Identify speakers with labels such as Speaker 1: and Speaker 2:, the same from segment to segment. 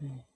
Speaker 1: Get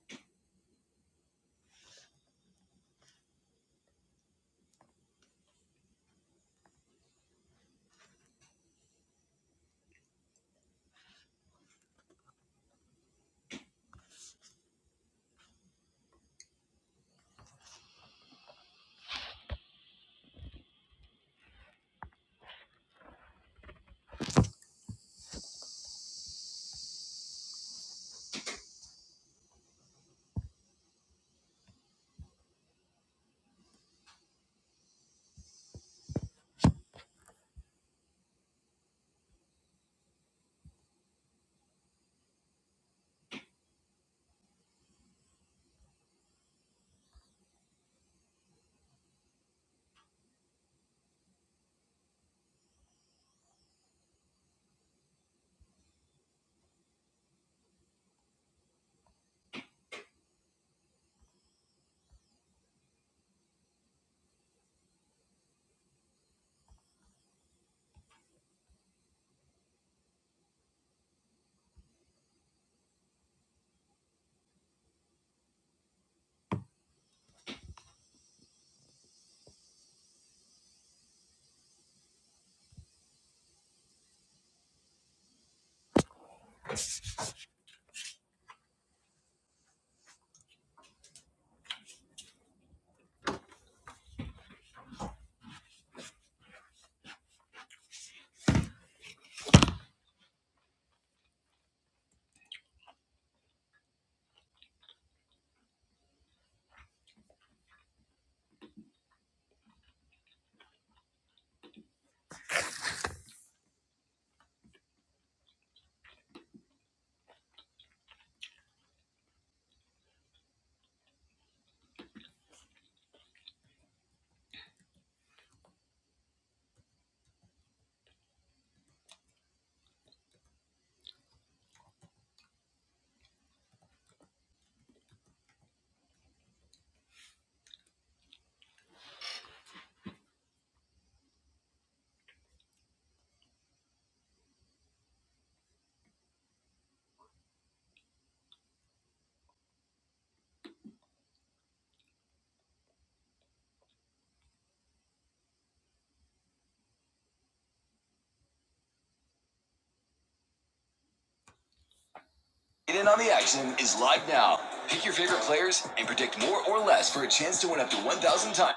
Speaker 1: in on the action is live now. Pick your favorite players and predict more or less for a chance to win up to 1,000 times.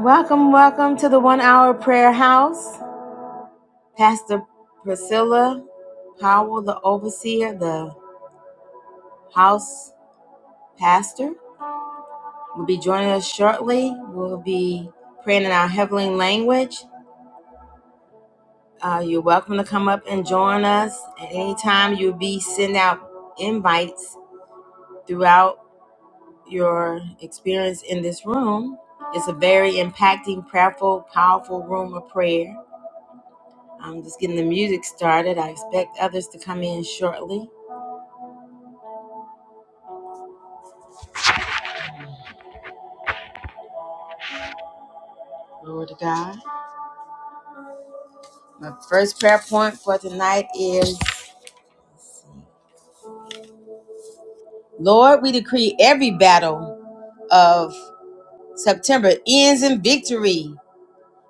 Speaker 1: Welcome, welcome to the One Hour Prayer House. Pastor Priscilla Howell, the overseer, the house pastor, will be joining us shortly. We'll be praying in our heavenly language. Uh, you're welcome to come up and join us at any time. You'll be sending out invites throughout your experience in this room. It's a very impacting, prayerful, powerful room of prayer. I'm just getting the music started. I expect others to come in shortly. Glory to God. My first prayer point for tonight is Lord, we decree every battle of September ends in victory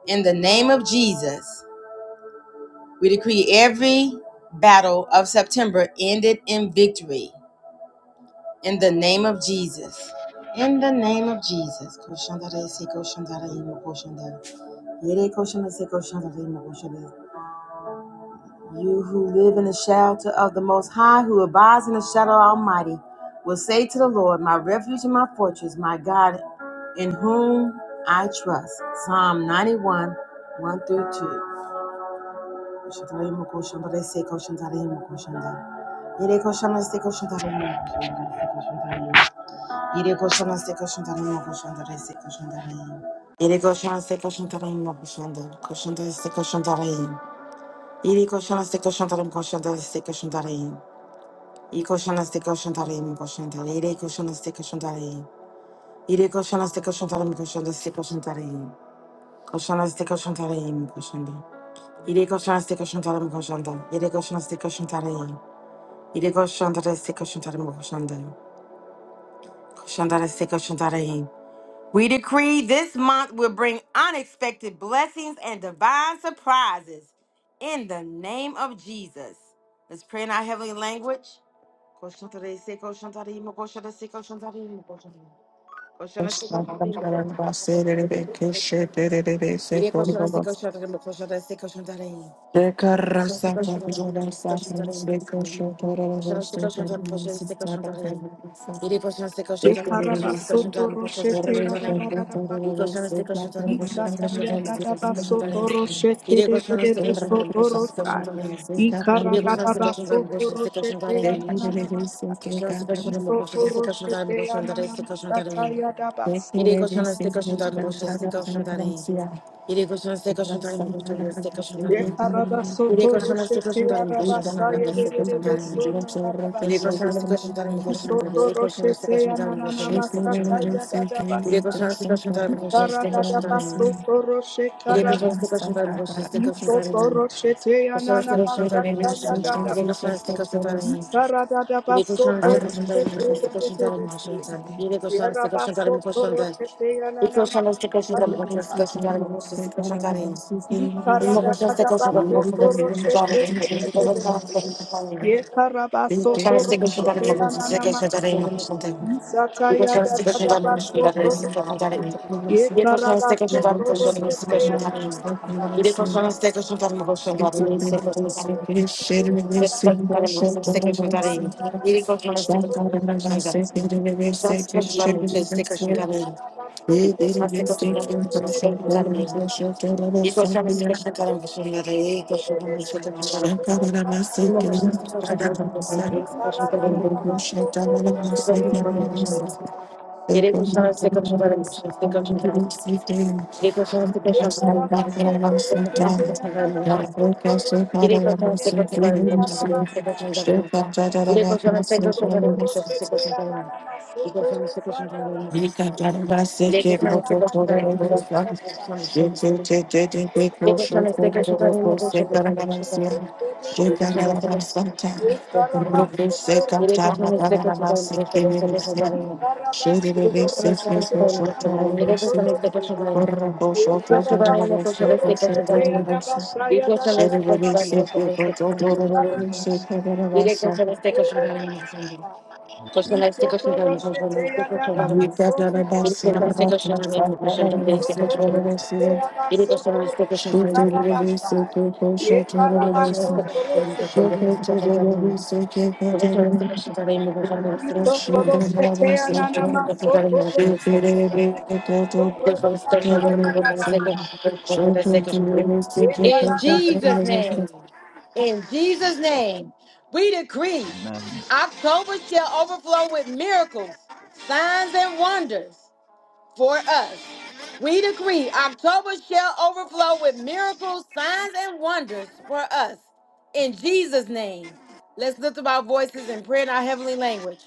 Speaker 1: in the name of Jesus. We decree every battle of September ended in victory. In the name of Jesus. In the name of Jesus. You who live in the shelter of the Most High, who abides in the shadow Almighty, will say to the Lord, My refuge and my fortress, my God, in whom I trust. Psalm 91, 1 through 2. Yere koşan hasta koşan tarayın mı koşan da reste koşan tarayın. Yere koşan hasta koşan tarayın mı koşan da koşan da reste koşan tarayın. Yere koşan hasta koşan tarayın koşan da reste koşan tarayın. Yere koşan hasta koşan tarayın mı koşan da yere koşan hasta koşan tarayın. Yere koşan hasta koşan tarayın koşan da reste koşan tarayın. Koşan hasta koşan mı koşan Yere koşan hasta koşan tarayın koşan yere koşan hasta koşan Yere koşan da reste mı koşan da. Koşan da We decree this month will bring unexpected blessings and divine surprises in the name of Jesus. Let's pray in our heavenly language.
Speaker 2: Thank
Speaker 1: Iré con su este cochon tal, me
Speaker 3: Ikarabasoto roshete yadadadadaba. Isata yadadabasoto roshekedededebe soto rosai. Ikaradadabasoto roshete yanananamasai. Isoto roshete yananamasata yadabasi.
Speaker 2: you.
Speaker 1: cochon
Speaker 2: Thank
Speaker 1: este cochon tal. Yedi
Speaker 3: Ikarabasoto
Speaker 1: koşan üstü
Speaker 3: roshete
Speaker 1: koşan tarım
Speaker 2: you.
Speaker 1: koşan
Speaker 3: yarabasa
Speaker 1: sanda beste koşan
Speaker 3: yedededebe
Speaker 1: tarım. Yedi
Speaker 3: sonarabasi.
Speaker 1: koşan üstü koşan tarım koşan tarım.
Speaker 3: Isoto
Speaker 1: Yedi koşan üstü
Speaker 3: roshete
Speaker 1: koşan tarım koşan beste koşan
Speaker 3: yanananamasata
Speaker 1: tarım. Yedi
Speaker 3: yadadabasa.
Speaker 1: koşan üstü koşan tarım koşan üstü koşan tarım.
Speaker 3: Ikaradadabasoto
Speaker 1: Yedi koşan üstü
Speaker 3: roshekarabasi.
Speaker 1: koşan tarım koşan üstü
Speaker 3: Ye
Speaker 1: koşan
Speaker 3: karabaso
Speaker 1: tarım.
Speaker 3: toro se te
Speaker 1: Koşan üstü koşan
Speaker 3: ananamasa.
Speaker 1: tarım koşan. Yedi koşan üstü koşan tarım. Yedi
Speaker 3: Karabaso
Speaker 1: koşan üstü koşan tarım koşan üstü koşan tarım koşan tarım. Yedi koşan üstü koşan tarım koşan
Speaker 3: toro
Speaker 1: tarım. I koszem z tego się tam koszem z koszem dalej, koszem z koszem dalej. I mogą się z tego się tam koszem z koszem dalej, koszem z koszem dalej.
Speaker 2: Shankara
Speaker 1: Szanownego śniadania mogą wstrzykać na dalej mogą śniadania. Jego szanownego śniadania mogą śniadania jest tylko na dalej. Jego szanownego śniadania
Speaker 3: se
Speaker 1: to szanownego styka śniadania. Jego szanownego śniadania mogą śniadania jest tylko śniadania.
Speaker 3: te
Speaker 1: Jest tylko śniadania mogą styka
Speaker 3: Thank
Speaker 1: śniadania. Jego szanownego śniadania mogą śniadania. Szanownego śniadania mogą styka śniadania. Jego szanownego śniadania mogą styka śniadania. Jego szanownego śniadania mogą śniadania. Jego szanownego śniadania mogą śniadania. Jego szanownego śniadania mogą śniadania.
Speaker 2: Thank
Speaker 1: Yere koşan istek koşanların koşan istek koşanların Yere koşan istek koşanların Yere koşan istek koşanların koşan Yere koşan istek koşanların koşan Yere istek koşanların Yere koşan istek koşanların koşan
Speaker 2: you.
Speaker 1: istek koşanların Yere koşan istek
Speaker 2: Shake
Speaker 1: koşanların koşan Yere koşan istek koşanların koşan koşan istek koşanların Yere koşan istek koşanların koşan
Speaker 3: you.
Speaker 1: istek koşanların Yere koşan istek koşanların koşan istek koşanların Yere koşan istek koşanların koşan istek koşanların Ile kosztuje
Speaker 3: Isotoro shete ya dada baso na warabasa. Ye karabaso toro shete
Speaker 2: Thank
Speaker 1: In Jesus' name, in Jesus' name, we decree
Speaker 4: Amen.
Speaker 1: October shall overflow with miracles, signs, and wonders for us. We decree October shall overflow with miracles, signs, and wonders for us. In Jesus' name, let's lift up our voices and pray in our heavenly language.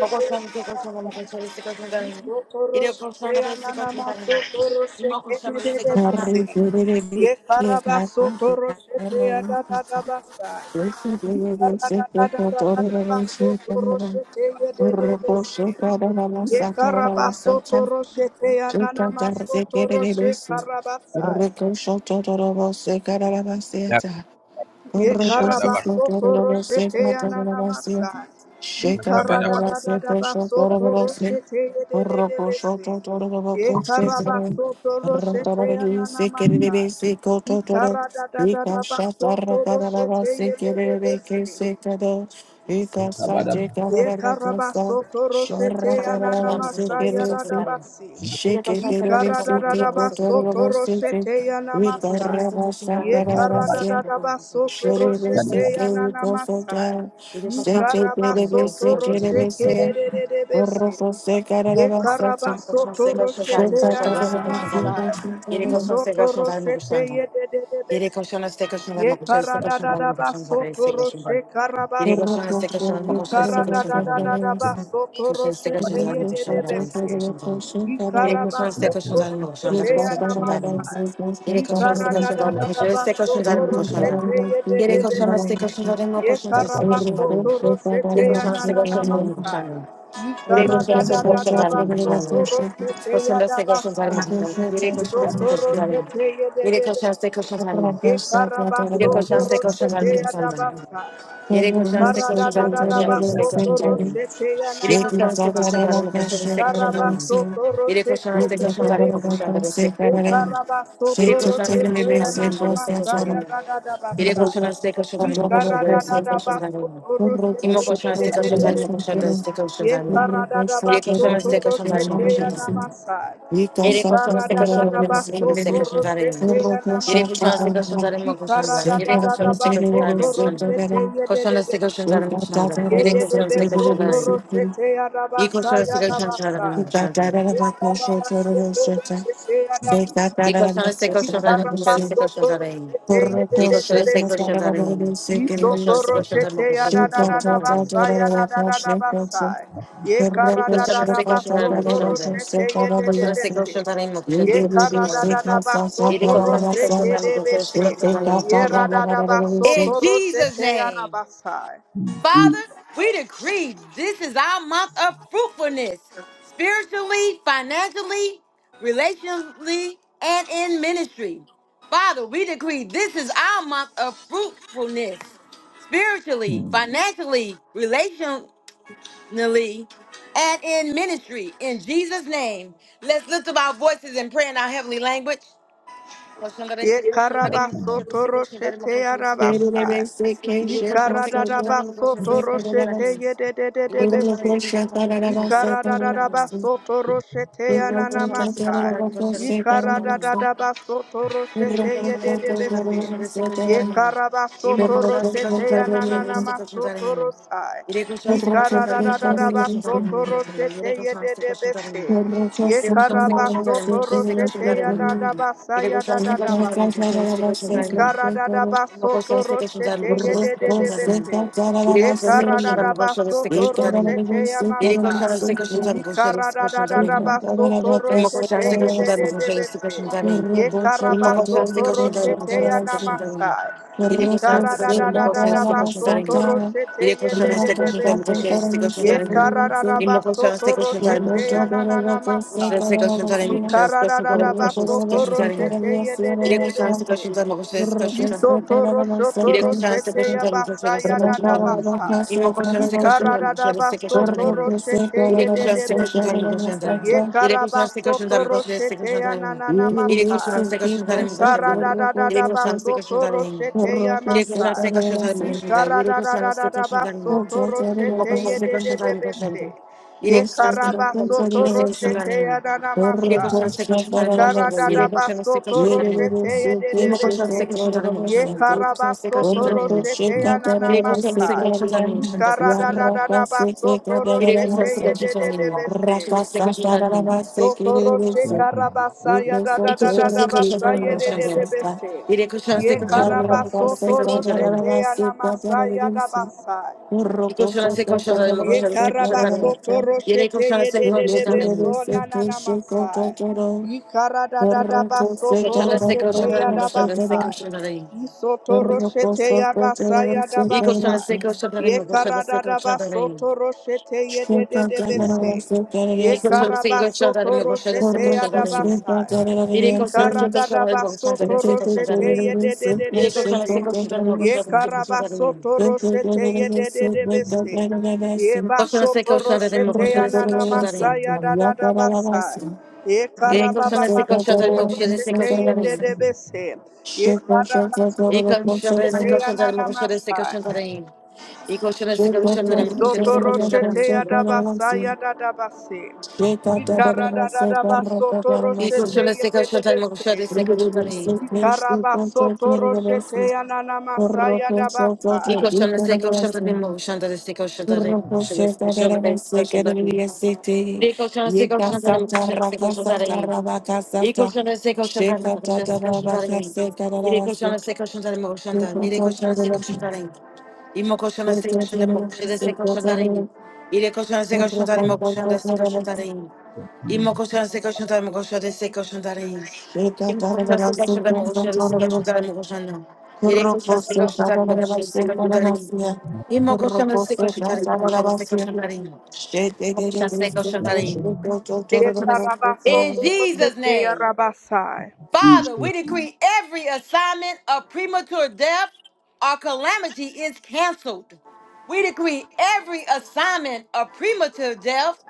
Speaker 1: Mogłosłam z kościołem, kościołem z kościołem dalej. Idę kościołem dalej z kościołem dalej. I mogłosłam z kościołem dalej.
Speaker 3: ya da da da basa. Ye Ikara da da da da ba soto roshete
Speaker 2: you. Ricochet, Totoro, Secara,
Speaker 4: Yep.
Speaker 2: Seta, Shake it, we got a boss,
Speaker 3: ye de de besi. Yekarabaso
Speaker 1: Idę
Speaker 3: toroshete
Speaker 1: kościołem z kościołem dalej,
Speaker 3: ananamasa
Speaker 1: kościołem z kościołem dalej.
Speaker 3: yaradabasi.
Speaker 1: Idę kościołem z kościołem dalej, kościołem z
Speaker 3: Yikaradadabaso
Speaker 1: kościołem dalej.
Speaker 3: toroshete
Speaker 1: Idę kościołem
Speaker 3: yanamasa.
Speaker 1: z kościołem
Speaker 2: I
Speaker 1: dalej,
Speaker 2: got a
Speaker 1: kościołem z
Speaker 2: boss, yeah.
Speaker 1: kościołem dalej, kościołem
Speaker 3: Yekaradadabaso
Speaker 1: z
Speaker 2: Thank you.
Speaker 1: kościołem dalej.
Speaker 3: toroshete yananamasa.
Speaker 1: Idę kościołem z kościołem dalej,
Speaker 3: Yikarabaso
Speaker 1: kościołem z kościołem dalej.
Speaker 3: torosheke dededebese. Yekarabaso
Speaker 1: Kościołem z kościołem
Speaker 3: toroshete
Speaker 1: dalej, kościołem z kościołem dalej.
Speaker 3: yananamasa.
Speaker 1: Idę kościołem z kościołem dalej,
Speaker 3: Yisotoroshete
Speaker 1: kościołem dalej. Yere
Speaker 3: yedededebese.
Speaker 1: koşana ste koşana mı koşana ste koşana mı koşana
Speaker 3: Yekaradadabaso
Speaker 1: mı ste koşana mı?
Speaker 3: toroshe
Speaker 1: Yere
Speaker 3: karabasa.
Speaker 1: koşana ste koşana mı koşana ste
Speaker 3: Ikarada
Speaker 1: koşana
Speaker 3: da da
Speaker 1: mı? Koşana ste koşana mı koşana mı ste koşana Yere koşana ste
Speaker 4: yeah,
Speaker 1: koşana mı koşana mı ste koşana mı? Yere koşana ste koşana mı koşana ste koşana mı koşana
Speaker 3: da
Speaker 1: Yere
Speaker 3: da
Speaker 1: koşana ste koşana mı
Speaker 3: Ye
Speaker 1: koşana ste
Speaker 3: Ekarabaso
Speaker 1: koşana mı? Yere koşana ste koşana mı koşana Yere koşana ste koşana mı koşana Koşana ste koşana mı koşana Yere koşana ste
Speaker 2: Thank you.
Speaker 1: koşana mı? Yere koşana ste koşana mı? Yere koşan size
Speaker 3: toro
Speaker 1: koşan var
Speaker 3: sete
Speaker 1: mı koşandan?
Speaker 3: yadabasa.
Speaker 1: Yere koşan size
Speaker 3: Karada
Speaker 1: koşan var
Speaker 3: da
Speaker 1: mı
Speaker 3: da da
Speaker 1: koşandan?
Speaker 3: ba
Speaker 4: yeah.
Speaker 1: Size koşan
Speaker 3: soto
Speaker 1: var mı?
Speaker 3: soto ya na
Speaker 1: Yere
Speaker 3: na
Speaker 1: koşan size
Speaker 3: masa.
Speaker 1: koşan var mı koşandan? Size koşan var
Speaker 3: Karaba
Speaker 1: mı?
Speaker 3: soto
Speaker 1: Yere
Speaker 3: roshete
Speaker 1: koşan size
Speaker 3: Ye
Speaker 1: koşan var mı
Speaker 3: debese.
Speaker 1: koşandan? Size
Speaker 3: Ye
Speaker 1: koşan var mı?
Speaker 3: karaba
Speaker 1: Yere
Speaker 3: soto
Speaker 1: koşan size koşan
Speaker 3: roshete
Speaker 1: var
Speaker 3: ya
Speaker 1: mı
Speaker 3: na
Speaker 1: koşandan?
Speaker 3: na
Speaker 1: Size koşan var mı?
Speaker 3: Ikara da da da
Speaker 1: Yere
Speaker 3: basa.
Speaker 1: koşan size koşan var
Speaker 3: Ye
Speaker 1: mı koşandan?
Speaker 3: karada da
Speaker 1: Size
Speaker 3: da
Speaker 1: koşan
Speaker 3: ba
Speaker 1: var mı?
Speaker 3: soto roshete
Speaker 1: İmo
Speaker 3: ye de
Speaker 1: koşan size
Speaker 3: de de
Speaker 1: koşan var mı
Speaker 3: debese.
Speaker 1: koşandan? Size koşan var
Speaker 3: Ye
Speaker 1: mı?
Speaker 3: karada da ba
Speaker 1: Yere koşan size
Speaker 3: soto
Speaker 1: koşan var mı
Speaker 3: roshete ya
Speaker 1: koşandan?
Speaker 3: na masa.
Speaker 2: Thank
Speaker 3: Ye
Speaker 1: Yere koşan istek
Speaker 3: karada da
Speaker 1: koşan
Speaker 3: da
Speaker 1: ve
Speaker 3: ba
Speaker 1: mutlu kulu istek
Speaker 3: soto
Speaker 1: koşan zarayın.
Speaker 3: roshete ya na
Speaker 1: Yere koşan
Speaker 3: masa.
Speaker 1: istek koşan zarayın
Speaker 3: Ye
Speaker 1: mı koşan da.
Speaker 3: karada
Speaker 1: Yere
Speaker 3: da da
Speaker 1: koşan
Speaker 3: da
Speaker 1: istek
Speaker 3: ba
Speaker 1: koşan zarayın mı
Speaker 3: soto
Speaker 1: koşan da.
Speaker 3: roshete ye de
Speaker 1: Koşan
Speaker 3: de
Speaker 1: istek
Speaker 3: de.
Speaker 1: koşan zarayın mı koşan da.
Speaker 3: Ye
Speaker 1: Yere koşan istek koşan zarayın. İyi koşan istek koşan zarayın mı koşan da. İyi koşan istek koşan zarayın mı koşan istek koşan zarayın. İyi koşan istek koşan zarayın. İyi koşan
Speaker 2: you.
Speaker 1: istek koşan zarayın mı koşan
Speaker 2: Thank
Speaker 1: da
Speaker 2: you.
Speaker 1: istek koşan zarayın. İyi koşan istek koşan zarayın mı koşan da. Koşan istek koşan zarayın mı koşan istek koşan zarayın. İyi koşan istek koşan zarayın mı koşan istek koşan zarayın mı
Speaker 3: Ye
Speaker 1: koşan da.
Speaker 3: radada baso
Speaker 1: In
Speaker 3: toro
Speaker 1: Jesus'
Speaker 3: sete
Speaker 1: name,
Speaker 3: yarabasai.
Speaker 1: Father, we decree this is our month of fruitfulness, spiritually, financially, relationally, and in ministry. Father, we decree this is our month of fruitfulness, spiritually,
Speaker 4: mm,
Speaker 1: financially, relationally, and in ministry. In Jesus' name, let's lift up our voices and pray in our heavenly language. Koşanlara istekleşenlerin mi koşanlara
Speaker 3: Yekarabasoto
Speaker 1: istekleşenlerin mi
Speaker 3: roshete
Speaker 1: koşanlara
Speaker 3: yarabasa.
Speaker 1: istekleşenlerin mi? İri koşanlara istekleşenlerin mi koşanlara
Speaker 3: Yikaradadabasoto roshete
Speaker 1: istekleşenlerin mi? İri koşanlara
Speaker 3: yedededebese.
Speaker 1: istekleşenlerin mi koşanlara istekleşenlerin mi?
Speaker 3: Yikaradadabasoto roshete
Speaker 1: İri koşanlara
Speaker 3: yananamasa.
Speaker 1: istekleşenlerin mi koşanlara istekleşenlerin mi?
Speaker 3: Yikaradadabasoto
Speaker 1: İri
Speaker 3: roshete
Speaker 1: koşanlara istekleşenlerin mi
Speaker 3: yedededebese.
Speaker 1: koşanlara istekleşenlerin mi? İri
Speaker 3: Yekarabasoto
Speaker 1: koşanlara
Speaker 3: roshete
Speaker 1: istekleşenlerin mi koşanlara istekleşenlerin
Speaker 3: yananamasoto
Speaker 1: mi?
Speaker 3: rosai.
Speaker 1: İri
Speaker 2: Thank
Speaker 1: koşanlara
Speaker 2: you.
Speaker 1: istekleşenlerin mi koşanlara istekleşenlerin
Speaker 3: Yikaradadabasoto
Speaker 1: mi koşanlara?
Speaker 3: roshete
Speaker 1: İri koşanlara istekleşenlerin
Speaker 3: yedededebese.
Speaker 1: mi?
Speaker 3: Ye
Speaker 1: İri koşanlara istekleşenlerin mi
Speaker 3: karabasoto
Speaker 1: koşanlara
Speaker 3: roshete
Speaker 1: istekleşenlerin
Speaker 3: ya
Speaker 1: mi?
Speaker 3: da da basa
Speaker 1: Ele
Speaker 3: ya
Speaker 1: gostou de
Speaker 3: da
Speaker 1: ser
Speaker 3: da da
Speaker 1: gostando de mim,
Speaker 3: basi.
Speaker 1: gostei de ser gostando
Speaker 3: Ye
Speaker 1: de mim.
Speaker 3: karada
Speaker 1: Mogłoś
Speaker 3: basoto
Speaker 1: na stykości dary,
Speaker 3: roshete
Speaker 1: mogłoś na
Speaker 3: ye de de
Speaker 1: stykości
Speaker 3: de
Speaker 1: dary.
Speaker 3: besi.
Speaker 1: Ile
Speaker 3: Ye
Speaker 1: koś na stykości
Speaker 3: karada
Speaker 1: dary, mogłoś na
Speaker 3: basoto
Speaker 1: stykości dary.
Speaker 3: roshete ya
Speaker 1: Ile koś
Speaker 3: masai.
Speaker 1: na stykości dary,
Speaker 3: Ye
Speaker 1: mogłoś na
Speaker 3: karada
Speaker 1: stykości dary.
Speaker 3: basoto
Speaker 1: I mogłoś na
Speaker 3: roshete ye
Speaker 1: stykości
Speaker 3: de
Speaker 1: dary,
Speaker 3: de
Speaker 1: mogłoś
Speaker 3: de
Speaker 1: na stykości
Speaker 3: besi.
Speaker 1: dary.
Speaker 3: Ye
Speaker 1: I mogłoś na
Speaker 3: karabasoto
Speaker 1: stykości dary, mogłoś
Speaker 3: roshete
Speaker 1: na
Speaker 3: ya
Speaker 1: stykości dary.
Speaker 3: namasai.
Speaker 1: Ile
Speaker 3: Ye
Speaker 1: koś na
Speaker 3: karada
Speaker 1: stykości dary, mogłoś na stykości dary.
Speaker 3: basoto
Speaker 1: Ile
Speaker 3: roshete ye
Speaker 1: koś na
Speaker 3: de de de
Speaker 1: stykości dary, mogłoś
Speaker 3: besi.
Speaker 1: na stykości
Speaker 3: Ye
Speaker 1: dary. I
Speaker 3: karararaba
Speaker 1: mogłoś na
Speaker 3: soto
Speaker 1: stykości
Speaker 2: Thank
Speaker 1: dary,
Speaker 3: roshete
Speaker 1: mogłoś
Speaker 3: ya
Speaker 2: you.
Speaker 3: na na na masa.
Speaker 1: na stykości dary,
Speaker 3: Ye
Speaker 1: mogłoś na stykości dary,
Speaker 3: karararaba
Speaker 1: mogłoś na
Speaker 3: soto
Speaker 1: stykości dary.
Speaker 3: roshete ye de de
Speaker 1: Ile
Speaker 3: de
Speaker 1: koś na
Speaker 3: besi.
Speaker 1: stykości dary, mogłoś na stykości dary.
Speaker 3: Isotoro
Speaker 1: Ile est
Speaker 3: sotoro
Speaker 1: conscient de ce que je
Speaker 3: sete
Speaker 1: suis en
Speaker 3: ya
Speaker 1: train de faire, de
Speaker 3: basa
Speaker 1: ce
Speaker 3: ya
Speaker 1: que je suis en Ile de
Speaker 3: dada basa.
Speaker 1: faire. Il m'a conscient de ce que je suis en
Speaker 3: Ikara
Speaker 1: train de faire,
Speaker 3: dada
Speaker 1: de ce que je suis en
Speaker 3: baso
Speaker 1: train de
Speaker 3: toro
Speaker 1: faire.
Speaker 3: sete
Speaker 1: Il est
Speaker 3: ye de
Speaker 1: conscient de
Speaker 3: de
Speaker 1: ce
Speaker 3: bese. Ye
Speaker 1: que je
Speaker 3: karabaso
Speaker 1: suis en train de faire.
Speaker 3: toro sete ya na na nanana
Speaker 1: Il est conscient
Speaker 3: masa.
Speaker 1: de ce que je suis en train de faire,
Speaker 3: Ikara dada
Speaker 1: de
Speaker 3: dada
Speaker 1: ce
Speaker 3: baso
Speaker 1: que je suis en train de
Speaker 3: toro
Speaker 1: faire.
Speaker 3: sete ya
Speaker 1: Il est conscient de
Speaker 3: masa.
Speaker 1: ce que je suis en train de faire.
Speaker 3: Ikara
Speaker 1: Il
Speaker 3: dada dada baso toro sete ye de de de bese. Ye karabaso toro sete ya na
Speaker 2: Rakasa
Speaker 3: na masa. Karadadabasoto Toro
Speaker 1: Imo koşan se
Speaker 3: yedebese.
Speaker 1: koşan zaten
Speaker 3: Ye
Speaker 1: koşan. Imo koşan se koşan
Speaker 3: karabasoto
Speaker 1: zaten.
Speaker 3: roshete
Speaker 1: Bire koşan se
Speaker 3: yananamasai.
Speaker 1: koşan zaten koşan zaten.
Speaker 3: Ikaradadadabasoto
Speaker 1: Bire koşan
Speaker 3: roshete
Speaker 1: se koşan zaten.
Speaker 3: yedebese.
Speaker 1: Koşan se koşan zaten.
Speaker 3: Soto roshe karabasaya
Speaker 1: İki koşan se koşan zaten
Speaker 3: dadadadabasaya
Speaker 1: koşan zaten.
Speaker 3: yedebese.
Speaker 1: Bire koşan se
Speaker 3: Ye
Speaker 1: koşan zaten imo koşan se
Speaker 3: karabasoto
Speaker 1: koşan zaten.
Speaker 3: roshete yanamasaya dabasai.
Speaker 1: İki koşan se koşan zaten imo
Speaker 3: Ye
Speaker 1: koşan se koşan
Speaker 3: karabaso
Speaker 1: zaten.
Speaker 3: toro
Speaker 1: Bire koşan
Speaker 3: shete ye
Speaker 1: se koşan zaten. Koşan se koşan zaten
Speaker 3: de
Speaker 1: imo koşan se
Speaker 3: de de
Speaker 1: koşan
Speaker 3: de
Speaker 1: zaten.
Speaker 3: so
Speaker 1: İki
Speaker 3: na na na masai. Ye karada da da
Speaker 2: Shake
Speaker 3: baso
Speaker 1: koşan
Speaker 3: toro
Speaker 1: se koşan
Speaker 3: shete
Speaker 1: zaten
Speaker 3: ya
Speaker 1: imo
Speaker 3: da
Speaker 1: koşan se koşan zaten. İki koşan se
Speaker 3: basai.
Speaker 1: koşan zaten
Speaker 3: Ye so toro shete ya basai ya da basai. Ye karada da baso toro shete ye de de de de
Speaker 4: yeah,
Speaker 3: se. Ye karabaso
Speaker 1: imo
Speaker 3: toro
Speaker 1: koşan se
Speaker 3: shete ya
Speaker 1: koşan
Speaker 3: da
Speaker 1: zaten.
Speaker 3: basai.
Speaker 1: Il est conscient de ce que je suis dans le bon sens de
Speaker 3: Ikaradabasoto
Speaker 1: ses conscients
Speaker 3: roshete
Speaker 1: d'années. Il est conscient de ce que
Speaker 3: yedededebese.
Speaker 1: je suis dans le bon sens de ses conscients d'années.
Speaker 3: Yekarabasoto roshete yedededebese.
Speaker 1: Conscient de ce que
Speaker 3: Yebasoto
Speaker 1: je suis dans le
Speaker 3: roshete
Speaker 1: bon sens de ses conscients
Speaker 3: yananamasa
Speaker 1: d'années.
Speaker 3: yadadadabasa.
Speaker 1: Il est conscient de ce que je suis dans
Speaker 3: Yekarababasoto
Speaker 1: le bon sens de ses
Speaker 3: roshete
Speaker 1: conscients d'années.
Speaker 3: yedededebese.
Speaker 1: Il est
Speaker 3: Yekarabasoto
Speaker 1: conscient de ce
Speaker 3: roshete
Speaker 1: que je suis dans le bon sens de ses
Speaker 3: yananamasa.
Speaker 1: conscients d'années. Il est conscient de ce
Speaker 2: Shake
Speaker 1: que je suis dans le bon sens de
Speaker 3: Isoto
Speaker 1: ses conscients d'années.
Speaker 3: roshete yadabasa yadadabase. Ikaradadadabasoto
Speaker 1: Il est
Speaker 3: roshete
Speaker 1: conscient de ce que je suis dans le bon sens de
Speaker 3: yedededebese.
Speaker 1: ses conscients d'années.
Speaker 3: Karabasoto roshete yanana masaya
Speaker 1: Il est
Speaker 3: dabasai.
Speaker 1: conscient de ce que je suis dans le bon sens de ses conscients d'années. Il est conscient de ce que je suis dans le bon sens de ses conscients d'années. Il est conscient de ce que je suis dans le bon sens de ses conscients d'années. Il est conscient de ses conscients d'aller, conscient de ses conscients d'aller. Il est conscient de ses conscients d'aller, conscient d'aller. Il est conscient de ses conscients d'aller. Il est conscient de ses conscients d'aller, conscient de ses conscients d'aller. Il est conscient de ses conscients d'aller, conscient de ses conscients d'aller. Il est conscient de ses conscients d'aller, conscient de ses conscients d'aller.
Speaker 2: Shake
Speaker 1: Il est conscient de ses conscients d'aller, conscient de
Speaker 3: Ye
Speaker 1: In
Speaker 3: karabasoto
Speaker 1: Jesus'
Speaker 3: roshete
Speaker 1: name.
Speaker 3: yarabasai.
Speaker 1: Father, we decree every assignment of premature death or calamity is canceled. We decree every assignment of premature death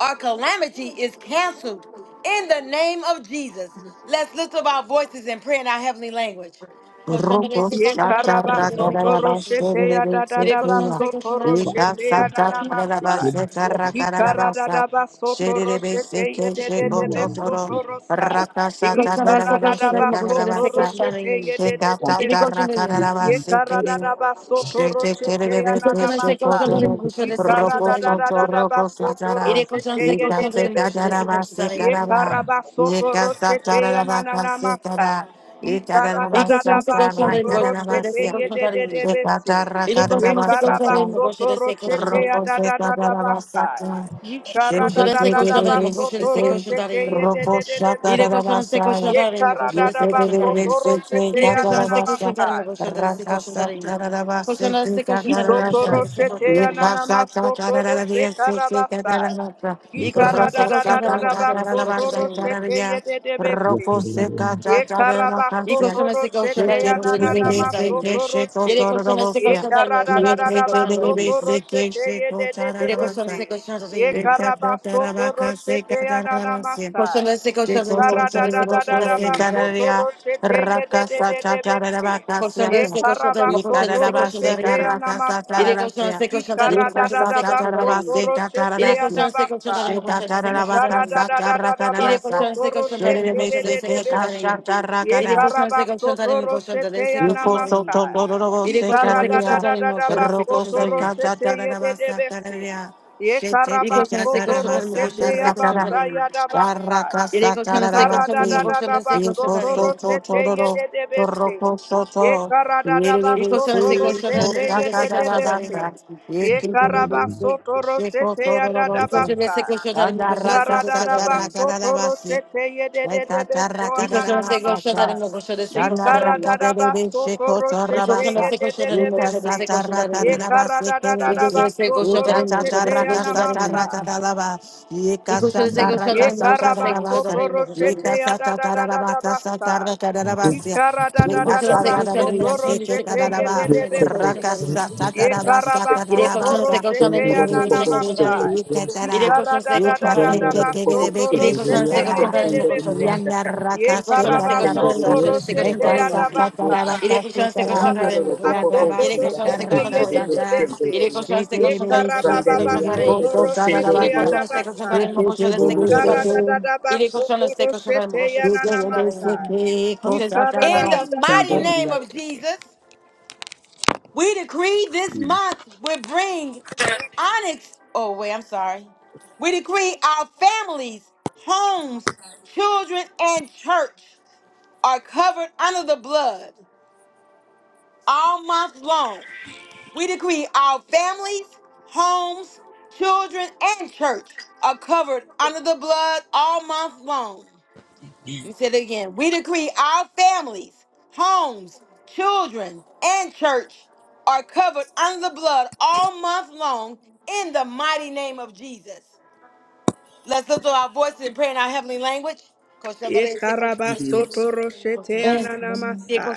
Speaker 1: or calamity is canceled in the name of Jesus. Let's lift up our voices and pray in our heavenly language.
Speaker 2: Robo
Speaker 3: Ye
Speaker 2: shata
Speaker 3: karabasoto
Speaker 2: rakarara bashe
Speaker 3: roshete
Speaker 2: rebe sekuya.
Speaker 3: yadadadabasoto
Speaker 2: Ika
Speaker 3: roshete
Speaker 2: sata
Speaker 3: yanana
Speaker 2: karara
Speaker 3: masai.
Speaker 2: bashe
Speaker 3: Ye
Speaker 2: karakarara basa.
Speaker 3: karadadabasoto
Speaker 2: Sherebe
Speaker 3: roshete
Speaker 2: seke sheko
Speaker 3: yedededebesoto
Speaker 2: totoro.
Speaker 3: rosai.
Speaker 2: Raka
Speaker 3: Ye
Speaker 2: sata karara bashe karara
Speaker 3: karadadabasoto
Speaker 2: basa.
Speaker 3: roshete
Speaker 2: Sheka tata
Speaker 3: yedededebesi.
Speaker 2: rakarara
Speaker 3: Ye
Speaker 2: bashe
Speaker 3: karada
Speaker 2: kere.
Speaker 3: da ba soto
Speaker 2: Shete
Speaker 3: roshete ya
Speaker 2: kerebe
Speaker 3: na
Speaker 2: ke
Speaker 3: na
Speaker 1: Koşan ise
Speaker 2: sheko
Speaker 1: koşan
Speaker 3: masa.
Speaker 1: tarım,
Speaker 2: toro.
Speaker 1: koşan
Speaker 3: Ye
Speaker 1: ise koşan
Speaker 2: Robo
Speaker 3: karada da
Speaker 1: tarım.
Speaker 3: da
Speaker 2: soto
Speaker 3: da da ba
Speaker 2: robo
Speaker 3: soto
Speaker 2: satara.
Speaker 1: İri koşan ise
Speaker 3: roshete ye
Speaker 2: Ika
Speaker 3: de
Speaker 1: koşan
Speaker 3: de
Speaker 1: tarım,
Speaker 2: seka
Speaker 1: koşan ise
Speaker 2: karara
Speaker 3: bese.
Speaker 1: koşan
Speaker 2: bashe
Speaker 3: Ye
Speaker 1: tarım.
Speaker 2: karaba.
Speaker 3: karaba soto
Speaker 2: Nika sata
Speaker 3: roshete ya
Speaker 2: karara
Speaker 3: na na na
Speaker 2: bashe
Speaker 3: masa.
Speaker 2: kara.
Speaker 3: Ye
Speaker 1: İri
Speaker 3: karada da
Speaker 1: koşan
Speaker 3: da
Speaker 1: ise
Speaker 3: ba
Speaker 2: Ikarabasata,
Speaker 1: koşan tarım,
Speaker 3: soto
Speaker 1: koşan ise
Speaker 3: roshete
Speaker 2: rakarabasya.
Speaker 3: ye
Speaker 1: koşan
Speaker 3: de de
Speaker 1: tarım.
Speaker 3: de bese.
Speaker 2: Ikatarra
Speaker 1: İri
Speaker 3: Ye
Speaker 1: koşan ise koşan
Speaker 3: karaba
Speaker 2: karabasata.
Speaker 1: tarım, koşan
Speaker 3: soto
Speaker 1: ise
Speaker 2: Rokosheka
Speaker 1: koşan
Speaker 3: roshete
Speaker 1: tarım.
Speaker 3: ya da da da da basa. Ye
Speaker 1: Koşan
Speaker 3: karada da
Speaker 1: ise
Speaker 3: da
Speaker 1: koşan
Speaker 3: da ba
Speaker 1: tarım, koşan
Speaker 3: soto
Speaker 1: ise koşan
Speaker 3: roshete
Speaker 1: tarım.
Speaker 3: ye de de de de.
Speaker 1: İri koşan ise koşan
Speaker 3: Ye
Speaker 1: tarım, koşan
Speaker 3: karada
Speaker 1: ise
Speaker 3: da ba
Speaker 1: koşan tarım.
Speaker 3: soto roshete
Speaker 1: İri
Speaker 3: ya na
Speaker 1: koşan
Speaker 3: na
Speaker 1: ise koşan tarım,
Speaker 3: masa.
Speaker 1: koşan ise koşan tarım. Koşan ise koşan tarım, koşan
Speaker 3: Isotoro
Speaker 1: ise
Speaker 3: shete
Speaker 1: koşan tarım.
Speaker 3: yanana masotoro shekarabasa.
Speaker 1: İri koşan ise koşan tarım,
Speaker 3: Ikaradadadadaba
Speaker 1: koşan ise koşan
Speaker 3: sotoro
Speaker 1: tarım.
Speaker 3: shete yededebese ye karaba
Speaker 1: Y colchón
Speaker 3: soto
Speaker 1: este colchón de
Speaker 3: roshete
Speaker 1: arena,
Speaker 3: ya na
Speaker 1: colchón
Speaker 3: na
Speaker 1: este
Speaker 3: na
Speaker 1: colchón
Speaker 3: ma
Speaker 1: de arena.
Speaker 3: soto
Speaker 1: Y el
Speaker 3: roshe
Speaker 1: colchón este
Speaker 3: ye
Speaker 1: colchón de arena,
Speaker 3: karada
Speaker 1: colchón
Speaker 3: da
Speaker 1: de
Speaker 3: da
Speaker 1: este
Speaker 3: da ba
Speaker 1: colchón de
Speaker 3: soto
Speaker 1: arena.
Speaker 3: roshete ye de de
Speaker 1: Y
Speaker 3: de
Speaker 1: el colchón este
Speaker 3: bese
Speaker 1: colchón de
Speaker 3: ye
Speaker 1: arena.
Speaker 3: karaba soto roshete ya na na ma sa
Speaker 1: Colchón de este
Speaker 3: ye
Speaker 1: colchón de arena, colchón de
Speaker 3: karada
Speaker 1: este
Speaker 3: da da
Speaker 1: colchón
Speaker 3: da
Speaker 1: de
Speaker 3: da ba
Speaker 1: arena.
Speaker 3: soto roshete ye de de de de bese
Speaker 1: Colchón de
Speaker 3: ye
Speaker 1: este colchón de
Speaker 3: karaba
Speaker 1: arena, colchón de
Speaker 3: soto
Speaker 1: este colchón de
Speaker 3: roshete
Speaker 1: arena.
Speaker 3: ya na ma
Speaker 1: Y
Speaker 3: sa
Speaker 1: el colchón este
Speaker 3: ye
Speaker 1: colchón de arena,
Speaker 3: karada
Speaker 1: colchón de
Speaker 3: da da
Speaker 1: este
Speaker 3: ba
Speaker 1: colchón de
Speaker 3: soto
Speaker 1: arena. Y
Speaker 3: roshete
Speaker 1: el
Speaker 3: ya
Speaker 1: colchón
Speaker 3: na ma
Speaker 1: este colchón de
Speaker 3: sa
Speaker 1: arena, colchón de
Speaker 3: Ye
Speaker 1: este colchón de arena. Y el colchón este colchón de arena, colchón de este colchón de arena. Y
Speaker 3: Ye
Speaker 1: el
Speaker 2: Shake
Speaker 1: colchón este colchón de arena, colchón de este colchón de
Speaker 2: Rico
Speaker 1: arena.
Speaker 2: Soto Dororo
Speaker 1: Y el colchón este colchón
Speaker 2: Secaria,
Speaker 1: de arena, colchón de este
Speaker 2: Roco
Speaker 1: colchón de arena.
Speaker 2: Seca Tatarabasa Cararia, Shete
Speaker 1: Il cochon de ses cochons d'arrêt, mon
Speaker 2: Tatarabasa
Speaker 1: cochon de ses cochons
Speaker 2: Caracara,
Speaker 1: d'arrêt. Il est
Speaker 2: Caracasa
Speaker 1: cochon de ses cochons d'arrêt, mon
Speaker 2: Tarabasi,
Speaker 1: cochon de ses cochons
Speaker 2: Rico
Speaker 1: d'arrêt.
Speaker 2: Soto Tororo, Torroco Soto,
Speaker 1: Il cochon de ses
Speaker 2: Yiribisi,
Speaker 1: cochons d'arrêt, mon cochon de ses cochons d'arrêt.
Speaker 2: Cotacarabasa, Yikibisi,
Speaker 3: karabasoto
Speaker 2: Sheco
Speaker 3: rosete ya
Speaker 1: Il
Speaker 2: Tororosi,
Speaker 1: cochon de ses
Speaker 3: dadabasa.
Speaker 1: cochons d'arrêt, mon cochon
Speaker 3: Ye
Speaker 1: de ses
Speaker 3: Ikara da da da
Speaker 2: Andaracasa
Speaker 1: cochons
Speaker 3: da ba
Speaker 1: d'arrêt.
Speaker 3: so toro
Speaker 2: Caracarabasi, Rakasa
Speaker 1: Il cochon de ses cochons d'arrêt, mon cochon de ses cochons d'arrêt. Il cochon de ses cochons d'arrêt, mon cochon de ses cochons d'arrêt. Il cochon de ses cochons d'arrêt, mon cochon
Speaker 2: tatarabasa
Speaker 5: Rondo
Speaker 3: sete ye de de besi.
Speaker 2: tatarabasa
Speaker 3: Ye
Speaker 1: Iré
Speaker 3: karabaso
Speaker 1: cochando,
Speaker 3: toro
Speaker 1: sei cochando,
Speaker 3: sete
Speaker 1: irmão,
Speaker 3: ya
Speaker 2: Yes,
Speaker 1: cochando,
Speaker 3: nana
Speaker 1: sei cochando, arim.
Speaker 3: masai. Ye
Speaker 1: Iré cochando,
Speaker 3: karada
Speaker 1: sei
Speaker 3: da da
Speaker 1: cochando,
Speaker 3: da da
Speaker 1: arim.
Speaker 3: baso toro
Speaker 1: Iré cochando,
Speaker 3: sete
Speaker 1: sei
Speaker 3: ye
Speaker 1: cochando,
Speaker 3: de de
Speaker 1: irmão, cochando.
Speaker 3: bese. Ye
Speaker 1: Iré cochando, sei cochando,
Speaker 3: karabaso
Speaker 1: irmão, cochando,
Speaker 3: toro
Speaker 1: sei cochando,
Speaker 3: sete ya
Speaker 1: arim.
Speaker 3: da basai.
Speaker 1: Iré cochando, sei cochando,
Speaker 3: Karada
Speaker 1: irmão, cochando.
Speaker 3: baso
Speaker 1: Iré
Speaker 3: toro
Speaker 1: cochando, sei
Speaker 3: sete
Speaker 1: cochando,
Speaker 3: ye de
Speaker 1: arim.
Speaker 3: de bese.
Speaker 1: Iré cochando, sei
Speaker 3: Ye
Speaker 1: cochando, irmão, cochando, sei
Speaker 3: karababa
Speaker 1: cochando,
Speaker 3: baso
Speaker 1: arim.
Speaker 3: toro
Speaker 1: Iré
Speaker 3: sete ya da
Speaker 1: cochando, sei cochando,
Speaker 3: basai.
Speaker 1: irmão, cochando, sei
Speaker 3: Ye
Speaker 1: cochando,
Speaker 3: karada
Speaker 1: arim.
Speaker 3: da da
Speaker 1: Iré
Speaker 3: baso
Speaker 1: cochando, sei
Speaker 3: toro
Speaker 1: cochando, irmão,
Speaker 3: sete
Speaker 1: cochando,
Speaker 3: ya
Speaker 1: sei
Speaker 3: nana
Speaker 1: cochando, arim.
Speaker 3: masai. Ye
Speaker 1: Cochando.
Speaker 3: karada
Speaker 1: In
Speaker 3: da
Speaker 1: the
Speaker 3: da da
Speaker 1: mighty name
Speaker 3: baso.
Speaker 1: of Jesus. We decree this month will bring onyx. Oh, wait, I'm sorry. We decree our families, homes, children, and church are covered under the blood all month long. We decree our families, homes, children, and church are covered under the blood all month long. You said it again. We decree our families, homes, children, and church are covered under the blood all month long in the mighty name of Jesus. Let's lift up our voices and pray in our heavenly language.
Speaker 3: Ikarabasoto roshete ananamasa.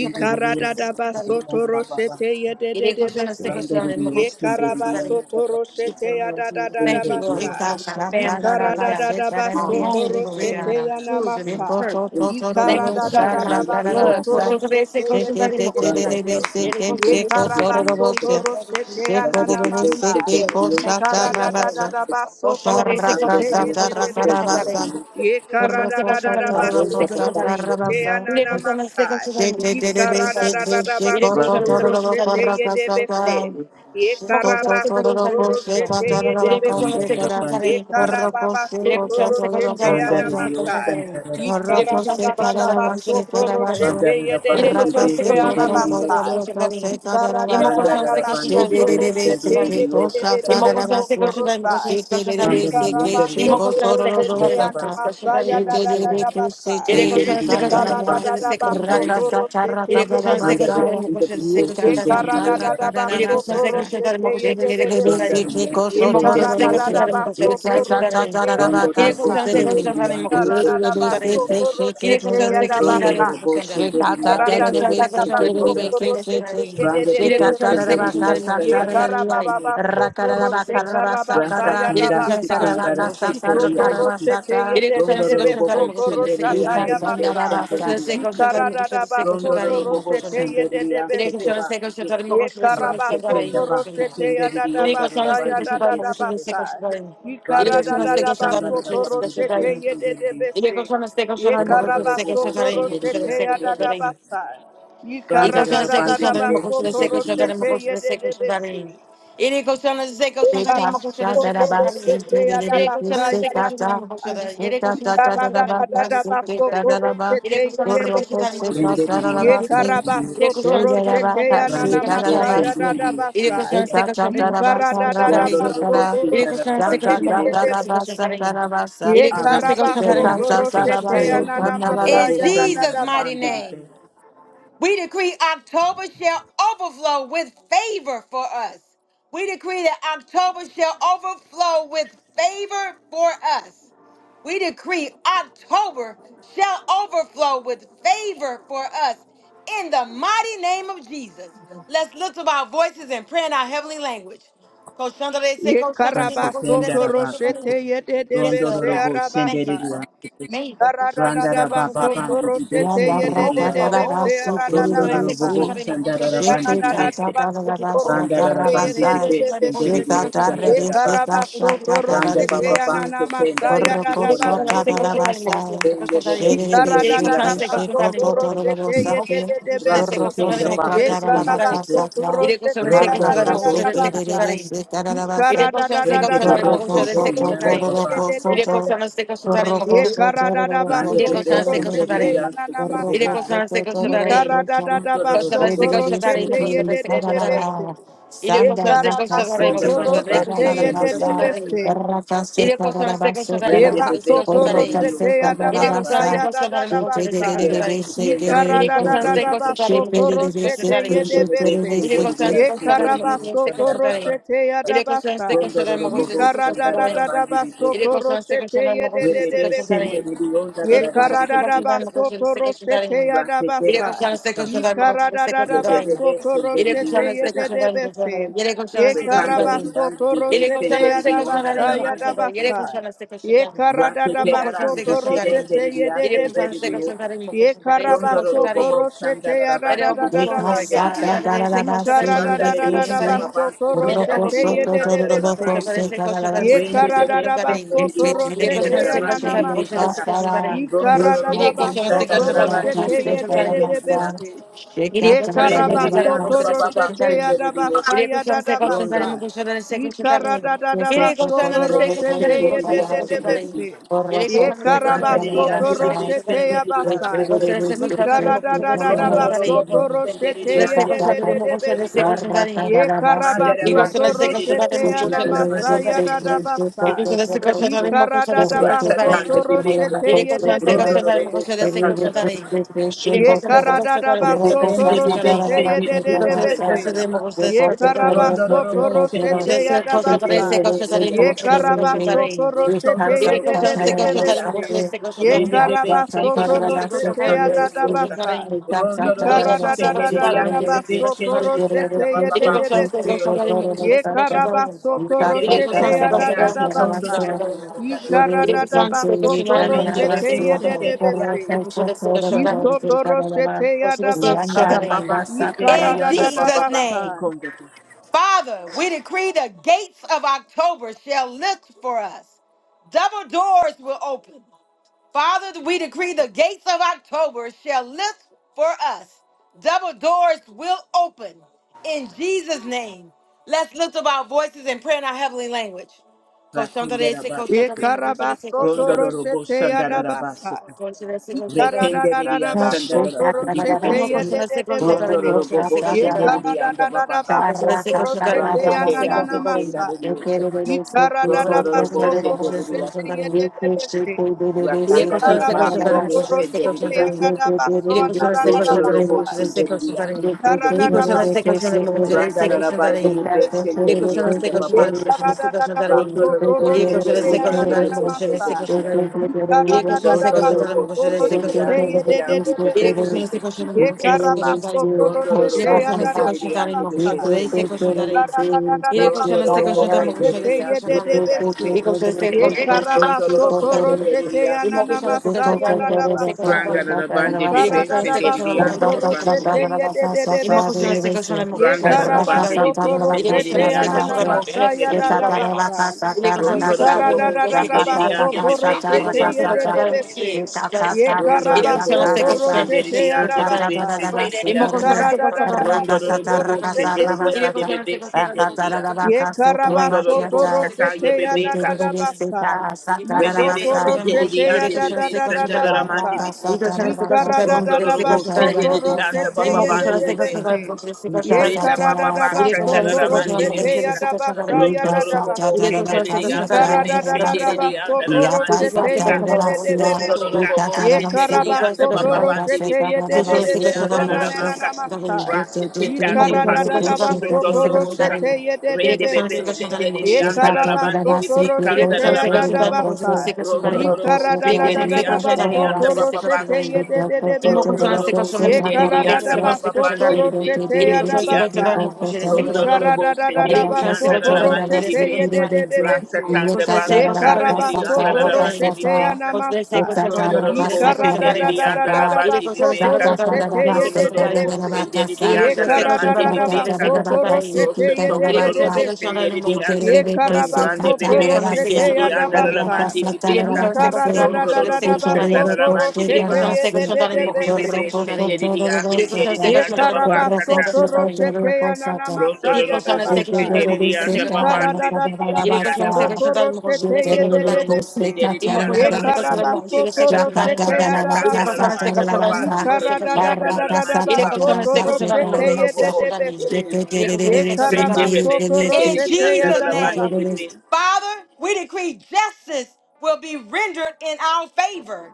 Speaker 3: Ikaradadabasoto roshete
Speaker 1: It Ele continua to
Speaker 3: yedededebese.
Speaker 5: Under
Speaker 1: questionando, ele
Speaker 5: the
Speaker 1: continua a
Speaker 5: ocean,
Speaker 1: ser
Speaker 5: under the
Speaker 1: questionado.
Speaker 3: Ikarabasoto roshete
Speaker 1: Lord Jesus. Thank
Speaker 5: under
Speaker 1: you,
Speaker 5: the ocean, under the
Speaker 1: Lord,
Speaker 5: ocean,
Speaker 3: yadadadadabasa.
Speaker 1: for
Speaker 2: Rita
Speaker 1: covering our
Speaker 2: shata da
Speaker 1: families,
Speaker 2: da
Speaker 1: Lord
Speaker 2: da
Speaker 1: God,
Speaker 2: se da da da
Speaker 1: our
Speaker 2: da
Speaker 3: Ikaradadadabasoto
Speaker 1: homes,
Speaker 2: se
Speaker 1: Lord
Speaker 2: se.
Speaker 3: roshete
Speaker 1: God, our children in
Speaker 3: yanamasa.
Speaker 1: church.
Speaker 5: under the
Speaker 1: Thank you for
Speaker 4: Thank
Speaker 1: covering them under the blood.
Speaker 3: Ikaradadadabasoto
Speaker 5: ocean,
Speaker 1: Question today, say
Speaker 3: roshete
Speaker 1: questions out of him,
Speaker 5: under the ocean,
Speaker 1: questions
Speaker 5: under
Speaker 1: out.
Speaker 5: the
Speaker 3: yedededebese.
Speaker 5: ocean,
Speaker 1: Yeah, they go
Speaker 5: under the
Speaker 1: to speak
Speaker 5: ocean,
Speaker 3: Ikarabasoto
Speaker 1: the blood of Jesus.
Speaker 3: roshete
Speaker 5: under the
Speaker 1: We
Speaker 5: ocean,
Speaker 1: plead
Speaker 3: ananamasa.
Speaker 1: your blood. Thank you for your blood. Question
Speaker 3: Ikaradadadabasoto
Speaker 1: today, say
Speaker 3: roshete
Speaker 1: questions out of him, say questions
Speaker 3: yedededebese.
Speaker 1: of him.
Speaker 3: Ye
Speaker 1: Ile kosztuje z
Speaker 3: karada
Speaker 1: tego
Speaker 3: da
Speaker 1: się
Speaker 3: da da
Speaker 1: dajmy, bo
Speaker 3: ba
Speaker 1: się
Speaker 3: soto
Speaker 1: wyskoczy dalej.
Speaker 3: roshete
Speaker 2: Shake
Speaker 3: anana masai. Ye karada da da da ba soto roshete ye debese. Ye karaba soto
Speaker 4: you.
Speaker 3: Ikara
Speaker 5: under
Speaker 3: da da da baso toro sete
Speaker 2: Rojo se carabase carabaso.
Speaker 3: ye de de de
Speaker 2: Raka
Speaker 3: de
Speaker 2: se coso todo rojo se carabasa. Shake it
Speaker 5: the
Speaker 2: in the
Speaker 5: ocean,
Speaker 2: se que cosa
Speaker 1: I
Speaker 5: under
Speaker 1: mogą się z
Speaker 2: carabasa.
Speaker 1: tego się
Speaker 2: Shake it in the
Speaker 1: dajmy.
Speaker 5: रंधरी
Speaker 2: se que
Speaker 5: रंधरी
Speaker 2: se
Speaker 1: Mismo cosa
Speaker 2: coso
Speaker 1: no sé
Speaker 2: todo
Speaker 5: रोंधर
Speaker 1: consultaremos,
Speaker 5: पापा
Speaker 2: saca.
Speaker 1: nos
Speaker 2: Shake
Speaker 1: consultaremos,
Speaker 2: it
Speaker 1: pues
Speaker 2: in
Speaker 1: andar.
Speaker 2: the se
Speaker 1: Iré
Speaker 5: रंधरी
Speaker 1: cosa
Speaker 2: que
Speaker 1: no sé
Speaker 5: रियां रंधर
Speaker 1: consultaremos,
Speaker 5: पापा
Speaker 2: carabasa.
Speaker 1: pues no sé
Speaker 5: रंधरी रोंधर
Speaker 2: Raka
Speaker 1: consultaremos.
Speaker 2: sa
Speaker 1: Iré cosa no
Speaker 5: पापा
Speaker 1: sé
Speaker 3: se.
Speaker 2: carabasa.
Speaker 1: consultaremos, pues no sé
Speaker 2: Yuka
Speaker 3: Ye
Speaker 2: sa
Speaker 1: consultaremos.
Speaker 5: रंधरी
Speaker 3: karada da
Speaker 5: रोंधर
Speaker 3: da
Speaker 5: पापा रंधरी रोंधर पापा
Speaker 3: ba
Speaker 1: Ele consome se
Speaker 3: soto
Speaker 2: carabasa.
Speaker 1: acrescentar
Speaker 3: roshete
Speaker 1: uma
Speaker 3: ye
Speaker 1: consciência de
Speaker 3: de
Speaker 1: se
Speaker 3: de
Speaker 1: acrescentar em.
Speaker 3: beste.
Speaker 1: mim.
Speaker 5: रंधरी
Speaker 1: E
Speaker 3: Ye
Speaker 1: uma consciência de se
Speaker 3: karada da
Speaker 5: रोंधर
Speaker 3: da
Speaker 1: acrescentar em uma
Speaker 3: ba
Speaker 5: पापा
Speaker 1: consciência de se
Speaker 3: soto
Speaker 1: acrescentar em. mim.
Speaker 3: roshete ya
Speaker 5: रंधरी रोंधर
Speaker 1: Ele
Speaker 5: पापा
Speaker 1: consome
Speaker 3: namasa.
Speaker 1: se acrescentar
Speaker 3: Ye
Speaker 1: em uma consciência de se
Speaker 3: karada da ba
Speaker 1: acrescentar em. mim.
Speaker 3: soto
Speaker 1: Ele
Speaker 3: roshete
Speaker 1: consome
Speaker 3: ya da
Speaker 1: acrescentar em
Speaker 3: basa.
Speaker 1: uma consciência.
Speaker 3: Ye
Speaker 1: Ele
Speaker 3: karada da
Speaker 1: consome
Speaker 3: da da ba
Speaker 1: acrescentar em uma consciência de
Speaker 3: soto
Speaker 1: se acrescentar
Speaker 3: roshete
Speaker 1: em. mim.
Speaker 3: ye de de
Speaker 5: रंधरी
Speaker 1: Ele
Speaker 3: de de
Speaker 1: consome
Speaker 3: beste.
Speaker 1: acrescentar em uma
Speaker 5: रोंधर
Speaker 3: Ye
Speaker 1: consciência de se acrescentar
Speaker 3: karaba
Speaker 1: em.
Speaker 3: ba
Speaker 5: पापा
Speaker 3: ba
Speaker 1: mim.
Speaker 3: soto
Speaker 1: Uma consciência
Speaker 3: roshe
Speaker 1: de se acrescentar em. mim.
Speaker 3: karabasa ya
Speaker 1: Ele
Speaker 3: da
Speaker 5: Rasakanda
Speaker 1: consome
Speaker 3: basa.
Speaker 1: acrescentar em uma
Speaker 5: Sikendara
Speaker 1: consciência de
Speaker 3: Ye
Speaker 1: se
Speaker 5: Sikoria
Speaker 1: acrescentar
Speaker 3: soto
Speaker 1: em. mim.
Speaker 5: Siku
Speaker 3: roshete ye
Speaker 1: Ele
Speaker 2: Shake
Speaker 3: de de
Speaker 1: coxando se
Speaker 3: de
Speaker 5: Rondoro
Speaker 3: be
Speaker 1: coxantar,
Speaker 5: Bobo
Speaker 1: me
Speaker 3: soto
Speaker 1: coxando se
Speaker 5: Senderi
Speaker 3: roshata
Speaker 5: and
Speaker 1: coxantar,
Speaker 5: the
Speaker 3: ya
Speaker 1: me
Speaker 5: Big
Speaker 3: basa.
Speaker 5: Senderi
Speaker 1: coxando se coxantar,
Speaker 5: Asiku
Speaker 1: me coxando se coxantar,
Speaker 3: Ikararabasoto
Speaker 5: Rondoro
Speaker 1: me
Speaker 5: Bobo
Speaker 3: roshete
Speaker 1: coxando.
Speaker 5: Senderi
Speaker 1: Ele
Speaker 3: yedebese.
Speaker 5: Asike
Speaker 1: coxando se
Speaker 5: Bakike
Speaker 1: coxantar, me coxando se coxantar,
Speaker 3: Yekarabasoto
Speaker 5: Rasakenda
Speaker 1: me
Speaker 5: Baki
Speaker 3: roshete
Speaker 1: coxando.
Speaker 5: Kenderi
Speaker 1: Ele
Speaker 5: Onda
Speaker 3: yadadabasa
Speaker 1: coxando se
Speaker 5: Rabandi
Speaker 1: coxantar, me coxando
Speaker 5: Besite
Speaker 1: se
Speaker 3: yadadabasa.
Speaker 1: coxantar, me Ele
Speaker 5: Bandari
Speaker 1: coxando se coxantar,
Speaker 5: Estandar
Speaker 1: me
Speaker 3: Ikararabasoto
Speaker 1: coxando se
Speaker 5: Rabandi
Speaker 1: coxantar,
Speaker 3: roshete
Speaker 1: me
Speaker 5: Besenderi
Speaker 1: Ele
Speaker 3: yedebese.
Speaker 1: coxando se coxantar, me coxando
Speaker 5: Rondoro
Speaker 1: se
Speaker 5: Bobo
Speaker 3: Yekarabasoto
Speaker 1: coxantar, me coxando
Speaker 3: roshete
Speaker 5: Senderi and
Speaker 1: se
Speaker 5: the
Speaker 1: coxantar,
Speaker 5: Besite
Speaker 3: yadadabasa.
Speaker 1: I
Speaker 5: Bandara
Speaker 1: koşana se
Speaker 5: Rabandi
Speaker 1: koşandarim, mo koşana
Speaker 3: Ikararabasoto
Speaker 1: se
Speaker 5: Besenderi
Speaker 1: koşandarim, mo
Speaker 3: roshete
Speaker 5: Osita
Speaker 1: koşana se
Speaker 3: yedebese.
Speaker 1: koşandarim. İri koşana se
Speaker 3: Ye
Speaker 2: Thank
Speaker 1: koşandarim, mo koşana
Speaker 3: karabaso
Speaker 1: se
Speaker 3: toro
Speaker 1: koşandarim. İri koşana se koşandarim, mo koşana. İri koşana se koşandarim, mo koşana se koşandarim. İri koşana se koşandarim, mo koşana se
Speaker 5: Renderi
Speaker 1: koşandarim.
Speaker 5: Asenderi
Speaker 1: İri koşana se koşandarim, mo koşana se koşandarim. İri koşana se
Speaker 3: shete
Speaker 1: koşandarim, mo
Speaker 3: ya
Speaker 1: koşana
Speaker 3: nana
Speaker 5: Randeri
Speaker 1: se
Speaker 3: masaya
Speaker 1: koşandarim.
Speaker 3: da da
Speaker 1: İri koşana
Speaker 5: Besenderi
Speaker 1: se koşandarim, mo koşana se koşandarim.
Speaker 5: Bondoro Boshi
Speaker 1: İri koşana se
Speaker 5: Darabangi
Speaker 1: koşandarim,
Speaker 5: Bibesa Aransete
Speaker 1: mo koşana se
Speaker 5: Ansete Eo Totoro
Speaker 1: In
Speaker 2: you.
Speaker 5: Bosan
Speaker 3: da
Speaker 1: Jesus' mighty
Speaker 5: Darabangi
Speaker 3: basa.
Speaker 1: name.
Speaker 5: Bibe
Speaker 1: We decree October shall overflow with favor for us. We decree that October shall overflow with favor for us. We decree October shall overflow with favor for us in the mighty name of Jesus. Let's lift up our voices and pray in our heavenly language. Koshandarese, koshandarimo,
Speaker 5: Ranseten
Speaker 3: Ikarabasoto
Speaker 1: koshandarese,
Speaker 5: Darabaki
Speaker 1: koshandarimo.
Speaker 3: roshete
Speaker 1: Yes, Lord
Speaker 3: yededebese
Speaker 5: Rondoro
Speaker 1: God. Thank you
Speaker 3: arabasa.
Speaker 5: Bosenderia
Speaker 1: for favor. Koshandarese,
Speaker 5: Randarababa
Speaker 1: koshandarimo,
Speaker 3: Ikaradadabasoto
Speaker 5: Bandi
Speaker 2: Yarra
Speaker 3: roshete
Speaker 1: koshandarimo.
Speaker 5: Bibesa Deria
Speaker 1: Overflow,
Speaker 3: yededebese
Speaker 1: overflow.
Speaker 5: Rondoro
Speaker 1: Koshandarese,
Speaker 3: aradadabasa.
Speaker 1: koshandarimo,
Speaker 5: Bosan
Speaker 1: koshandarese,
Speaker 5: Darabandi
Speaker 1: koshandarimo.
Speaker 5: Bibesa
Speaker 1: Thank you
Speaker 3: Ikaradadabasoto
Speaker 1: for always love. We
Speaker 3: roshete
Speaker 1: should
Speaker 5: Randarabandi
Speaker 1: be sick, I should let
Speaker 5: Bibesa
Speaker 1: me hold you
Speaker 3: yededebese.
Speaker 1: in sick, I
Speaker 5: Deria
Speaker 1: should let you.
Speaker 5: Sandarabandi
Speaker 1: We should be
Speaker 3: Ikarabasoto
Speaker 1: sick, I should
Speaker 5: Randa
Speaker 1: let me
Speaker 3: roshete
Speaker 1: hold
Speaker 5: Papa Basta
Speaker 3: yananamasa
Speaker 5: Tendari
Speaker 1: you in
Speaker 5: Koriandi
Speaker 1: sick,
Speaker 3: yadadabasoto
Speaker 5: Bika
Speaker 3: roshete.
Speaker 1: I
Speaker 5: Rende
Speaker 1: should let
Speaker 3: Ye
Speaker 1: you.
Speaker 5: Bibesa
Speaker 1: We should be sick, I
Speaker 5: Deria
Speaker 1: should
Speaker 3: karabaso
Speaker 1: let me hold you in sick, I should let you.
Speaker 3: toro shete ye de
Speaker 1: We should be sick,
Speaker 5: Grazie,
Speaker 1: I should let
Speaker 5: tende
Speaker 1: me hold you in
Speaker 5: basse,
Speaker 1: sick, I should
Speaker 5: tende
Speaker 1: let you.
Speaker 5: bebesse.
Speaker 1: We should be sick, I
Speaker 5: Rolda
Speaker 1: should let me hold you in
Speaker 5: robosa
Speaker 1: sick, I
Speaker 5: ta.
Speaker 1: should let you. We should be sick, I
Speaker 5: Tende
Speaker 1: should
Speaker 2: Sanda
Speaker 1: let me
Speaker 2: raka
Speaker 1: hold
Speaker 5: bebesse,
Speaker 1: you in
Speaker 2: se
Speaker 5: tende yanda baba. Randa bebesse, tende riasse, tende riasse. Rondo
Speaker 1: Koşana
Speaker 5: robosa,
Speaker 1: destek koşan
Speaker 5: tende
Speaker 1: tarayın mı?
Speaker 5: riasse.
Speaker 1: Koşana destek koşan tarayın. İle koşana destek koşan tarayın mı?
Speaker 5: Randa
Speaker 2: te
Speaker 1: Koşana
Speaker 5: baba
Speaker 2: te
Speaker 1: destek
Speaker 2: kara
Speaker 5: basse,
Speaker 2: la la
Speaker 5: tende
Speaker 1: koşan
Speaker 3: de
Speaker 2: basa,
Speaker 5: riasse ta.
Speaker 3: bese.
Speaker 2: raka se
Speaker 1: İle
Speaker 2: kara
Speaker 1: koşana
Speaker 2: la
Speaker 1: destek
Speaker 2: basa
Speaker 1: koşan
Speaker 5: Rende
Speaker 2: kara,
Speaker 1: Koşana
Speaker 3: Yeba
Speaker 1: destek
Speaker 5: bebesse,
Speaker 1: koşan
Speaker 3: soto
Speaker 5: tende
Speaker 2: raka se
Speaker 3: roshete
Speaker 5: riasse,
Speaker 3: ya
Speaker 2: kara
Speaker 3: da
Speaker 5: andare
Speaker 2: la
Speaker 1: İle
Speaker 5: alla
Speaker 1: koşana
Speaker 3: basa
Speaker 5: bandi
Speaker 1: destek
Speaker 2: basa.
Speaker 3: ya
Speaker 5: be.
Speaker 1: koşan
Speaker 3: da da da
Speaker 2: She
Speaker 1: Koşana
Speaker 2: te te
Speaker 1: destek
Speaker 2: te te
Speaker 3: basa.
Speaker 1: koşan
Speaker 2: te
Speaker 5: Grazie,
Speaker 2: se
Speaker 5: tende
Speaker 2: te te
Speaker 3: Ikara
Speaker 5: anzi,
Speaker 1: İle
Speaker 2: te
Speaker 3: da
Speaker 2: te
Speaker 3: da
Speaker 1: koşana
Speaker 5: condo
Speaker 3: da
Speaker 2: te,
Speaker 1: destek
Speaker 3: da
Speaker 1: koşan
Speaker 5: robosa.
Speaker 2: she
Speaker 3: baso
Speaker 2: te te
Speaker 1: Koşana
Speaker 3: toro
Speaker 2: te
Speaker 1: destek
Speaker 2: te
Speaker 1: koşan
Speaker 2: se
Speaker 3: shete
Speaker 2: te
Speaker 3: ye
Speaker 5: Rende
Speaker 3: de
Speaker 2: she te
Speaker 5: bebesse,
Speaker 2: te te
Speaker 3: bese.
Speaker 1: Il est
Speaker 5: tende
Speaker 1: conscient,
Speaker 2: se.
Speaker 1: c'est
Speaker 3: Ye
Speaker 5: riasse,
Speaker 1: conscient
Speaker 5: tende
Speaker 1: d'aller me
Speaker 5: riasse,
Speaker 1: rejoindre, c'est
Speaker 3: karabaso
Speaker 1: conscient
Speaker 5: andare
Speaker 3: toro
Speaker 5: alla
Speaker 1: d'aller.
Speaker 5: bandi
Speaker 3: shete ya
Speaker 5: be.
Speaker 1: Il
Speaker 3: da
Speaker 1: est conscient, c'est
Speaker 3: basa.
Speaker 1: conscient
Speaker 5: Rondo
Speaker 1: d'aller me rejoindre, c'est
Speaker 5: robosa,
Speaker 3: Ikara
Speaker 1: conscient
Speaker 3: da
Speaker 5: andare
Speaker 3: da
Speaker 5: alla
Speaker 1: d'aller.
Speaker 3: da da
Speaker 5: bandi
Speaker 3: baso
Speaker 5: be.
Speaker 1: Il est
Speaker 3: toro
Speaker 1: conscient, c'est
Speaker 3: shete
Speaker 1: conscient d'aller me
Speaker 3: ye de
Speaker 1: rejoindre,
Speaker 3: de
Speaker 1: c'est
Speaker 3: de
Speaker 5: Rebebe
Speaker 1: conscient
Speaker 5: sende
Speaker 1: d'aller.
Speaker 3: bese.
Speaker 5: rebi onda
Speaker 3: Ye
Speaker 1: Il est conscient,
Speaker 5: rabande
Speaker 1: c'est
Speaker 5: di
Speaker 3: karada da
Speaker 1: conscient d'aller
Speaker 5: besa.
Speaker 1: me
Speaker 3: baso
Speaker 1: rejoindre, c'est
Speaker 3: toro
Speaker 1: conscient d'aller.
Speaker 3: shete ya da
Speaker 1: Il est
Speaker 5: Raketera
Speaker 3: basa.
Speaker 1: conscient, c'est
Speaker 5: akita.
Speaker 1: conscient d'aller me rejoindre,
Speaker 3: Ikarada da
Speaker 1: c'est
Speaker 3: da
Speaker 1: conscient
Speaker 3: da
Speaker 1: d'aller.
Speaker 3: baso
Speaker 5: Rebebe
Speaker 3: toro
Speaker 5: sende
Speaker 1: Il est
Speaker 5: rebi
Speaker 3: shete
Speaker 1: conscient,
Speaker 3: ye
Speaker 1: c'est
Speaker 3: de
Speaker 5: osata.
Speaker 1: conscient
Speaker 3: de
Speaker 1: d'aller me rejoindre.
Speaker 3: bese.
Speaker 1: Il est conscient,
Speaker 3: Ye
Speaker 1: c'est conscient
Speaker 5: Rekanda
Speaker 1: d'aller.
Speaker 5: rebi
Speaker 3: karabaso
Speaker 5: andi di
Speaker 3: toro
Speaker 1: Il est
Speaker 5: besa
Speaker 1: conscient,
Speaker 3: shete
Speaker 5: sende
Speaker 3: ya
Speaker 1: c'est
Speaker 5: rebi
Speaker 3: da
Speaker 1: conscient
Speaker 5: onda
Speaker 1: d'aller
Speaker 3: basa
Speaker 1: me
Speaker 3: ya da
Speaker 5: rabande
Speaker 1: rejoindre.
Speaker 5: di
Speaker 1: Il est
Speaker 5: besa.
Speaker 1: conscient,
Speaker 3: basa.
Speaker 1: c'est conscient
Speaker 3: Ye
Speaker 1: d'aller.
Speaker 3: karada
Speaker 1: Il
Speaker 3: da
Speaker 1: est
Speaker 5: Raketera
Speaker 1: conscient,
Speaker 3: baso
Speaker 1: c'est
Speaker 5: randi
Speaker 1: conscient
Speaker 3: toro
Speaker 1: d'aller.
Speaker 5: sedende
Speaker 3: shete
Speaker 5: rebi
Speaker 3: ye de
Speaker 1: Il est
Speaker 3: de
Speaker 5: asende
Speaker 1: conscient, c'est
Speaker 5: rebi
Speaker 3: beshe.
Speaker 1: conscient
Speaker 5: ota.
Speaker 1: d'aller me
Speaker 3: Ye
Speaker 1: rejoindre, c'est
Speaker 5: Rondo
Speaker 1: conscient
Speaker 5: roro
Speaker 3: karabaso
Speaker 1: d'aller.
Speaker 5: bobo
Speaker 3: toro
Speaker 5: sanda
Speaker 3: shete ya da
Speaker 1: Let it
Speaker 3: da
Speaker 5: rabande
Speaker 3: da
Speaker 5: di
Speaker 3: da
Speaker 1: overflow,
Speaker 3: da
Speaker 5: besa
Speaker 2: Eka
Speaker 1: Lord
Speaker 5: sende
Speaker 1: God.
Speaker 5: rebi
Speaker 3: basa.
Speaker 2: saka
Speaker 1: Shakare se
Speaker 3: Ye
Speaker 2: dararaba
Speaker 1: kosha bari
Speaker 2: siri
Speaker 3: karada
Speaker 5: Randa
Speaker 1: mukuru
Speaker 2: de
Speaker 3: da
Speaker 5: de
Speaker 1: se
Speaker 3: da da
Speaker 1: kosha
Speaker 3: da
Speaker 5: rienda
Speaker 2: kusin.
Speaker 1: bari.
Speaker 3: baso
Speaker 5: papassi
Speaker 3: toro
Speaker 1: Let it
Speaker 5: tenda
Speaker 2: Uroko
Speaker 5: de
Speaker 3: shete
Speaker 1: overflow,
Speaker 3: ye
Speaker 5: Dio,
Speaker 2: soto
Speaker 3: de
Speaker 1: Lord.
Speaker 3: de
Speaker 5: canta
Speaker 2: tororobo
Speaker 5: da
Speaker 1: Kosha
Speaker 5: passi
Speaker 3: beshe.
Speaker 2: kose
Speaker 1: bari
Speaker 5: che
Speaker 1: se kosha bari
Speaker 2: kararas.
Speaker 3: Ye
Speaker 1: mukuru
Speaker 5: Rende
Speaker 1: se
Speaker 5: bebè
Speaker 1: kosha
Speaker 3: karadada
Speaker 1: bari.
Speaker 5: tenda de
Speaker 2: Ese
Speaker 3: basoto
Speaker 5: Dio,
Speaker 2: kiri
Speaker 1: Ile
Speaker 2: de
Speaker 5: senda
Speaker 2: bin
Speaker 3: roshete
Speaker 1: kosha
Speaker 5: da
Speaker 3: ya
Speaker 1: se
Speaker 5: mangi
Speaker 1: kosha
Speaker 2: sefi
Speaker 1: bari
Speaker 5: di
Speaker 1: mukuru
Speaker 2: eka
Speaker 1: se
Speaker 3: nanamasa.
Speaker 5: pesca.
Speaker 1: kosha
Speaker 2: sara.
Speaker 1: bari.
Speaker 3: Ye
Speaker 5: Rondo robo
Speaker 2: Eka
Speaker 3: karadada
Speaker 1: Ile
Speaker 5: poco
Speaker 1: kosha
Speaker 2: saka
Speaker 1: se
Speaker 5: santa
Speaker 3: basoto
Speaker 1: kosha
Speaker 5: da
Speaker 1: bari
Speaker 2: dararaba
Speaker 1: mukuru
Speaker 5: mangi di
Speaker 1: se
Speaker 3: roshete
Speaker 2: kase
Speaker 3: ye
Speaker 5: pesca
Speaker 3: de
Speaker 1: kosha
Speaker 5: in
Speaker 1: bari.
Speaker 3: de de
Speaker 5: di
Speaker 2: kararasa.
Speaker 5: Dio.
Speaker 3: besi.
Speaker 2: Eka
Speaker 1: Ile
Speaker 3: Ye
Speaker 2: saka
Speaker 1: kosha se
Speaker 5: Rende di
Speaker 1: kosha
Speaker 2: dararaba
Speaker 1: bari mukuru
Speaker 5: rianda
Speaker 3: karabasoto
Speaker 1: se
Speaker 2: kase.
Speaker 5: papà
Speaker 1: kosha
Speaker 3: roshete ya
Speaker 1: bari.
Speaker 5: senda de Dio.
Speaker 3: dabasa
Speaker 1: Ile
Speaker 3: ya
Speaker 1: kosha se kosha
Speaker 5: Rondo
Speaker 1: bari
Speaker 3: dadabasa.
Speaker 5: robo
Speaker 1: mukuru se
Speaker 3: Ye
Speaker 1: kosha bari.
Speaker 3: karadada
Speaker 1: Ile
Speaker 2: Ese kiri
Speaker 1: kosha
Speaker 3: basoto
Speaker 1: se
Speaker 2: tororobo
Speaker 5: bebè
Speaker 1: kosha bari
Speaker 5: senda
Speaker 3: roshete
Speaker 2: kose
Speaker 1: mukuru
Speaker 3: ye
Speaker 5: di
Speaker 3: de
Speaker 1: se
Speaker 5: Dio,
Speaker 3: de
Speaker 2: kararas.
Speaker 3: de
Speaker 1: kosha
Speaker 5: senda di
Speaker 1: bari.
Speaker 5: Dio.
Speaker 3: besi.
Speaker 2: Uroko
Speaker 1: Ile kosha
Speaker 3: Ye
Speaker 2: soto
Speaker 1: se kosha
Speaker 5: Randa
Speaker 1: bari
Speaker 5: de
Speaker 1: mukuru
Speaker 2: tororobo
Speaker 5: rianda
Speaker 3: karabasoto
Speaker 1: se kosha bari. Kosha se
Speaker 2: sara.
Speaker 5: bebè
Speaker 1: kosha
Speaker 3: roshete
Speaker 5: senda
Speaker 3: ya
Speaker 5: di Dio,
Speaker 2: Eka
Speaker 3: basa.
Speaker 2: de
Speaker 5: senda
Speaker 2: de
Speaker 5: di
Speaker 2: bin
Speaker 5: Dio.
Speaker 3: Ye
Speaker 2: sefi
Speaker 1: bari mukuru
Speaker 2: eka
Speaker 1: se
Speaker 3: karadada
Speaker 5: Rondo
Speaker 1: kosha
Speaker 2: kararas.
Speaker 5: robo
Speaker 1: bari.
Speaker 5: poco
Speaker 3: basoto
Speaker 5: senda di
Speaker 3: roshete
Speaker 5: rianda
Speaker 3: ye
Speaker 2: Eka
Speaker 1: Destek
Speaker 3: de de
Speaker 2: saka
Speaker 5: bebè
Speaker 1: koşarım mı
Speaker 3: de
Speaker 5: senda
Speaker 1: koşar
Speaker 5: di
Speaker 1: destek
Speaker 3: besi.
Speaker 5: Dio.
Speaker 1: koşarım.
Speaker 3: Ye
Speaker 2: dararaba kase
Speaker 5: Bandera
Speaker 1: İlk
Speaker 2: kiri.
Speaker 1: olsun
Speaker 3: karabasoto
Speaker 1: destek
Speaker 5: Basinderi
Speaker 3: roshete
Speaker 1: koşarım mı
Speaker 2: Thank you.
Speaker 1: koşar
Speaker 5: Osindara
Speaker 1: destek
Speaker 3: anamasa
Speaker 5: Bandi
Speaker 1: koşarım.
Speaker 5: Bibeka,
Speaker 3: yadadabasa.
Speaker 1: İlk olsun destek
Speaker 3: Ye
Speaker 1: koşarım mı koşar destek
Speaker 3: karadadabasoto
Speaker 5: Rasatanda
Speaker 1: koşarım.
Speaker 5: Bibeka,
Speaker 3: roshete
Speaker 1: İlk olsun destek
Speaker 5: Rondo
Speaker 1: koşarım
Speaker 3: yededebese.
Speaker 1: mı
Speaker 5: Robo
Speaker 1: koşar destek
Speaker 5: Satanda Raba,
Speaker 1: koşarım. İlk
Speaker 3: Ye
Speaker 1: olsun destek
Speaker 3: karada da
Speaker 1: koşarım mı koşar
Speaker 3: baso
Speaker 1: destek
Speaker 5: Rebebende
Speaker 3: toro
Speaker 5: Bebe
Speaker 1: koşarım.
Speaker 3: shete ye
Speaker 1: İlk
Speaker 3: de
Speaker 5: Senderi
Speaker 3: de de
Speaker 1: olsun destek
Speaker 5: Osindara
Speaker 3: besi.
Speaker 1: koşarım mı
Speaker 5: Raba,
Speaker 1: koşar
Speaker 3: Ye
Speaker 1: destek koşarım.
Speaker 5: Rondo
Speaker 3: karabaso
Speaker 5: Robo
Speaker 3: toro shete
Speaker 1: Koşar
Speaker 5: Senderi
Speaker 3: ya
Speaker 1: destek
Speaker 5: and
Speaker 3: da
Speaker 1: koşarım
Speaker 5: Bebe
Speaker 3: basa.
Speaker 1: destek koşarım mı koşar destek koşarım. İlk olsun destek koşarım mı koşar destek koşarım. İlk olsun destek koşarım
Speaker 5: Senderi
Speaker 1: mı
Speaker 5: and
Speaker 3: Ye
Speaker 1: koşar
Speaker 5: Raba,
Speaker 1: destek
Speaker 3: karabaso
Speaker 1: koşarım. İlk
Speaker 3: toro
Speaker 5: Rosondo
Speaker 3: shete ye de
Speaker 5: Robo
Speaker 1: olsun
Speaker 3: de de
Speaker 1: destek
Speaker 3: de
Speaker 5: Senderi di Aka,
Speaker 3: besi. Ye
Speaker 5: Rende Bebe
Speaker 3: karabaso
Speaker 5: Senderi di
Speaker 3: toro
Speaker 5: Aka
Speaker 3: shete ya
Speaker 5: Sandara
Speaker 3: da da
Speaker 5: Diosa,
Speaker 3: basa.
Speaker 2: Thank
Speaker 3: Ye
Speaker 5: Rondo Robo
Speaker 3: karada da da da
Speaker 5: Senderi
Speaker 3: da
Speaker 1: koşarım
Speaker 5: and
Speaker 3: da
Speaker 1: koşar
Speaker 5: Bebe
Speaker 3: baso
Speaker 1: destek
Speaker 3: toro
Speaker 1: koşarım.
Speaker 5: Senderi and
Speaker 3: shete ye
Speaker 5: Baba
Speaker 1: Ele
Speaker 3: de de
Speaker 5: Baki
Speaker 1: consome se
Speaker 5: Kondo
Speaker 3: besi.
Speaker 1: consome da mente,
Speaker 5: Robo.
Speaker 3: Ye
Speaker 1: se consome da mente.
Speaker 3: karabaso toro
Speaker 1: Ele
Speaker 5: Rendere
Speaker 1: consome
Speaker 3: shete
Speaker 1: se
Speaker 3: ya
Speaker 5: besete
Speaker 3: da
Speaker 1: consome
Speaker 3: da
Speaker 1: da
Speaker 3: da
Speaker 1: mente, se
Speaker 5: antitondo
Speaker 3: basa.
Speaker 1: consome da
Speaker 5: dorobosa
Speaker 3: Ye
Speaker 1: mente.
Speaker 5: daraba.
Speaker 1: Ele
Speaker 3: karada da
Speaker 1: consome se
Speaker 3: baso
Speaker 1: consome da
Speaker 3: toro
Speaker 5: Rende
Speaker 1: mente, se
Speaker 3: shete
Speaker 5: bebe
Speaker 3: ye
Speaker 1: consome da
Speaker 3: de
Speaker 1: mente.
Speaker 3: de
Speaker 5: sendere
Speaker 1: Ele
Speaker 5: diata.
Speaker 3: besi.
Speaker 1: consome se consome da mente,
Speaker 3: Isotoroshete
Speaker 1: se consome da
Speaker 5: Aya
Speaker 3: yadabasa.
Speaker 1: mente.
Speaker 5: baba sendere
Speaker 1: In
Speaker 5: dianda baba
Speaker 1: Jesus'
Speaker 5: baki
Speaker 1: name,
Speaker 3: Ikaradadadabasa.
Speaker 5: kondo.
Speaker 1: Father, we decree the gates of October shall lift for us. Double doors will open. Father, we decree the gates of October shall lift for us. Double doors will open in Jesus' name. Let's lift up our voices and pray in our heavenly language.
Speaker 5: Rakindera
Speaker 1: Koshantarese,
Speaker 5: basete.
Speaker 1: koshantarimo, koshantarese,
Speaker 5: Rondo
Speaker 1: koshantarimo,
Speaker 3: Ikarabasotoroshete
Speaker 5: dorobosa daraba
Speaker 3: yadabasa.
Speaker 5: sete.
Speaker 1: koshantarese, koshantarimo.
Speaker 5: Rekendere dia sandaraba. Andidi
Speaker 3: Ikaradadadabasotoroshete
Speaker 1: Remo,
Speaker 5: besete.
Speaker 1: koshantarese,
Speaker 5: Rondo
Speaker 3: yedededebese.
Speaker 1: koshantarimo, koshantarese,
Speaker 5: dorobobo sendere
Speaker 1: koshantarimo,
Speaker 5: dianda baba sete.
Speaker 1: koshantarese, koshantarimo, koshantarese,
Speaker 3: Ikaradadadabasotoroshete
Speaker 5: Rasete
Speaker 2: you.
Speaker 5: ande
Speaker 3: yanananamasa.
Speaker 5: kendara
Speaker 2: Thank
Speaker 5: diosete.
Speaker 1: koshantarimo,
Speaker 5: Rondo
Speaker 1: koshantarese,
Speaker 5: dorobo
Speaker 1: koshantarimo,
Speaker 5: sendere
Speaker 1: koshantarese,
Speaker 3: Ikaradadabasotoroshete
Speaker 5: diasete.
Speaker 1: koshantarimo.
Speaker 3: yedededebese.
Speaker 1: Il est
Speaker 5: Rakanda
Speaker 1: conscient de ses conscients
Speaker 5: darabandi
Speaker 1: dans le
Speaker 3: Ikarabasoto
Speaker 5: bebe
Speaker 1: projet, ses
Speaker 5: sendere
Speaker 3: roshete
Speaker 1: conscients dans le
Speaker 5: diasete.
Speaker 3: yadadabaso
Speaker 1: Il est conscient de ses conscients dans le
Speaker 5: Rondororobo
Speaker 3: naradadabasa.
Speaker 1: projet, ses conscients dans
Speaker 5: Shinteria
Speaker 3: Ye
Speaker 1: le
Speaker 5: and the
Speaker 1: Il est conscient de ses
Speaker 5: University.
Speaker 1: conscients dans
Speaker 3: karabasoto
Speaker 1: le projet, ses
Speaker 3: roshete ya
Speaker 1: conscients dans
Speaker 5: Randarabande
Speaker 1: le
Speaker 5: de Bess and
Speaker 1: Il est conscient de
Speaker 5: Teria and
Speaker 1: ses
Speaker 5: the
Speaker 1: conscients dans le
Speaker 5: Babastic.
Speaker 1: projet, ses conscients dans le
Speaker 5: Rondororobo
Speaker 1: Il est conscient de ses
Speaker 5: Shinteria and
Speaker 1: conscients dans le
Speaker 5: the Bess
Speaker 1: projet,
Speaker 5: and
Speaker 1: ses conscients dans
Speaker 5: Teria.
Speaker 1: le Il est conscient de ses conscients dans le
Speaker 5: Rondororobo
Speaker 1: projet, ses conscients
Speaker 5: Shinteria
Speaker 1: dans
Speaker 5: and
Speaker 1: le
Speaker 5: the
Speaker 1: Yere
Speaker 5: Bess
Speaker 1: koşan
Speaker 5: and Teria.
Speaker 1: istek koşanların mı koşan istek koşanların Yere
Speaker 5: Rondororobo
Speaker 1: koşan
Speaker 3: da
Speaker 1: istek
Speaker 3: da
Speaker 2: you.
Speaker 3: da da
Speaker 5: Shinteria and
Speaker 1: koşanların mı
Speaker 5: the
Speaker 2: Thank
Speaker 1: koşan
Speaker 3: basai.
Speaker 5: Bess
Speaker 1: da
Speaker 5: and
Speaker 1: istek
Speaker 5: Teria.
Speaker 3: Ye
Speaker 1: koşanların
Speaker 3: Ikara da da da
Speaker 1: Yere
Speaker 3: da
Speaker 1: koşan
Speaker 3: baso
Speaker 1: istek
Speaker 5: Rondororobo
Speaker 1: koşanların
Speaker 3: toro
Speaker 1: mı koşan istek
Speaker 5: Shinteria and the
Speaker 1: koşanların Yere
Speaker 5: Teria.
Speaker 1: koşan istek koşanların
Speaker 5: Rondororobo
Speaker 1: koşanların
Speaker 2: you.
Speaker 5: Shinteria and
Speaker 1: Yere
Speaker 5: the
Speaker 1: koşan
Speaker 2: Rakasa
Speaker 1: istek
Speaker 5: Bess.
Speaker 1: koşanların mı koşan istek koşanların
Speaker 5: Randarabande de
Speaker 1: Yere koşan
Speaker 5: Bess and
Speaker 1: istek koşanların mı
Speaker 5: Teria and the
Speaker 1: koşan istek koşanların
Speaker 5: Babastic.
Speaker 1: Yere koşan istek koşanların mı koşan
Speaker 5: Randa da
Speaker 1: istek
Speaker 5: da bande
Speaker 1: koşanların
Speaker 5: be be
Speaker 1: Yere
Speaker 5: senderi
Speaker 1: koşan istek
Speaker 5: ande
Speaker 1: koşanların
Speaker 5: baba
Speaker 1: mı
Speaker 5: senderi di on.
Speaker 1: Yere koşan
Speaker 5: Rondo
Speaker 1: istek koşanların
Speaker 5: bobo
Speaker 1: mı
Speaker 5: senderi di ande be be
Speaker 1: Yere
Speaker 3: shete
Speaker 1: koşan
Speaker 5: senderi
Speaker 3: ye
Speaker 1: istek
Speaker 5: di
Speaker 3: de
Speaker 5: ande
Speaker 3: de
Speaker 5: be
Speaker 1: koşanların mı
Speaker 5: be.
Speaker 3: bese. Ye
Speaker 5: Rondo da
Speaker 1: Iré
Speaker 5: da
Speaker 1: con solo
Speaker 3: karabaso
Speaker 5: bobo
Speaker 1: este
Speaker 5: bo
Speaker 1: coche
Speaker 3: toro
Speaker 1: para
Speaker 5: senderi
Speaker 3: shete
Speaker 5: di
Speaker 1: entonces
Speaker 3: ya
Speaker 5: ande be
Speaker 1: preguntaré.
Speaker 5: be
Speaker 3: rabasa.
Speaker 5: senderi
Speaker 1: Y
Speaker 5: di
Speaker 1: mo
Speaker 3: Ye
Speaker 1: con
Speaker 5: aka.
Speaker 1: solo este
Speaker 3: karada
Speaker 1: coche
Speaker 3: da
Speaker 1: para
Speaker 3: da
Speaker 5: Rondo da
Speaker 3: baso
Speaker 5: da
Speaker 3: toro
Speaker 5: bobo
Speaker 1: preguntaré.
Speaker 3: shete
Speaker 5: senderi di
Speaker 3: ye
Speaker 1: Iré
Speaker 3: de
Speaker 1: con
Speaker 5: ande
Speaker 3: de
Speaker 5: be
Speaker 1: solo
Speaker 3: de
Speaker 1: este
Speaker 5: be
Speaker 1: coche para
Speaker 5: senderi
Speaker 1: preguntaré.
Speaker 5: di aka.
Speaker 3: Ye
Speaker 5: Rondo da da
Speaker 3: karabaso
Speaker 1: Iré con
Speaker 5: bo
Speaker 1: solo
Speaker 3: toro
Speaker 1: este coche para
Speaker 5: sataya
Speaker 3: shete
Speaker 5: be
Speaker 3: ya da
Speaker 5: beka.
Speaker 3: da da
Speaker 1: preguntaré.
Speaker 3: basa.
Speaker 1: Y mo
Speaker 3: Ye
Speaker 5: Be
Speaker 1: con solo
Speaker 5: be
Speaker 1: este
Speaker 5: be
Speaker 3: soto
Speaker 1: coche para
Speaker 5: senderi di
Speaker 1: preguntaré.
Speaker 3: roshete ya
Speaker 1: Iré
Speaker 5: ande
Speaker 1: con
Speaker 3: da
Speaker 5: be
Speaker 1: solo
Speaker 3: da
Speaker 5: be
Speaker 1: este
Speaker 3: da da
Speaker 1: coche
Speaker 2: Thank
Speaker 1: para
Speaker 3: da
Speaker 5: sendera ramande
Speaker 3: basa.
Speaker 5: be
Speaker 1: Y con
Speaker 5: boka.
Speaker 1: solo
Speaker 3: Ye
Speaker 1: este coche para
Speaker 3: karada da
Speaker 1: preguntaré.
Speaker 3: da
Speaker 1: Este coche para
Speaker 3: baso toro
Speaker 5: ande
Speaker 1: Y
Speaker 3: shete
Speaker 5: baba
Speaker 1: mo
Speaker 3: ye
Speaker 1: con
Speaker 3: de
Speaker 1: solo
Speaker 5: bande
Speaker 3: de
Speaker 1: este
Speaker 5: be
Speaker 1: coche
Speaker 5: be.
Speaker 1: para
Speaker 3: besi.
Speaker 1: preguntaré. Este coche
Speaker 3: Ye
Speaker 1: para
Speaker 5: Rinda
Speaker 3: karada
Speaker 5: Baba
Speaker 3: da
Speaker 1: Iré con
Speaker 3: baso
Speaker 5: Basanda
Speaker 1: solo este
Speaker 3: toro
Speaker 1: coche para
Speaker 5: Ramandi
Speaker 3: shete
Speaker 1: preguntaré.
Speaker 3: ya
Speaker 5: Bibisa.
Speaker 1: Este
Speaker 3: da
Speaker 1: coche para
Speaker 3: basa ya
Speaker 5: Rondo
Speaker 3: da
Speaker 5: Robo
Speaker 1: Iré con
Speaker 5: Kenda
Speaker 1: solo este
Speaker 5: Lady
Speaker 1: coche
Speaker 5: and
Speaker 1: para
Speaker 5: the
Speaker 3: Ikara
Speaker 5: Bibi
Speaker 3: da
Speaker 1: preguntaré. Este
Speaker 3: da da da
Speaker 1: coche
Speaker 3: da
Speaker 1: para
Speaker 3: ba
Speaker 1: Iré con solo
Speaker 5: Sinderi
Speaker 1: este
Speaker 5: and the
Speaker 1: coche para preguntaré.
Speaker 3: soto
Speaker 5: Ramandi
Speaker 3: roshete ye
Speaker 5: Bibica.
Speaker 3: de de de
Speaker 1: Este
Speaker 5: Rondo
Speaker 1: coche para
Speaker 5: Robo
Speaker 1: Il est
Speaker 5: Sinderi
Speaker 1: conscient de
Speaker 5: and the
Speaker 1: ses conscients
Speaker 5: Baba
Speaker 1: d'arrêt.
Speaker 5: Bandi
Speaker 1: Il
Speaker 5: Bibi
Speaker 1: est
Speaker 5: Sinderi and the Ramaka. Rastate and the Candidi Ocean
Speaker 2: you.
Speaker 5: Dolorosa. Rende
Speaker 1: conscient
Speaker 5: Bebe
Speaker 2: Shaka
Speaker 5: Sinderi and the Ramandi Bibi Kanda Ramakiko. Rondo Robo Sinderi and the Rianda Baba Basiti.
Speaker 3: besi.
Speaker 5: Rondororobo
Speaker 3: Ye
Speaker 5: senderi di
Speaker 3: karada
Speaker 5: anda
Speaker 3: da ba
Speaker 5: papa
Speaker 3: soto
Speaker 5: pandi bibe
Speaker 3: roshete ya
Speaker 5: senderi
Speaker 3: da
Speaker 5: di
Speaker 3: ba
Speaker 5: anda.
Speaker 3: sa. Ye
Speaker 5: Rondororobo
Speaker 3: karada da da da
Speaker 5: senderi di
Speaker 3: ba
Speaker 1: de
Speaker 5: anda
Speaker 1: ses
Speaker 5: da
Speaker 3: soto
Speaker 1: conscients
Speaker 5: la mandi
Speaker 3: roshete
Speaker 5: bibe.
Speaker 3: ye de
Speaker 1: d'arrêt.
Speaker 3: de de
Speaker 5: Rasa
Speaker 3: besi.
Speaker 5: kanda
Speaker 1: Considere
Speaker 5: baki
Speaker 3: Ye
Speaker 1: seco,
Speaker 5: kanda
Speaker 1: sentaremos,
Speaker 5: di
Speaker 3: karaba
Speaker 1: considere
Speaker 5: anda
Speaker 1: seco,
Speaker 5: da
Speaker 3: soto
Speaker 5: la mandi
Speaker 1: sentaremos.
Speaker 3: roshete
Speaker 5: bibe.
Speaker 3: ya
Speaker 5: sa.
Speaker 1: Considere seco,
Speaker 3: namasa.
Speaker 1: sentaremos,
Speaker 3: Ye
Speaker 1: considere
Speaker 5: Rondororobo
Speaker 1: seco,
Speaker 3: karada
Speaker 5: sendere
Speaker 3: da
Speaker 1: sentaremos.
Speaker 5: di
Speaker 3: da da
Speaker 5: anda
Speaker 3: da
Speaker 5: la
Speaker 3: da ba
Speaker 1: Iré
Speaker 5: bandi
Speaker 1: considere
Speaker 3: soto
Speaker 1: seco,
Speaker 5: bibeka.
Speaker 1: sentaremos,
Speaker 3: roshete
Speaker 1: considere
Speaker 3: ye
Speaker 1: seco,
Speaker 3: de de
Speaker 5: Rondororobo
Speaker 1: sentaremos.
Speaker 3: besi.
Speaker 5: sendere di
Speaker 1: Iré
Speaker 3: Ye
Speaker 5: anda
Speaker 1: considere
Speaker 5: la la
Speaker 1: seco,
Speaker 3: karada
Speaker 5: mandi
Speaker 3: da
Speaker 1: sentaremos,
Speaker 3: da ba
Speaker 1: considere
Speaker 5: bibeka.
Speaker 1: seco,
Speaker 3: soto
Speaker 1: sentaremos.
Speaker 3: roshete
Speaker 5: Rosso
Speaker 3: ye de
Speaker 1: Iré
Speaker 3: de de
Speaker 1: considere
Speaker 5: tondororobo
Speaker 1: seco,
Speaker 3: besi.
Speaker 5: sendere
Speaker 1: sentaremos,
Speaker 5: di
Speaker 1: considere
Speaker 5: anda.
Speaker 3: Ye
Speaker 1: seco, sentaremos.
Speaker 3: karaba
Speaker 5: Rande
Speaker 1: Iré
Speaker 3: soto
Speaker 5: bebe
Speaker 1: considere seco,
Speaker 5: sendere
Speaker 3: roshete ya
Speaker 5: di
Speaker 3: da
Speaker 1: sentaremos,
Speaker 5: anda
Speaker 3: ba
Speaker 5: la la
Speaker 1: considere
Speaker 3: sa.
Speaker 5: mandi
Speaker 1: Iré
Speaker 3: Ye
Speaker 5: bibeka.
Speaker 1: considere seco,
Speaker 3: karada
Speaker 1: sentaremos,
Speaker 3: da da
Speaker 1: considere
Speaker 3: da da
Speaker 5: Rondororobo
Speaker 1: seco,
Speaker 3: ba
Speaker 5: sendere
Speaker 1: sentaremos.
Speaker 5: la
Speaker 3: soto
Speaker 5: mandi
Speaker 1: Iré
Speaker 3: roshete
Speaker 5: bibeka.
Speaker 1: considere
Speaker 3: ye
Speaker 1: seco,
Speaker 3: de de de
Speaker 1: sentaremos,
Speaker 5: Rebe
Speaker 1: considere
Speaker 3: besi.
Speaker 2: Corro
Speaker 1: seco,
Speaker 5: bebe sendere
Speaker 1: sentaremos.
Speaker 5: di anda
Speaker 1: Iré
Speaker 5: sendere
Speaker 1: considere
Speaker 5: di
Speaker 1: seco,
Speaker 5: anda
Speaker 1: sentaremos, considere
Speaker 2: con
Speaker 1: seco,
Speaker 5: babakata.
Speaker 2: su
Speaker 3: Yekarabasoto
Speaker 1: sentaremos.
Speaker 3: roshete yanana
Speaker 2: chorro,
Speaker 1: Iré
Speaker 3: masaya
Speaker 1: considere
Speaker 5: Rondorobo
Speaker 2: Shake
Speaker 1: seco,
Speaker 3: dabasa.
Speaker 1: sentaremos,
Speaker 5: Sinderi
Speaker 1: considere
Speaker 5: and the
Speaker 1: seco,
Speaker 5: Baba
Speaker 1: sentaremos. Ele
Speaker 5: Sinderi and
Speaker 1: continua
Speaker 5: the
Speaker 1: a ser
Speaker 3: Yikaradadadadabasoto
Speaker 5: Baka.
Speaker 1: questionado, meu conselho, a
Speaker 3: roshete
Speaker 1: ser questionado.
Speaker 5: Rondorobo
Speaker 3: yedebese.
Speaker 1: E
Speaker 5: Sinderi
Speaker 1: meu
Speaker 5: and the
Speaker 1: conselho a ser questionado,
Speaker 5: Lalamandi
Speaker 1: meu conselho, a
Speaker 3: Yekarabasoto
Speaker 5: Bibeka.
Speaker 1: ser
Speaker 3: roshete
Speaker 1: questionado.
Speaker 5: Rasa
Speaker 1: Ele
Speaker 3: yadabasa.
Speaker 1: continua a ser
Speaker 5: Tandalamanda
Speaker 1: questionado, meu
Speaker 5: Baba
Speaker 1: conselho, a ser
Speaker 5: Sinderi and the
Speaker 1: questionado.
Speaker 5: Lalamandi
Speaker 1: Ele
Speaker 5: Bak.
Speaker 1: continua a
Speaker 3: Yikaradadadadabasoto
Speaker 1: ser questionado, meu
Speaker 3: roshete
Speaker 1: conselho, a ser
Speaker 5: Rosondorobo
Speaker 1: questionado.
Speaker 3: yedebese.
Speaker 5: Sinderi and
Speaker 1: Ele continua a ser
Speaker 5: the
Speaker 1: questionado.
Speaker 5: Rende Bebe
Speaker 3: Yekarabasoto
Speaker 1: In
Speaker 5: Sinderi
Speaker 3: roshete
Speaker 5: and the
Speaker 1: Jesus'
Speaker 5: Lalamandi
Speaker 1: name,
Speaker 5: Bibi.
Speaker 3: yadadabasi.
Speaker 1: Father, we decree justice will be rendered in our favor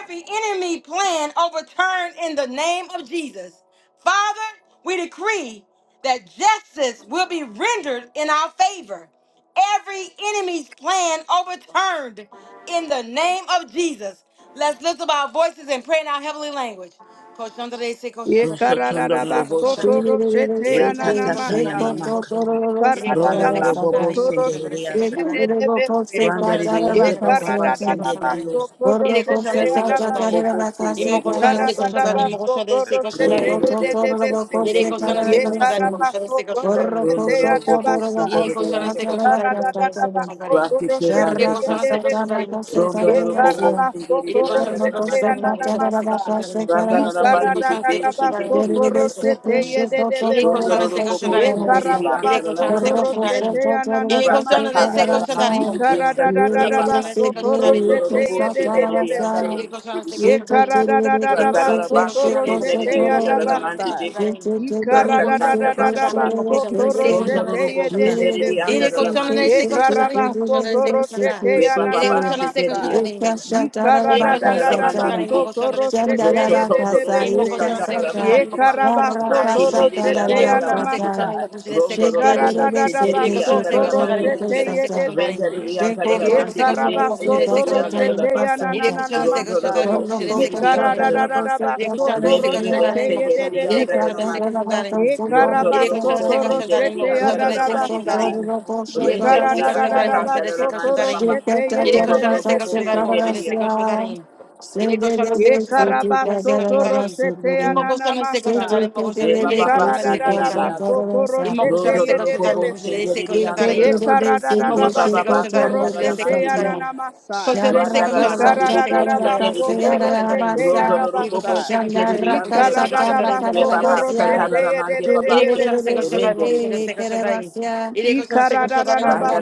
Speaker 1: every enemy plan overturned in the name of Jesus. Father, we decree that justice will be rendered in our favor. Every enemy's plan overturned in the name of Jesus. Let's lift up our voices and pray in our heavenly language.
Speaker 3: Ye karada
Speaker 5: Rosotondorobo
Speaker 3: basoto
Speaker 5: Sata.
Speaker 3: roshete
Speaker 5: Reta
Speaker 3: yanana
Speaker 5: tata ya
Speaker 3: masa.
Speaker 5: mama kata.
Speaker 3: Ye
Speaker 5: Rondo
Speaker 3: karada
Speaker 5: no robobo
Speaker 3: basoto
Speaker 5: sendere de
Speaker 3: roshete
Speaker 5: asa.
Speaker 3: yedede
Speaker 1: Il
Speaker 3: bese.
Speaker 1: est
Speaker 5: Randa
Speaker 1: conscient
Speaker 5: de
Speaker 1: de ses
Speaker 5: de
Speaker 1: cochons
Speaker 5: ende
Speaker 3: Ye
Speaker 1: d'arrêt, mon conscient
Speaker 5: baba
Speaker 1: de
Speaker 3: karada
Speaker 1: ses cochons
Speaker 5: Sinteri
Speaker 1: d'arrêt.
Speaker 3: basoto
Speaker 5: Osaka.
Speaker 1: Il est conscient
Speaker 3: roshete
Speaker 1: de ses
Speaker 5: Rondo Rondoro
Speaker 1: cochons d'arrêt.
Speaker 3: yadabasa.
Speaker 5: robo
Speaker 1: Il m'a
Speaker 5: sendere
Speaker 3: Ye
Speaker 5: di
Speaker 1: conscient de ses
Speaker 5: andare
Speaker 1: cochons
Speaker 3: karada
Speaker 1: d'arrêt, mon conscient de
Speaker 3: basoto
Speaker 1: ses cochons
Speaker 3: roshete
Speaker 1: d'arrêt.
Speaker 2: Sharra casa,
Speaker 3: yedede
Speaker 2: charra
Speaker 3: bese.
Speaker 1: Il est
Speaker 2: casa,
Speaker 1: conscient de ses
Speaker 3: Ye
Speaker 1: cochons d'arrêt, mon
Speaker 2: tarabelasia.
Speaker 1: conscient de ses
Speaker 3: karabasoto
Speaker 1: cochons d'arrêt.
Speaker 3: roshete yadabasa.
Speaker 1: Iri koşana ste
Speaker 3: Ye Ye
Speaker 1: koşantarım
Speaker 3: karada da da
Speaker 1: koşana ste
Speaker 3: da ba
Speaker 1: koşantarım. Iri koşana ste koşantarım koşana ste koşantarım. Iri koşana ste
Speaker 2: Perro cosecha,
Speaker 1: koşantarım koşana ste
Speaker 2: charra casa,
Speaker 1: koşantarım. Iri
Speaker 2: tarabelasia.
Speaker 1: koşana ste koşantarım koşana
Speaker 2: Thank
Speaker 1: ste koşantarım. Iri koşana ste koşantarım koşana. Iri koşana ste koşantarım. Iri koşana ste
Speaker 5: alla
Speaker 1: koşantarım koşana. Iri koşana ste koşantarım koşana ste koşantarım.
Speaker 5: mano
Speaker 1: Iri koşana
Speaker 5: di
Speaker 1: ste koşantarım. Iri koşana
Speaker 5: Randara
Speaker 1: ste
Speaker 3: soto
Speaker 5: Bakshi
Speaker 1: koşantarım
Speaker 5: Tenderi
Speaker 3: roshete
Speaker 1: koşana.
Speaker 3: ya
Speaker 1: Iri
Speaker 3: da
Speaker 5: Ondara
Speaker 1: koşana ste
Speaker 5: Mandi
Speaker 3: basa.
Speaker 5: Beka
Speaker 1: koşantarım.
Speaker 3: Ye
Speaker 1: Imo koşanı
Speaker 5: Rasatanda
Speaker 1: se
Speaker 5: Bakshi
Speaker 1: koşanı imo
Speaker 3: karabaso
Speaker 5: Kiko
Speaker 1: koşanı yere
Speaker 5: Rondoro
Speaker 1: koşanı se
Speaker 5: Robo
Speaker 1: koşanı
Speaker 5: Senderi
Speaker 1: yere
Speaker 5: Andara
Speaker 1: koşanı
Speaker 5: Mandi
Speaker 1: ne se
Speaker 5: Bibe
Speaker 1: koşanı imo koşanı se koşanı
Speaker 5: Reba
Speaker 1: yere
Speaker 5: Baba
Speaker 1: koşanı se
Speaker 5: Senderi
Speaker 1: koşanı imo
Speaker 5: Asta,
Speaker 1: koşanı yere koşanı
Speaker 5: Bandara
Speaker 1: se
Speaker 5: mandi
Speaker 2: you.
Speaker 1: koşanı
Speaker 5: di
Speaker 1: imo
Speaker 5: beta.
Speaker 1: koşanı
Speaker 2: Shake
Speaker 1: se koşanı
Speaker 5: Rosso tondo loro
Speaker 1: imo koşanı
Speaker 5: mosandara
Speaker 1: se
Speaker 5: la
Speaker 1: koşanı
Speaker 5: mandi di
Speaker 1: imo
Speaker 5: ba.
Speaker 1: koşanı se koşanı
Speaker 3: toro
Speaker 5: Rakinderi di
Speaker 3: shete
Speaker 1: yere
Speaker 3: ya
Speaker 5: andala la
Speaker 1: koşanı se
Speaker 5: masita.
Speaker 1: koşanı imo
Speaker 3: namasa.
Speaker 1: koşanı se
Speaker 5: Rondo
Speaker 3: Ye
Speaker 5: loro
Speaker 3: Ikara
Speaker 1: koşanı
Speaker 5: bobo
Speaker 3: da da da da
Speaker 5: senderi
Speaker 1: yere
Speaker 3: ba
Speaker 5: di
Speaker 1: koşanı se koşanı imo koşanı se koşanı yere koşanı se
Speaker 5: andala
Speaker 3: soto
Speaker 5: la
Speaker 1: koşanı
Speaker 5: mandi
Speaker 1: imo
Speaker 5: di che.
Speaker 3: roshete
Speaker 1: koşanı se koşanı
Speaker 5: Rendere
Speaker 6: Thank you.
Speaker 5: di andala
Speaker 1: yere
Speaker 5: la
Speaker 1: koşanı
Speaker 5: mandi
Speaker 1: se
Speaker 5: di
Speaker 1: koşanı
Speaker 5: che. Senderi di andala la bacca. Rondo loro bobo
Speaker 1: imo koşanı
Speaker 5: senderi di
Speaker 1: se
Speaker 5: andala
Speaker 1: koşanı
Speaker 5: la macca.
Speaker 1: Yere koşan destek
Speaker 5: Rebe
Speaker 1: koşan
Speaker 5: bebe
Speaker 1: darayım mı
Speaker 5: senderi
Speaker 1: koşan da?
Speaker 5: di
Speaker 1: Yere
Speaker 5: andala
Speaker 1: koşan
Speaker 5: la
Speaker 1: destek koşan
Speaker 5: matita.
Speaker 1: darayım mı?
Speaker 5: Rondo
Speaker 1: Yere
Speaker 5: loro
Speaker 1: koşan
Speaker 5: bobo
Speaker 1: destek koşan
Speaker 5: senderi
Speaker 1: darayım
Speaker 5: di
Speaker 1: mı koşan da
Speaker 5: andala la
Speaker 1: destek
Speaker 5: mandi
Speaker 1: koşan
Speaker 5: di
Speaker 1: darayım
Speaker 5: beta.
Speaker 1: mı? Yere koşan
Speaker 5: Rendere di
Speaker 1: destek koşan darayım mı
Speaker 5: assatanda
Speaker 1: koşan
Speaker 5: la
Speaker 1: destek koşan
Speaker 5: manda
Speaker 2: Shake
Speaker 1: darayım mı?
Speaker 5: baba.
Speaker 3: ye
Speaker 1: Yere
Speaker 3: de
Speaker 5: Rondo
Speaker 3: de
Speaker 1: koşan
Speaker 3: de
Speaker 5: loro
Speaker 1: destek
Speaker 5: bobo
Speaker 1: koşan darayım
Speaker 3: besi.
Speaker 1: mı
Speaker 5: senderi
Speaker 1: koşan
Speaker 5: di
Speaker 1: destek koşan
Speaker 5: andala.
Speaker 1: darayım mı? Yere koşan destek
Speaker 3: Ye
Speaker 1: koşan darayım mı koşan destek koşan
Speaker 3: karabasoto
Speaker 1: darayım mı?
Speaker 3: roshete
Speaker 1: İmmo koşan destek koşan
Speaker 3: ananamasa.
Speaker 1: darayım mı koşan
Speaker 5: Ye
Speaker 1: da?
Speaker 3: Ye
Speaker 1: Yere
Speaker 5: baba ba
Speaker 1: koşan destek koşan
Speaker 5: senderi
Speaker 1: darayım mı?
Speaker 5: ata.
Speaker 3: karadadabasoto
Speaker 1: Imo
Speaker 3: roshete
Speaker 1: koşan
Speaker 5: Rondo
Speaker 1: este
Speaker 5: roro
Speaker 1: koşan tarım
Speaker 5: bobo
Speaker 1: koşan
Speaker 3: yedebese.
Speaker 1: este
Speaker 5: senderi
Speaker 1: koşan
Speaker 5: anda
Speaker 1: tarım.
Speaker 3: Ye
Speaker 5: rama.
Speaker 1: Imo
Speaker 5: Re
Speaker 1: koşan
Speaker 5: baba
Speaker 1: este
Speaker 5: ba
Speaker 1: koşan
Speaker 3: karadadabasoto
Speaker 1: tarım
Speaker 5: sanda
Speaker 1: koşan este
Speaker 5: rama
Speaker 3: roshete
Speaker 5: ndi
Speaker 1: koşan
Speaker 5: bibi.
Speaker 1: tarım.
Speaker 3: ananamasa.
Speaker 1: Koşan este
Speaker 5: Rwanda
Speaker 3: Ye
Speaker 1: koşan tarım
Speaker 5: rama ndi
Speaker 1: koşan este
Speaker 5: bibi
Speaker 1: koşan tarım koşan
Speaker 5: senderi
Speaker 1: este
Speaker 3: karadadabasoto
Speaker 5: ata.
Speaker 1: koşan tarım.
Speaker 3: roshete
Speaker 5: Rondo roro
Speaker 1: İri koşan
Speaker 5: bobo
Speaker 3: yadabasa.
Speaker 1: este koşan tarım
Speaker 5: senderi
Speaker 3: Ye
Speaker 5: anda
Speaker 1: koşan este
Speaker 5: rama.
Speaker 1: koşan tarım
Speaker 5: Re
Speaker 1: koşan
Speaker 3: karadadabasoto
Speaker 1: este
Speaker 5: baba
Speaker 1: koşan
Speaker 5: sanda
Speaker 3: roshete
Speaker 1: tarım.
Speaker 5: rama ndi baba
Speaker 1: İri
Speaker 5: ke.
Speaker 1: koşan este
Speaker 3: yedebese.
Speaker 1: koşan tarım koşan
Speaker 5: Rende
Speaker 3: Ye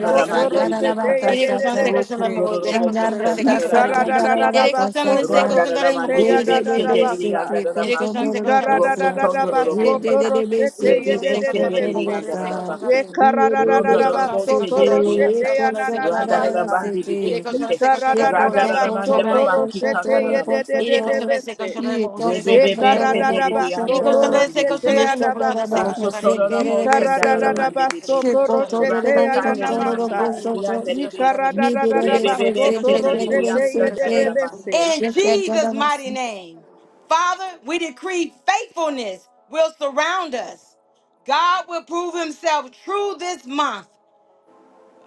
Speaker 1: este koşan
Speaker 5: mandi
Speaker 1: tarım.
Speaker 3: roshete
Speaker 5: bibesaka.
Speaker 1: İri koşan este koşan
Speaker 3: yedebese.
Speaker 1: tarım koşan
Speaker 5: Rokundororo bobo
Speaker 1: este koşan
Speaker 5: sandarara
Speaker 3: Ikara
Speaker 1: tarım.
Speaker 5: mandi
Speaker 3: da da da da
Speaker 1: İri
Speaker 5: bibese.
Speaker 3: ba
Speaker 1: koşan este
Speaker 3: soto
Speaker 1: koşan tarım
Speaker 5: Randarara mandi
Speaker 3: roshete
Speaker 1: koşan
Speaker 3: ya da
Speaker 1: este
Speaker 3: da
Speaker 1: koşan
Speaker 5: bibese
Speaker 3: da ba
Speaker 1: tarım.
Speaker 5: deriri
Speaker 3: sa.
Speaker 5: andarara
Speaker 1: İri koşan
Speaker 5: maka.
Speaker 1: este koşan tarım koşan este koşan tarım. İri koşan este koşan
Speaker 3: Ikara
Speaker 1: tarım
Speaker 3: da da
Speaker 5: Rosso
Speaker 1: koşan
Speaker 3: da
Speaker 1: este
Speaker 3: da ba
Speaker 5: tondororo
Speaker 1: koşan tarım.
Speaker 3: soto
Speaker 5: bosaka.
Speaker 3: roshete
Speaker 1: Yedi
Speaker 3: ye
Speaker 1: koşan
Speaker 3: de
Speaker 1: se
Speaker 3: de
Speaker 5: Rebebese
Speaker 3: de
Speaker 1: koşan da
Speaker 3: be
Speaker 1: mo
Speaker 5: deriri
Speaker 3: se.
Speaker 1: koşan se
Speaker 5: andarara
Speaker 1: koşan da
Speaker 5: bakiti.
Speaker 1: rin.
Speaker 3: Ikara da da da
Speaker 1: Yedi
Speaker 3: da
Speaker 5: Rondororo
Speaker 3: ba
Speaker 1: koşan se
Speaker 5: bose
Speaker 3: soto
Speaker 1: koşan da mo
Speaker 5: deriri
Speaker 1: yedi
Speaker 3: roshete
Speaker 5: ata.
Speaker 3: ya
Speaker 1: koşan da
Speaker 3: na
Speaker 1: se
Speaker 3: na na
Speaker 1: koşan da
Speaker 3: ma
Speaker 5: Randarara
Speaker 1: rin.
Speaker 3: sa.
Speaker 5: mandi
Speaker 1: Yedi koşan
Speaker 5: bibese.
Speaker 1: se
Speaker 3: Ikara
Speaker 1: koşan da
Speaker 3: da da
Speaker 1: mo
Speaker 3: da
Speaker 1: yedi
Speaker 5: Randarara
Speaker 1: se
Speaker 3: ba
Speaker 5: mandi
Speaker 1: koşan da
Speaker 3: soto
Speaker 1: rin.
Speaker 5: babaki
Speaker 3: roshete ye
Speaker 5: kandarara
Speaker 3: de de
Speaker 1: Yedi
Speaker 3: de
Speaker 5: masoto.
Speaker 3: de
Speaker 1: koşan
Speaker 3: be
Speaker 1: se
Speaker 3: se.
Speaker 1: koşan da mo koşan se koşan
Speaker 5: Rebebebe
Speaker 1: da
Speaker 3: Ikara
Speaker 1: rin.
Speaker 3: da da
Speaker 5: sendere
Speaker 3: ba
Speaker 5: di
Speaker 1: Any
Speaker 5: andara da
Speaker 3: soto
Speaker 1: question that is a
Speaker 5: mande
Speaker 3: roshete
Speaker 1: question that
Speaker 5: bebeka.
Speaker 3: ya
Speaker 1: in
Speaker 3: da ba
Speaker 1: question that is a
Speaker 3: sa.
Speaker 1: question
Speaker 5: Rosso
Speaker 1: that
Speaker 5: toro
Speaker 1: in
Speaker 5: la mo
Speaker 1: this
Speaker 3: Ikara da
Speaker 5: sendara
Speaker 1: question
Speaker 5: da
Speaker 3: da
Speaker 1: that
Speaker 3: da
Speaker 5: mande
Speaker 3: ba
Speaker 5: bebeka.
Speaker 3: soto
Speaker 1: is a question that in
Speaker 5: Rasa
Speaker 3: roshete ya
Speaker 1: any
Speaker 3: na
Speaker 5: kade
Speaker 1: question
Speaker 3: na
Speaker 1: that
Speaker 5: da
Speaker 1: is a
Speaker 3: ma
Speaker 1: question
Speaker 5: mandi
Speaker 1: that
Speaker 3: sa.
Speaker 1: in
Speaker 5: siki
Speaker 1: question
Speaker 2: Shake
Speaker 1: that is
Speaker 5: andere
Speaker 1: a question that
Speaker 3: Yikara
Speaker 5: bese.
Speaker 1: in
Speaker 2: Shake
Speaker 3: da da da da,
Speaker 1: any
Speaker 3: Yikaradadadaba
Speaker 1: question that is a
Speaker 5: Rebebebe
Speaker 3: soto
Speaker 1: question that in
Speaker 5: sendere di
Speaker 1: question that
Speaker 3: roshete
Speaker 1: is a
Speaker 3: ye de
Speaker 1: question that
Speaker 5: asandara
Speaker 3: de
Speaker 5: da ma.
Speaker 3: bese.
Speaker 1: in In Jesus' mighty name, Father, we decree faithfulness will surround us. God will prove himself true this month.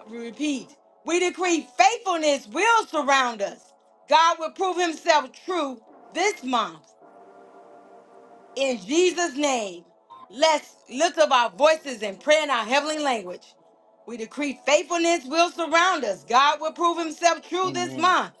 Speaker 1: Repeat, we decree faithfulness will surround us. God will prove himself true this month. In Jesus' name, let's lift up our voices and pray in our heavenly language. We decree faithfulness will surround us. God will prove himself true this
Speaker 5: Amen.
Speaker 1: month.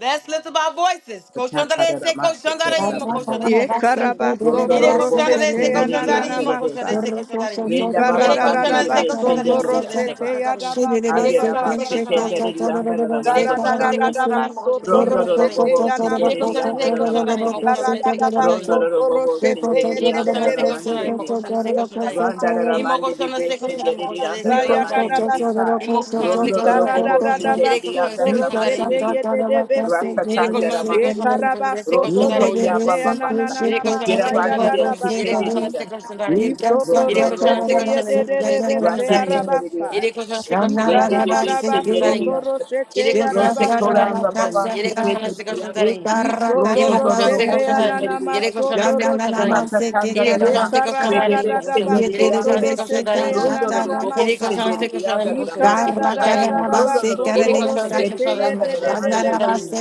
Speaker 1: Let's lift up our voices.
Speaker 5: Patata da da
Speaker 1: Koshandarese,
Speaker 5: ma sekere da
Speaker 1: koshandarimo,
Speaker 5: manda ma.
Speaker 3: Ye
Speaker 1: koshandarese, koshandarimo. Ire
Speaker 3: karabasoto
Speaker 5: Rondoro Bobo
Speaker 1: koshandarese,
Speaker 3: roshete
Speaker 5: Senderi
Speaker 3: ananana
Speaker 1: koshandarimo,
Speaker 5: Andere
Speaker 3: masa.
Speaker 1: koshandarese,
Speaker 5: Besete.
Speaker 1: koshandarimo.
Speaker 3: Ye
Speaker 5: Renda Baba
Speaker 1: Yere
Speaker 5: Bande
Speaker 1: koshandarese,
Speaker 5: Bebe
Speaker 3: karararabasoto
Speaker 1: koshandarimo,
Speaker 5: Senderi
Speaker 1: koshandarese,
Speaker 3: roshete
Speaker 5: Andabaka.
Speaker 1: koshandarimo.
Speaker 3: yadabasa
Speaker 1: Ire
Speaker 5: Agera
Speaker 1: koshandarese,
Speaker 5: Basete
Speaker 3: yadabasa.
Speaker 1: koshandarimo,
Speaker 5: Nderi
Speaker 1: koshandarimo.
Speaker 3: Ye
Speaker 5: Andara
Speaker 1: Yere
Speaker 5: Ramande Baba
Speaker 1: koshandarese,
Speaker 5: Kiki.
Speaker 1: koshandarimo,
Speaker 3: karararabasoto
Speaker 1: koshandarese,
Speaker 5: Rondoro
Speaker 1: koshandarimo.
Speaker 3: roshete
Speaker 5: Bobo
Speaker 1: Ire
Speaker 5: Senderi
Speaker 3: yanamasa.
Speaker 1: koshandarese,
Speaker 5: Andara
Speaker 3: Ye
Speaker 5: Ramate
Speaker 1: koshandarimo,
Speaker 5: Beke.
Speaker 1: koshandarese, koshandarimo.
Speaker 3: karararabasoto
Speaker 5: Rondoro Bobo
Speaker 3: roshete
Speaker 5: Senderi
Speaker 1: Yedi koşan
Speaker 5: Andara
Speaker 1: ise
Speaker 5: Ramande
Speaker 3: yedededebese.
Speaker 1: koşanlarım, mo
Speaker 5: Bebeka.
Speaker 1: koşan ise
Speaker 3: Ye
Speaker 1: koşanlarım.
Speaker 5: Randa
Speaker 3: karabasoto
Speaker 1: İmo
Speaker 5: Ramande
Speaker 1: koşan
Speaker 5: Bebe
Speaker 1: ise
Speaker 3: roshete
Speaker 1: koşanlarım, mo
Speaker 5: Senderi
Speaker 1: koşan
Speaker 2: Ye
Speaker 3: yadabasa
Speaker 1: ise
Speaker 5: Andara Ramande
Speaker 1: koşanlarım.
Speaker 5: Bebeka.
Speaker 3: yadabasa.
Speaker 1: İmo koşan ise
Speaker 5: Rondo
Speaker 3: Ye
Speaker 1: koşanlarım,
Speaker 5: Robo
Speaker 1: mo koşan.
Speaker 5: Sinderi
Speaker 1: Yedi koşan ise
Speaker 3: karararabasoto
Speaker 5: Andaramandi
Speaker 3: roshete
Speaker 1: koşanlarım.
Speaker 5: Bibi Rasa
Speaker 3: yedededebese.
Speaker 1: Yedi koşan
Speaker 5: Kaya
Speaker 1: ise
Speaker 5: Masika
Speaker 1: koşanlarım, mo koşan ise
Speaker 3: Ekarabaso
Speaker 5: Rosso
Speaker 1: koşanlarım, mo
Speaker 5: Toya
Speaker 3: toroshete
Speaker 1: koşan.
Speaker 5: Baba Baka
Speaker 3: ananana
Speaker 1: Yedi koşan ise
Speaker 3: masaya
Speaker 5: Yerabandi
Speaker 1: koşanlarım,
Speaker 5: de
Speaker 1: mo koşan. Yedi
Speaker 5: Kitede
Speaker 3: dadabasa.
Speaker 1: koşan ise
Speaker 5: Dibiaka
Speaker 1: koşanlarım.
Speaker 3: Isoto
Speaker 5: Rondo
Speaker 1: Yedi koşan
Speaker 5: Robo
Speaker 3: roshete
Speaker 1: ise koşanlarım, mo koşan
Speaker 3: yededede
Speaker 1: ise
Speaker 3: bese
Speaker 5: Rati
Speaker 1: koşanlarım.
Speaker 5: Tenderi
Speaker 3: arabasa.
Speaker 1: Yedi koşan ise koşanlarım,
Speaker 5: Rende
Speaker 1: mo
Speaker 5: Bebe
Speaker 1: koşan ise
Speaker 5: Sinderi
Speaker 3: Ikaradadabaso
Speaker 1: koşanlarım.
Speaker 3: toroshete
Speaker 1: Yedi koşan
Speaker 5: Rosso
Speaker 1: ise
Speaker 3: yadabasa.
Speaker 5: Tora
Speaker 1: koşanlarım, mo
Speaker 5: Baba
Speaker 1: koşan.
Speaker 5: Baka
Speaker 1: Yedi koşan
Speaker 5: Kitede
Speaker 1: ise
Speaker 5: Dibiaka
Speaker 1: koşanlarım.
Speaker 3: Isoto
Speaker 5: Rosso
Speaker 1: Imo koşan
Speaker 5: Dororo
Speaker 1: ste
Speaker 3: roshete
Speaker 1: koşan
Speaker 5: Bolse
Speaker 1: tarayın. Yere
Speaker 5: Veridiati,
Speaker 3: ananamaso
Speaker 1: koşan ste koşan
Speaker 3: toroshe.
Speaker 1: tarayın.
Speaker 5: Ratatanda
Speaker 1: Yere koşan
Speaker 5: Rama,
Speaker 1: ste koşan
Speaker 3: Ikarada da
Speaker 1: tarayın
Speaker 5: Rebebe
Speaker 3: da
Speaker 1: imo
Speaker 3: da
Speaker 1: koşan. Yere
Speaker 3: baso
Speaker 2: did it,
Speaker 1: koşan
Speaker 5: Senderidiata,
Speaker 2: they
Speaker 1: ste
Speaker 3: toro
Speaker 1: koşan
Speaker 2: say,
Speaker 3: shete
Speaker 1: tarayın.
Speaker 2: Shata,
Speaker 5: Rodoro
Speaker 3: ananana
Speaker 2: Raka,
Speaker 5: Bobo
Speaker 1: Yere
Speaker 3: masa.
Speaker 1: koşan ste
Speaker 2: Sasa.
Speaker 1: koşan
Speaker 5: Senderidianda
Speaker 1: imo
Speaker 2: Shake
Speaker 1: koşan. Ste
Speaker 5: Ramandi
Speaker 3: Ikarada
Speaker 1: koşan
Speaker 3: da
Speaker 5: Vica,
Speaker 3: da da
Speaker 1: tarayın.
Speaker 3: da
Speaker 5: Rodoro
Speaker 3: baso
Speaker 1: Yere
Speaker 5: Bobo
Speaker 3: toro
Speaker 1: koşan ste koşan
Speaker 3: shete
Speaker 1: tarayın
Speaker 5: Senderidianda
Speaker 1: imo koşan. Ste
Speaker 5: Ramandi
Speaker 1: koşan
Speaker 5: Vibic,
Speaker 1: tarayın.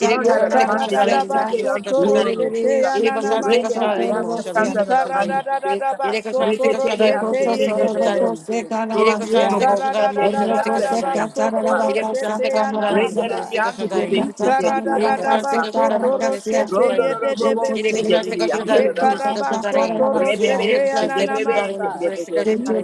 Speaker 1: Yere
Speaker 3: Ye
Speaker 1: koşan ste
Speaker 3: Ikara
Speaker 1: koşan
Speaker 5: Ramandi
Speaker 1: tarayın
Speaker 3: da
Speaker 1: imo koşan.
Speaker 5: Vieseke
Speaker 3: baso
Speaker 1: Ste
Speaker 5: and
Speaker 1: koşan
Speaker 3: toro
Speaker 5: Condor
Speaker 1: tarayın.
Speaker 3: shete
Speaker 5: Robusta,
Speaker 1: Yere
Speaker 3: ananana
Speaker 1: koşan ste
Speaker 5: Rende
Speaker 1: koşan
Speaker 3: masa.
Speaker 1: tarayın imo
Speaker 5: Ridiasa
Speaker 1: koşan. Ste
Speaker 5: Tanda
Speaker 1: koşan tarayın.
Speaker 5: Ramandi
Speaker 3: Ikarada da da da
Speaker 5: Vibeca,
Speaker 3: ba
Speaker 1: Yere koşan ste
Speaker 3: soto
Speaker 1: koşan tarayın imo
Speaker 5: Repeteria
Speaker 1: koşan.
Speaker 3: roshete ye
Speaker 1: Ste
Speaker 3: de
Speaker 5: Sekenderi
Speaker 1: koşan
Speaker 3: de
Speaker 5: Dio,
Speaker 1: tarayın.
Speaker 3: besi.
Speaker 1: Yere
Speaker 5: Rosso
Speaker 1: koşan ste
Speaker 5: Tobo
Speaker 1: koşan
Speaker 3: Ikarada
Speaker 1: tarayın imo
Speaker 3: da da
Speaker 1: koşan.
Speaker 3: da
Speaker 1: Ste
Speaker 3: da
Speaker 5: Senderidianda
Speaker 3: da
Speaker 1: koşan tarayın.
Speaker 3: baso
Speaker 5: Ridiasa
Speaker 3: toro
Speaker 1: Yere
Speaker 5: Babaca,
Speaker 1: koşan ste
Speaker 3: shete
Speaker 1: koşan
Speaker 3: ananana
Speaker 1: tarayın imo koşan.
Speaker 5: Rendere gli
Speaker 3: masa.
Speaker 1: Ste
Speaker 5: andi
Speaker 1: koşan
Speaker 5: di
Speaker 1: tarayın.
Speaker 5: pezzi di di
Speaker 3: Ikarada
Speaker 1: Il est
Speaker 3: da
Speaker 5: andare
Speaker 3: da
Speaker 1: conscient
Speaker 5: da
Speaker 1: de ses cochons
Speaker 3: baso
Speaker 1: d'âme,
Speaker 5: basta.
Speaker 1: conscient
Speaker 3: toro
Speaker 1: de ses cochons
Speaker 3: shete
Speaker 5: Rondo
Speaker 1: d'âme.
Speaker 3: ye
Speaker 5: lo
Speaker 3: de de
Speaker 5: bobo
Speaker 1: Il est conscient
Speaker 3: besi.
Speaker 1: de
Speaker 5: sendere
Speaker 1: ses
Speaker 5: di
Speaker 1: cochons
Speaker 5: andare
Speaker 1: d'âme,
Speaker 5: da
Speaker 1: conscient de ses
Speaker 5: basta.
Speaker 1: cochons
Speaker 3: Yekarabasoto
Speaker 1: d'âme. Il
Speaker 3: roshete
Speaker 1: est
Speaker 5: Rebebe
Speaker 1: conscient de ses cochons
Speaker 5: sendebebe
Speaker 1: d'âme,
Speaker 3: yananamasa.
Speaker 1: conscient de ses
Speaker 5: sendebebe.
Speaker 1: cochons d'âme.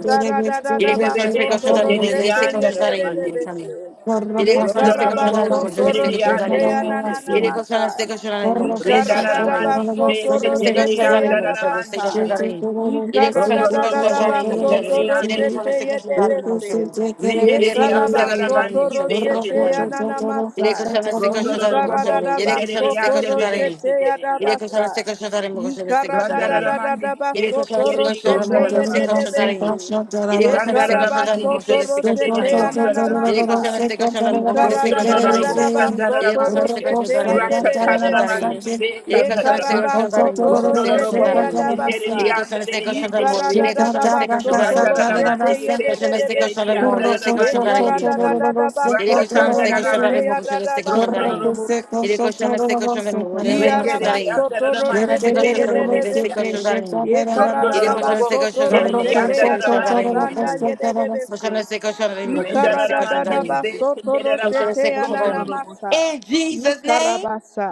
Speaker 1: Il est conscient de ses
Speaker 5: Rebebe
Speaker 1: cochons d'âme,
Speaker 5: sendere
Speaker 1: conscient
Speaker 5: di
Speaker 1: de
Speaker 3: roshete
Speaker 1: ses
Speaker 5: andare da mandi di
Speaker 1: cochons
Speaker 5: pezzi.
Speaker 1: d'âme.
Speaker 3: yedededebese.
Speaker 2: Corro
Speaker 1: Yedek olsan
Speaker 5: Rondo
Speaker 2: coche,
Speaker 1: destek
Speaker 5: lo
Speaker 1: olsun
Speaker 2: cadera
Speaker 5: bobo
Speaker 1: zaten bu
Speaker 3: Yekarabasoto
Speaker 1: koşu
Speaker 2: base,
Speaker 5: sendere
Speaker 1: destek
Speaker 5: di
Speaker 1: olsun
Speaker 2: pisa
Speaker 3: roshete
Speaker 5: andi
Speaker 2: la
Speaker 1: zaten.
Speaker 5: di pezzi di
Speaker 2: vacía.
Speaker 1: Yedek
Speaker 5: di
Speaker 1: olsan
Speaker 3: yananamasa.
Speaker 5: andare.
Speaker 1: destek olsun zaten bu
Speaker 2: Corro
Speaker 1: koşu destek
Speaker 2: coche,
Speaker 5: Rendere
Speaker 1: olsun
Speaker 5: la
Speaker 1: zaten.
Speaker 2: chocolate,
Speaker 5: mandi
Speaker 2: la
Speaker 5: di
Speaker 3: Yikaradadabasoto
Speaker 5: pezzi
Speaker 2: base,
Speaker 1: Koşan destek
Speaker 5: sendere di
Speaker 1: olsun
Speaker 3: roshete
Speaker 1: zaten bu
Speaker 2: televisión.
Speaker 5: andare da
Speaker 1: koşu
Speaker 5: mandi
Speaker 1: destek
Speaker 3: yadabasa.
Speaker 5: di
Speaker 1: olsun
Speaker 2: Shitty,
Speaker 5: pezzi.
Speaker 1: zaten.
Speaker 2: todo el
Speaker 1: Yedek olsan
Speaker 2: peso,
Speaker 5: Rondo
Speaker 1: destek
Speaker 5: lo
Speaker 2: punto,
Speaker 1: olsun
Speaker 5: bobo
Speaker 1: zaten
Speaker 2: chocolate,
Speaker 1: bu
Speaker 2: la
Speaker 1: koşu
Speaker 5: sendere
Speaker 3: Yikaradadabasoto
Speaker 1: zaten.
Speaker 5: di
Speaker 2: base,
Speaker 1: Yedek
Speaker 5: andi di
Speaker 1: olsan
Speaker 3: roshete
Speaker 5: pezzi.
Speaker 1: destek olsun
Speaker 2: y
Speaker 1: zaten bu koşu
Speaker 3: yedebese.
Speaker 2: puse,
Speaker 1: zaten.
Speaker 2: te quiere ver
Speaker 5: Rendere
Speaker 1: Yedek
Speaker 2: si.
Speaker 5: di
Speaker 1: olsan destek
Speaker 5: andare
Speaker 1: olsun
Speaker 5: da
Speaker 1: zaten bu
Speaker 3: Yekarabasoto
Speaker 5: mandi di
Speaker 1: koşu destek
Speaker 5: pezzi
Speaker 2: Corro
Speaker 3: roshete
Speaker 1: olsun
Speaker 5: sendere
Speaker 2: coche,
Speaker 1: zaten.
Speaker 5: di andare.
Speaker 2: chocolate,
Speaker 3: yananamasa.
Speaker 1: Yedek
Speaker 2: coche,
Speaker 1: olsan destek olsun
Speaker 2: chocolate.
Speaker 5: Rondororo
Speaker 1: zaten bu koşu
Speaker 5: bobo
Speaker 1: zaten. Yedek olsan
Speaker 5: sindereri
Speaker 3: Yikaradadabasoto
Speaker 1: destek
Speaker 5: yande
Speaker 1: olsun
Speaker 5: bebe
Speaker 1: zaten.
Speaker 3: roshete
Speaker 5: sindereri
Speaker 1: Yedek olsan
Speaker 3: yadabasa.
Speaker 5: yandara.
Speaker 1: destek olsun zaten bu koşu destek
Speaker 3: Ikarada
Speaker 1: olsun
Speaker 3: da
Speaker 1: zaten.
Speaker 5: Randara
Speaker 3: da da
Speaker 5: mandi
Speaker 3: da
Speaker 5: be
Speaker 1: Il est
Speaker 3: baso
Speaker 1: conscient de ses
Speaker 3: toro
Speaker 5: sindereri
Speaker 1: conscients
Speaker 2: Pisa,
Speaker 3: shete
Speaker 2: te
Speaker 1: d'amour,
Speaker 5: yondara
Speaker 1: de
Speaker 3: Ye
Speaker 2: quiere
Speaker 5: ma.
Speaker 1: ses
Speaker 3: de de
Speaker 2: ver
Speaker 1: conscients
Speaker 2: si,
Speaker 1: d'araignée.
Speaker 3: besi.
Speaker 2: pasa, te
Speaker 1: Il est
Speaker 3: Ye
Speaker 1: conscient de ses
Speaker 5: Randara
Speaker 1: conscients
Speaker 5: mandi
Speaker 1: d'amour,
Speaker 3: karabaso
Speaker 5: be
Speaker 1: de
Speaker 3: toro
Speaker 1: ses conscients
Speaker 3: shete
Speaker 5: sindereri
Speaker 1: d'araignée.
Speaker 3: anana
Speaker 5: yondara
Speaker 1: Il est
Speaker 5: mandi.
Speaker 1: conscient
Speaker 3: masai.
Speaker 1: de ses conscients d'amour, de ses
Speaker 5: Rosun
Speaker 3: Ikarada
Speaker 1: conscients
Speaker 3: da da
Speaker 5: dororo
Speaker 3: da
Speaker 5: bo
Speaker 1: d'araignée.
Speaker 2: la
Speaker 3: da baso
Speaker 1: Il
Speaker 5: sandara
Speaker 1: est conscient
Speaker 3: toro
Speaker 1: de
Speaker 5: mandi.
Speaker 1: ses conscients
Speaker 3: shete ye
Speaker 1: d'amour,
Speaker 3: de
Speaker 1: de
Speaker 5: Rakta
Speaker 1: ses
Speaker 3: de de
Speaker 1: conscients
Speaker 5: tarara
Speaker 1: d'araignée.
Speaker 5: mandi
Speaker 3: besi.
Speaker 2: Thank you.
Speaker 5: be
Speaker 1: Il est
Speaker 3: Ye
Speaker 1: conscient de
Speaker 2: Shake
Speaker 5: sandara
Speaker 1: ses conscients
Speaker 5: maka.
Speaker 1: d'amour,
Speaker 3: karabaso
Speaker 1: de
Speaker 3: toro
Speaker 1: ses
Speaker 5: Rondororo
Speaker 1: conscients
Speaker 3: shete
Speaker 5: bobo
Speaker 3: ya
Speaker 1: d'araignée.
Speaker 3: da
Speaker 1: Il
Speaker 5: sindereri
Speaker 1: est
Speaker 3: basai.
Speaker 1: conscient de
Speaker 5: yandere
Speaker 1: ses conscients
Speaker 5: yende
Speaker 1: d'amour,
Speaker 5: bebe.
Speaker 1: il
Speaker 3: Ikarada
Speaker 1: est
Speaker 3: da
Speaker 1: conscient
Speaker 3: da
Speaker 1: de ses conscients
Speaker 3: baso
Speaker 1: d'araignée.
Speaker 3: toro
Speaker 5: Randara mandi
Speaker 3: shete ye
Speaker 5: be
Speaker 3: de
Speaker 1: Conscient
Speaker 3: de
Speaker 1: de
Speaker 3: de
Speaker 1: ses conscients
Speaker 5: sindereri
Speaker 3: besi.
Speaker 1: d'amour, de ses
Speaker 5: yandara
Speaker 3: Ye
Speaker 1: conscients
Speaker 5: mandi
Speaker 1: d'araignée.
Speaker 5: bebe.
Speaker 3: karada da da da ba
Speaker 1: Il est
Speaker 5: Rakta
Speaker 1: conscient
Speaker 3: soto
Speaker 1: de ses
Speaker 5: kandara
Speaker 1: conscients
Speaker 3: roshete
Speaker 5: mandi.
Speaker 1: d'amour,
Speaker 3: ya
Speaker 1: de
Speaker 3: da da
Speaker 1: ses conscients d'araignée.
Speaker 3: basa.
Speaker 5: Rondororo bo
Speaker 1: Il est conscient de ses conscients d'amour, de ses conscients
Speaker 5: Renderi
Speaker 1: d'araignée.
Speaker 5: andare la
Speaker 1: Conscient de
Speaker 5: mandi
Speaker 1: ses
Speaker 5: di
Speaker 3: Iarabasotoroshete
Speaker 1: conscients
Speaker 5: pesce
Speaker 1: d'amour, de
Speaker 5: di
Speaker 1: ses
Speaker 5: via.
Speaker 3: yedebese.
Speaker 1: conscients d'araignée.
Speaker 5: Rondoro
Speaker 1: Iré
Speaker 5: lo
Speaker 1: coxando este
Speaker 5: bobo
Speaker 1: coxo da
Speaker 5: sendere
Speaker 1: rima,
Speaker 5: di
Speaker 1: coxando
Speaker 3: Yekararabasotoroshete
Speaker 1: este
Speaker 5: andare la
Speaker 1: coxo da
Speaker 5: mandi di
Speaker 1: rima,
Speaker 3: yarabasanda
Speaker 5: pesce.
Speaker 1: coxando.
Speaker 3: yedebese.
Speaker 1: Coxando este coxo da rima, coxando
Speaker 5: Rendere
Speaker 1: este
Speaker 5: la
Speaker 1: coxo da
Speaker 5: mandi di
Speaker 1: rima.
Speaker 5: pesce via la
Speaker 1: Coxando
Speaker 3: Ikaradadabasotoroshete
Speaker 5: macchi
Speaker 1: este coxo da
Speaker 5: condoro
Speaker 1: rima.
Speaker 5: lo bobo.
Speaker 3: yananamasa.
Speaker 1: In Jesus' name,
Speaker 3: Ikarabasa.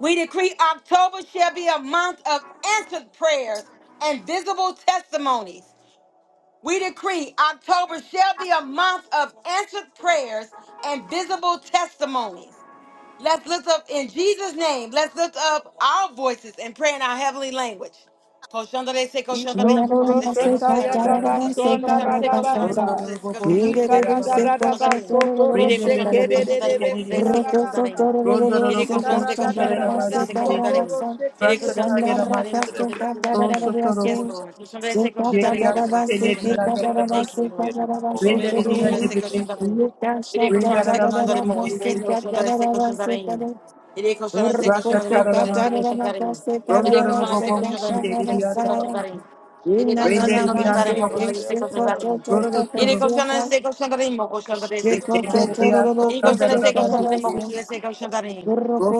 Speaker 1: we decree October shall be a month of answered prayers and visible testimonies. We decree October shall be a month of answered prayers and visible testimonies. Let's lift up in Jesus' name. Let's lift up our voices and pray in our heavenly language.
Speaker 3: Isotorosheta
Speaker 5: Rasa candere la ba.
Speaker 3: yadabasona
Speaker 5: Rondoro
Speaker 3: radabasa.
Speaker 5: lo bobo sendere baba. Rende pepe
Speaker 3: Ikaradadabasotorosheke
Speaker 5: pesce via di
Speaker 2: Thank
Speaker 3: dedebese
Speaker 5: andare.
Speaker 2: you.
Speaker 3: yarabasa.
Speaker 5: Rondoro lo bobo sendere la mandi di
Speaker 3: Ikaradadadabasoto
Speaker 5: pesce.
Speaker 3: roshete
Speaker 5: Rasa
Speaker 3: yedebese.
Speaker 5: taglia la macchi to. Rosso toro
Speaker 1: Yes,
Speaker 5: bossa.
Speaker 1: Lord.
Speaker 5: Gerias sendere di andare la
Speaker 1: Thank you,
Speaker 5: mandi.
Speaker 1: Lord Jesus.
Speaker 5: Rendere di andare
Speaker 1: Iré coxando
Speaker 5: Rasta
Speaker 1: este coxando de mogos, deis no coxando este coxando de areim. Iré coxando este coxando de mogos,
Speaker 5: Kararama,
Speaker 1: este coxando de areim. Iré
Speaker 5: Rondoro
Speaker 1: coxando este
Speaker 5: Gobo,
Speaker 1: coxando de mogos,
Speaker 5: Sinderi
Speaker 1: este
Speaker 5: Anta
Speaker 1: coxando de
Speaker 5: Papa,
Speaker 1: areim. Iré coxando este
Speaker 5: Renderi
Speaker 1: coxando de
Speaker 5: Anta
Speaker 1: mogos,
Speaker 5: Papa,
Speaker 1: este coxando de areim.
Speaker 5: Roto
Speaker 1: Iré
Speaker 5: Toro,
Speaker 1: coxando este coxando de mogos, este coxando de areim.
Speaker 5: Renderi Anta
Speaker 1: Iré coxando este
Speaker 5: Kandarabandi,
Speaker 1: coxando de mogos, este coxando de
Speaker 2: Thank
Speaker 1: areim.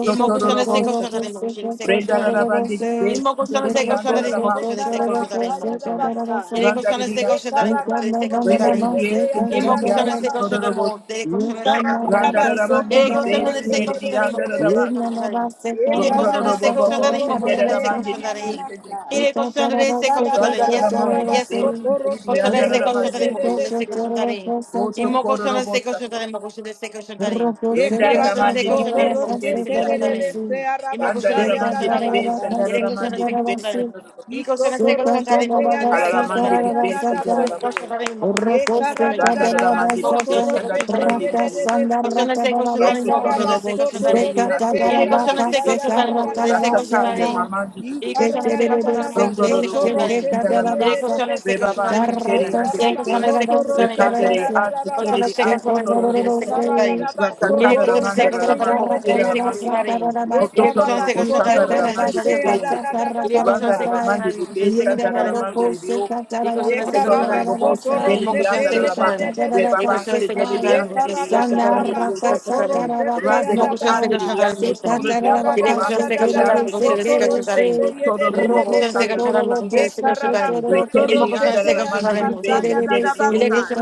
Speaker 1: Iré
Speaker 5: Toro
Speaker 1: coxando este coxando de
Speaker 5: Robosaka,
Speaker 1: mogos, este coxando de areim.
Speaker 5: Rendarabandi,
Speaker 1: Iré coxando este
Speaker 5: Sinderi Anta
Speaker 1: coxando de mogos,
Speaker 3: Toroshe
Speaker 5: Rama,
Speaker 1: este coxando
Speaker 5: Toro,
Speaker 1: de
Speaker 3: karabasa
Speaker 1: areim.
Speaker 3: ya da basa,
Speaker 1: Iré coxando este
Speaker 5: Randaria,
Speaker 3: Ye
Speaker 1: coxando de mogos, este
Speaker 3: karabaso
Speaker 1: coxando de areim.
Speaker 3: toroshe
Speaker 5: Renderi
Speaker 3: te ya da
Speaker 1: Imo
Speaker 3: da
Speaker 5: Sinderi
Speaker 3: da
Speaker 1: cuestión de
Speaker 3: da
Speaker 5: Anta
Speaker 1: seco yo
Speaker 3: basa.
Speaker 5: Toro,
Speaker 1: demo, de
Speaker 3: Ye
Speaker 1: cuestión de seco yo darín.
Speaker 3: karabaso
Speaker 1: Y De
Speaker 5: Randaramandi,
Speaker 1: cuestión
Speaker 3: toroshe
Speaker 1: de
Speaker 3: te
Speaker 1: seco
Speaker 3: de
Speaker 1: yo
Speaker 5: Sinderi
Speaker 3: de
Speaker 2: you.
Speaker 1: darín,
Speaker 3: de de
Speaker 5: Anta
Speaker 3: de
Speaker 1: cuestión de
Speaker 3: de
Speaker 1: seco
Speaker 5: Rama,
Speaker 1: yo
Speaker 3: se.
Speaker 1: darín.
Speaker 3: Ye
Speaker 1: Y de
Speaker 5: Rondoro
Speaker 1: cuestión de
Speaker 5: do
Speaker 1: seco
Speaker 3: karabaso
Speaker 5: bobo
Speaker 1: yo
Speaker 5: bo
Speaker 1: darín,
Speaker 3: toroshe
Speaker 1: cuestión
Speaker 5: sendere
Speaker 1: de
Speaker 3: te
Speaker 5: la
Speaker 3: ya
Speaker 1: seco
Speaker 5: mandi
Speaker 3: na
Speaker 1: yo
Speaker 5: di
Speaker 3: na na
Speaker 1: darín.
Speaker 5: pesce
Speaker 1: Y
Speaker 3: masa.
Speaker 1: de cuestión
Speaker 3: Ye
Speaker 1: de seco yo
Speaker 3: karada
Speaker 1: darín.
Speaker 3: da
Speaker 5: Rondoro la
Speaker 3: da
Speaker 1: Yes,
Speaker 3: da
Speaker 5: mandi
Speaker 3: da
Speaker 1: Lord.
Speaker 5: di
Speaker 1: Yes,
Speaker 3: baso
Speaker 5: pesce
Speaker 1: Lord.
Speaker 5: sendere di
Speaker 3: toroshe
Speaker 1: Cuestión
Speaker 3: te
Speaker 1: de
Speaker 3: ye
Speaker 5: andare la
Speaker 1: seco yo
Speaker 3: de
Speaker 5: mandi
Speaker 3: de
Speaker 1: darín,
Speaker 5: di
Speaker 3: de
Speaker 1: cuestión
Speaker 3: de
Speaker 1: de
Speaker 5: pesce.
Speaker 1: seco yo
Speaker 3: se.
Speaker 1: darín.
Speaker 5: Otro
Speaker 1: Imo
Speaker 5: coro
Speaker 1: cuestión de
Speaker 5: robo
Speaker 1: seco yo
Speaker 5: sata.
Speaker 1: darín, cuestión de seco yo darín.
Speaker 2: Shake
Speaker 3: Ye
Speaker 1: Y de
Speaker 5: Rendere la
Speaker 1: cuestión de
Speaker 5: mandi
Speaker 1: seco
Speaker 5: di
Speaker 3: karabaso
Speaker 1: yo darín,
Speaker 5: pesce
Speaker 1: cuestión de
Speaker 3: toroshe
Speaker 5: sendere
Speaker 1: seco
Speaker 3: te
Speaker 5: di
Speaker 1: yo
Speaker 3: de de de
Speaker 1: darín.
Speaker 3: se
Speaker 1: Imo cuestión de
Speaker 5: Rondoro
Speaker 3: arabasa
Speaker 5: la
Speaker 3: ya
Speaker 1: seco
Speaker 3: da
Speaker 1: yo
Speaker 5: mandi
Speaker 3: da
Speaker 5: di
Speaker 1: darín,
Speaker 5: pesce
Speaker 1: cuestión de.
Speaker 3: basa.
Speaker 1: Y
Speaker 5: andare
Speaker 1: de
Speaker 5: la
Speaker 1: cuestión de
Speaker 5: mandi di
Speaker 1: seco yo
Speaker 5: pesce.
Speaker 1: darín. Y cuestión de seco yo darín,
Speaker 3: Isotoroshete
Speaker 1: cuestión de
Speaker 5: Alla
Speaker 1: seco
Speaker 5: la
Speaker 1: yo
Speaker 5: mandi
Speaker 3: yadabasa
Speaker 1: darín.
Speaker 5: di pesce
Speaker 1: Question
Speaker 5: andare
Speaker 1: is
Speaker 5: la mandi.
Speaker 1: question
Speaker 3: yadadabase.
Speaker 1: about any more question is question about any.
Speaker 5: Rondoro la
Speaker 3: Yekaradadadaba
Speaker 1: The
Speaker 5: mandi
Speaker 1: more
Speaker 5: di
Speaker 1: question is
Speaker 5: pesce
Speaker 1: question
Speaker 5: andare
Speaker 1: about
Speaker 3: sotoroshete
Speaker 5: la
Speaker 1: any
Speaker 5: mandi di
Speaker 1: question.
Speaker 5: pesce.
Speaker 1: Question
Speaker 3: yededebese.
Speaker 1: is question about any more
Speaker 5: Rototoda
Speaker 1: question
Speaker 3: Yekaraba
Speaker 5: da
Speaker 1: is question
Speaker 5: bolsin
Speaker 1: about
Speaker 5: geri
Speaker 1: any.
Speaker 5: di
Speaker 3: sotoroshete
Speaker 5: hake di di
Speaker 1: Any question
Speaker 5: yande
Speaker 1: is
Speaker 5: di
Speaker 3: yadabasa
Speaker 5: di.
Speaker 1: question about any more question is question
Speaker 5: Rasata
Speaker 1: about
Speaker 3: yadadadadabasa.
Speaker 5: ye
Speaker 1: any.
Speaker 5: maman di di di
Speaker 1: Any question is
Speaker 5: sata.
Speaker 1: question about any more
Speaker 3: Yikaradadadaba
Speaker 1: question
Speaker 5: Rondo
Speaker 1: is
Speaker 5: da da
Speaker 1: question about any.
Speaker 5: bolsin
Speaker 3: sotoroshete
Speaker 5: gara la
Speaker 1: Any
Speaker 5: ma.
Speaker 1: question is
Speaker 5: Re
Speaker 1: question
Speaker 3: yededebese.
Speaker 1: about
Speaker 5: baba
Speaker 1: any more
Speaker 5: ki
Speaker 1: question
Speaker 5: kere
Speaker 2: Rojo
Speaker 1: is
Speaker 5: yande
Speaker 1: any
Speaker 2: se
Speaker 5: di
Speaker 3: Yekaraba
Speaker 1: question
Speaker 2: toro,
Speaker 5: di.
Speaker 1: is
Speaker 2: rojo
Speaker 1: question about
Speaker 2: se
Speaker 1: any more
Speaker 3: sotoroshete
Speaker 1: question
Speaker 5: Rekandere ati
Speaker 1: is question
Speaker 5: kere di
Speaker 1: is
Speaker 3: yadadadabasa.
Speaker 1: question
Speaker 5: ati
Speaker 1: about any more
Speaker 5: soro da
Speaker 2: toro,
Speaker 1: question is
Speaker 5: bolsata.
Speaker 1: question about any.
Speaker 3: Karadadaba
Speaker 1: Any
Speaker 5: Rakatada da
Speaker 1: question is
Speaker 5: mandara
Speaker 3: sotoroshete
Speaker 1: question
Speaker 5: la
Speaker 1: about any
Speaker 5: ma
Speaker 1: more
Speaker 5: ki
Speaker 1: question
Speaker 5: kere
Speaker 1: is
Speaker 5: la ma
Speaker 1: question
Speaker 5: ki
Speaker 1: about
Speaker 3: yededebese.
Speaker 5: kere.
Speaker 1: any. Any
Speaker 5: Rototoda
Speaker 1: question
Speaker 5: da
Speaker 3: Yekaraba
Speaker 1: is question about any
Speaker 5: bolsata
Speaker 1: more
Speaker 5: da da mandi
Speaker 3: sotoroshete
Speaker 5: di di sete. Randa da
Speaker 3: yadadadabasa.
Speaker 5: da mandi di di sanda da da mandi di di o
Speaker 1: y
Speaker 3: Ye
Speaker 1: cosas de
Speaker 5: tutto
Speaker 1: cosas tan
Speaker 5: dove
Speaker 3: karaba
Speaker 1: grandes
Speaker 5: posso
Speaker 3: soto
Speaker 1: y
Speaker 3: roshete
Speaker 1: cosas
Speaker 5: andare
Speaker 1: de
Speaker 3: ye
Speaker 5: alla
Speaker 1: cosas tan
Speaker 3: de
Speaker 5: ma
Speaker 3: de
Speaker 1: grandes
Speaker 3: de
Speaker 5: le
Speaker 1: y
Speaker 3: besi.
Speaker 1: cosas
Speaker 5: papasse
Speaker 1: de
Speaker 5: delle
Speaker 1: cosas
Speaker 5: di
Speaker 1: tan
Speaker 3: Ye
Speaker 1: grandes
Speaker 5: andare
Speaker 1: y
Speaker 5: le
Speaker 3: karada da
Speaker 5: scritte
Speaker 3: da
Speaker 5: di
Speaker 3: ba
Speaker 1: cosas de
Speaker 5: oltre
Speaker 1: cosas
Speaker 3: soto
Speaker 1: tan grandes
Speaker 3: roshete
Speaker 1: y
Speaker 5: andare
Speaker 3: ya
Speaker 5: di
Speaker 3: da
Speaker 1: cosas de
Speaker 5: andare
Speaker 1: cosas tan
Speaker 5: di
Speaker 3: basai.
Speaker 5: andare su
Speaker 1: grandes
Speaker 5: tutto
Speaker 3: Ye
Speaker 5: di andare
Speaker 1: y
Speaker 3: karada da
Speaker 1: cosas
Speaker 3: da
Speaker 5: papasse
Speaker 1: de
Speaker 3: da
Speaker 5: delle
Speaker 1: cosas tan
Speaker 3: da
Speaker 5: anche
Speaker 3: ba
Speaker 5: di
Speaker 1: grandes y cosas de
Speaker 5: sotto
Speaker 3: soto
Speaker 1: cosas tan grandes
Speaker 3: roshete ye
Speaker 5: tutto
Speaker 3: de
Speaker 5: dove
Speaker 3: de
Speaker 1: y
Speaker 3: de
Speaker 5: posso
Speaker 1: cosas de cosas
Speaker 3: besi.
Speaker 5: andare
Speaker 1: tan
Speaker 5: alla ma
Speaker 1: grandes
Speaker 3: Ye karaba
Speaker 5: le
Speaker 3: soto
Speaker 2: rojo
Speaker 1: y
Speaker 5: delle
Speaker 2: se
Speaker 5: di
Speaker 1: cosas
Speaker 5: andare
Speaker 3: roshete
Speaker 5: alla
Speaker 3: ya da
Speaker 5: mandi di
Speaker 3: basai ya
Speaker 5: pesce
Speaker 3: da
Speaker 5: delle
Speaker 3: da
Speaker 5: di tutto
Speaker 3: basai.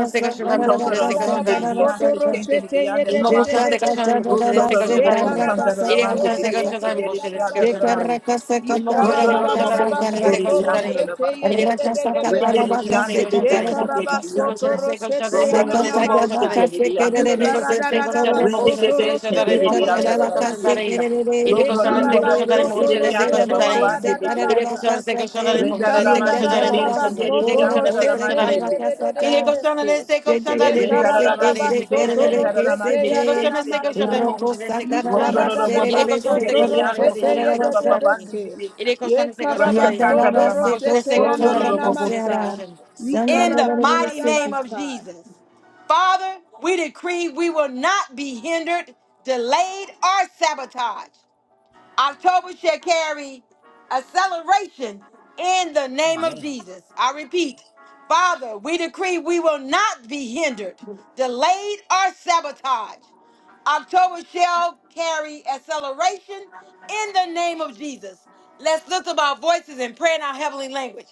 Speaker 3: Ye
Speaker 5: tutto dove
Speaker 3: karada
Speaker 1: cosas tan
Speaker 3: da
Speaker 5: mondo
Speaker 3: ba
Speaker 5: di
Speaker 1: grandes
Speaker 3: soto
Speaker 5: diaste delle di
Speaker 3: roshete ye
Speaker 5: andare
Speaker 3: de
Speaker 1: Imo
Speaker 3: de
Speaker 5: mamma
Speaker 1: koşan
Speaker 3: de
Speaker 1: se koşan imo
Speaker 3: besi.
Speaker 1: koşan
Speaker 5: tutto
Speaker 1: se koşan
Speaker 5: dove
Speaker 3: Ye
Speaker 1: darim.
Speaker 5: posso
Speaker 3: karaba
Speaker 5: andare alla
Speaker 1: İle
Speaker 3: soto
Speaker 5: mandi
Speaker 1: koşan
Speaker 5: di
Speaker 1: se koşan
Speaker 3: roshete
Speaker 5: pesce
Speaker 1: darim
Speaker 3: ya
Speaker 5: delle
Speaker 3: da
Speaker 5: di
Speaker 1: koşan
Speaker 3: da
Speaker 1: se
Speaker 5: andare
Speaker 1: koşan
Speaker 5: alla
Speaker 3: basa.
Speaker 5: ma
Speaker 1: darim.
Speaker 3: Ye
Speaker 1: İmo koşan se
Speaker 3: karada
Speaker 5: tutto
Speaker 3: da
Speaker 1: koşan
Speaker 3: da
Speaker 5: dove
Speaker 1: darim immo
Speaker 5: posso
Speaker 1: koşan se
Speaker 5: delle di
Speaker 1: koşan
Speaker 5: andare
Speaker 1: darim.
Speaker 5: alla ma
Speaker 3: ye
Speaker 1: İle
Speaker 3: de de
Speaker 1: koşan
Speaker 3: de
Speaker 1: se
Speaker 3: de
Speaker 1: koşan darim immo
Speaker 5: renderi di
Speaker 3: besi.
Speaker 1: koşan se
Speaker 5: ande di
Speaker 1: koşan
Speaker 3: Ye
Speaker 1: darim.
Speaker 5: pesce
Speaker 3: karaba
Speaker 1: İle
Speaker 5: delle
Speaker 1: koşan
Speaker 3: soto
Speaker 1: se koşan darim
Speaker 3: roshete
Speaker 5: Ronda
Speaker 1: immo
Speaker 3: ya
Speaker 5: no
Speaker 3: na
Speaker 1: koşan
Speaker 3: na
Speaker 5: lobo
Speaker 1: se
Speaker 5: bo
Speaker 1: koşan
Speaker 3: masa.
Speaker 1: darim.
Speaker 5: senderi di
Speaker 3: Ye
Speaker 5: andare
Speaker 1: In
Speaker 5: la
Speaker 1: the
Speaker 5: ma.
Speaker 3: karada da da
Speaker 5: Rende bebe senderi di
Speaker 3: ye de
Speaker 5: andare
Speaker 3: de
Speaker 5: la mandi
Speaker 3: besi.
Speaker 5: bica.
Speaker 3: Ye
Speaker 5: Ronda no lobo
Speaker 3: karaba
Speaker 5: bo
Speaker 3: soto
Speaker 5: senderi di andare
Speaker 3: roshete
Speaker 5: baba
Speaker 3: ya da
Speaker 5: bandi
Speaker 3: da da
Speaker 5: bebe.
Speaker 3: basa. Ye
Speaker 5: Renda la mandi bebe senderi di
Speaker 3: karabasoto
Speaker 5: andare la mandi bebe. Renda la mandi bebe sendere la
Speaker 3: roshete
Speaker 5: mandi
Speaker 3: ya na
Speaker 2: Shake
Speaker 5: bebe
Speaker 3: na
Speaker 5: senderi di
Speaker 2: Ropo
Speaker 5: oca.
Speaker 2: satara la
Speaker 5: Ronda no lobo
Speaker 2: basere de
Speaker 5: bo
Speaker 2: bese
Speaker 5: senderi di
Speaker 2: corropo
Speaker 5: andare di
Speaker 2: sara la
Speaker 5: andare baba
Speaker 2: basa.
Speaker 5: bandi bebe. Rasha
Speaker 2: Yanda la
Speaker 5: tanda la
Speaker 2: base
Speaker 5: ma.
Speaker 2: coso
Speaker 5: Ronda no
Speaker 2: torra
Speaker 5: lobo bo senderi
Speaker 2: casera. Sanda de la
Speaker 1: mighty
Speaker 2: bese.
Speaker 1: name of Jesus. Father, we decree we will not be hindered, delayed, or sabotaged. October shall carry acceleration in the name of Jesus. I repeat, Father, we decree we will not be hindered, delayed, or sabotaged. October shall carry acceleration in the name of Jesus. Let's lift up our voices and pray in our heavenly language.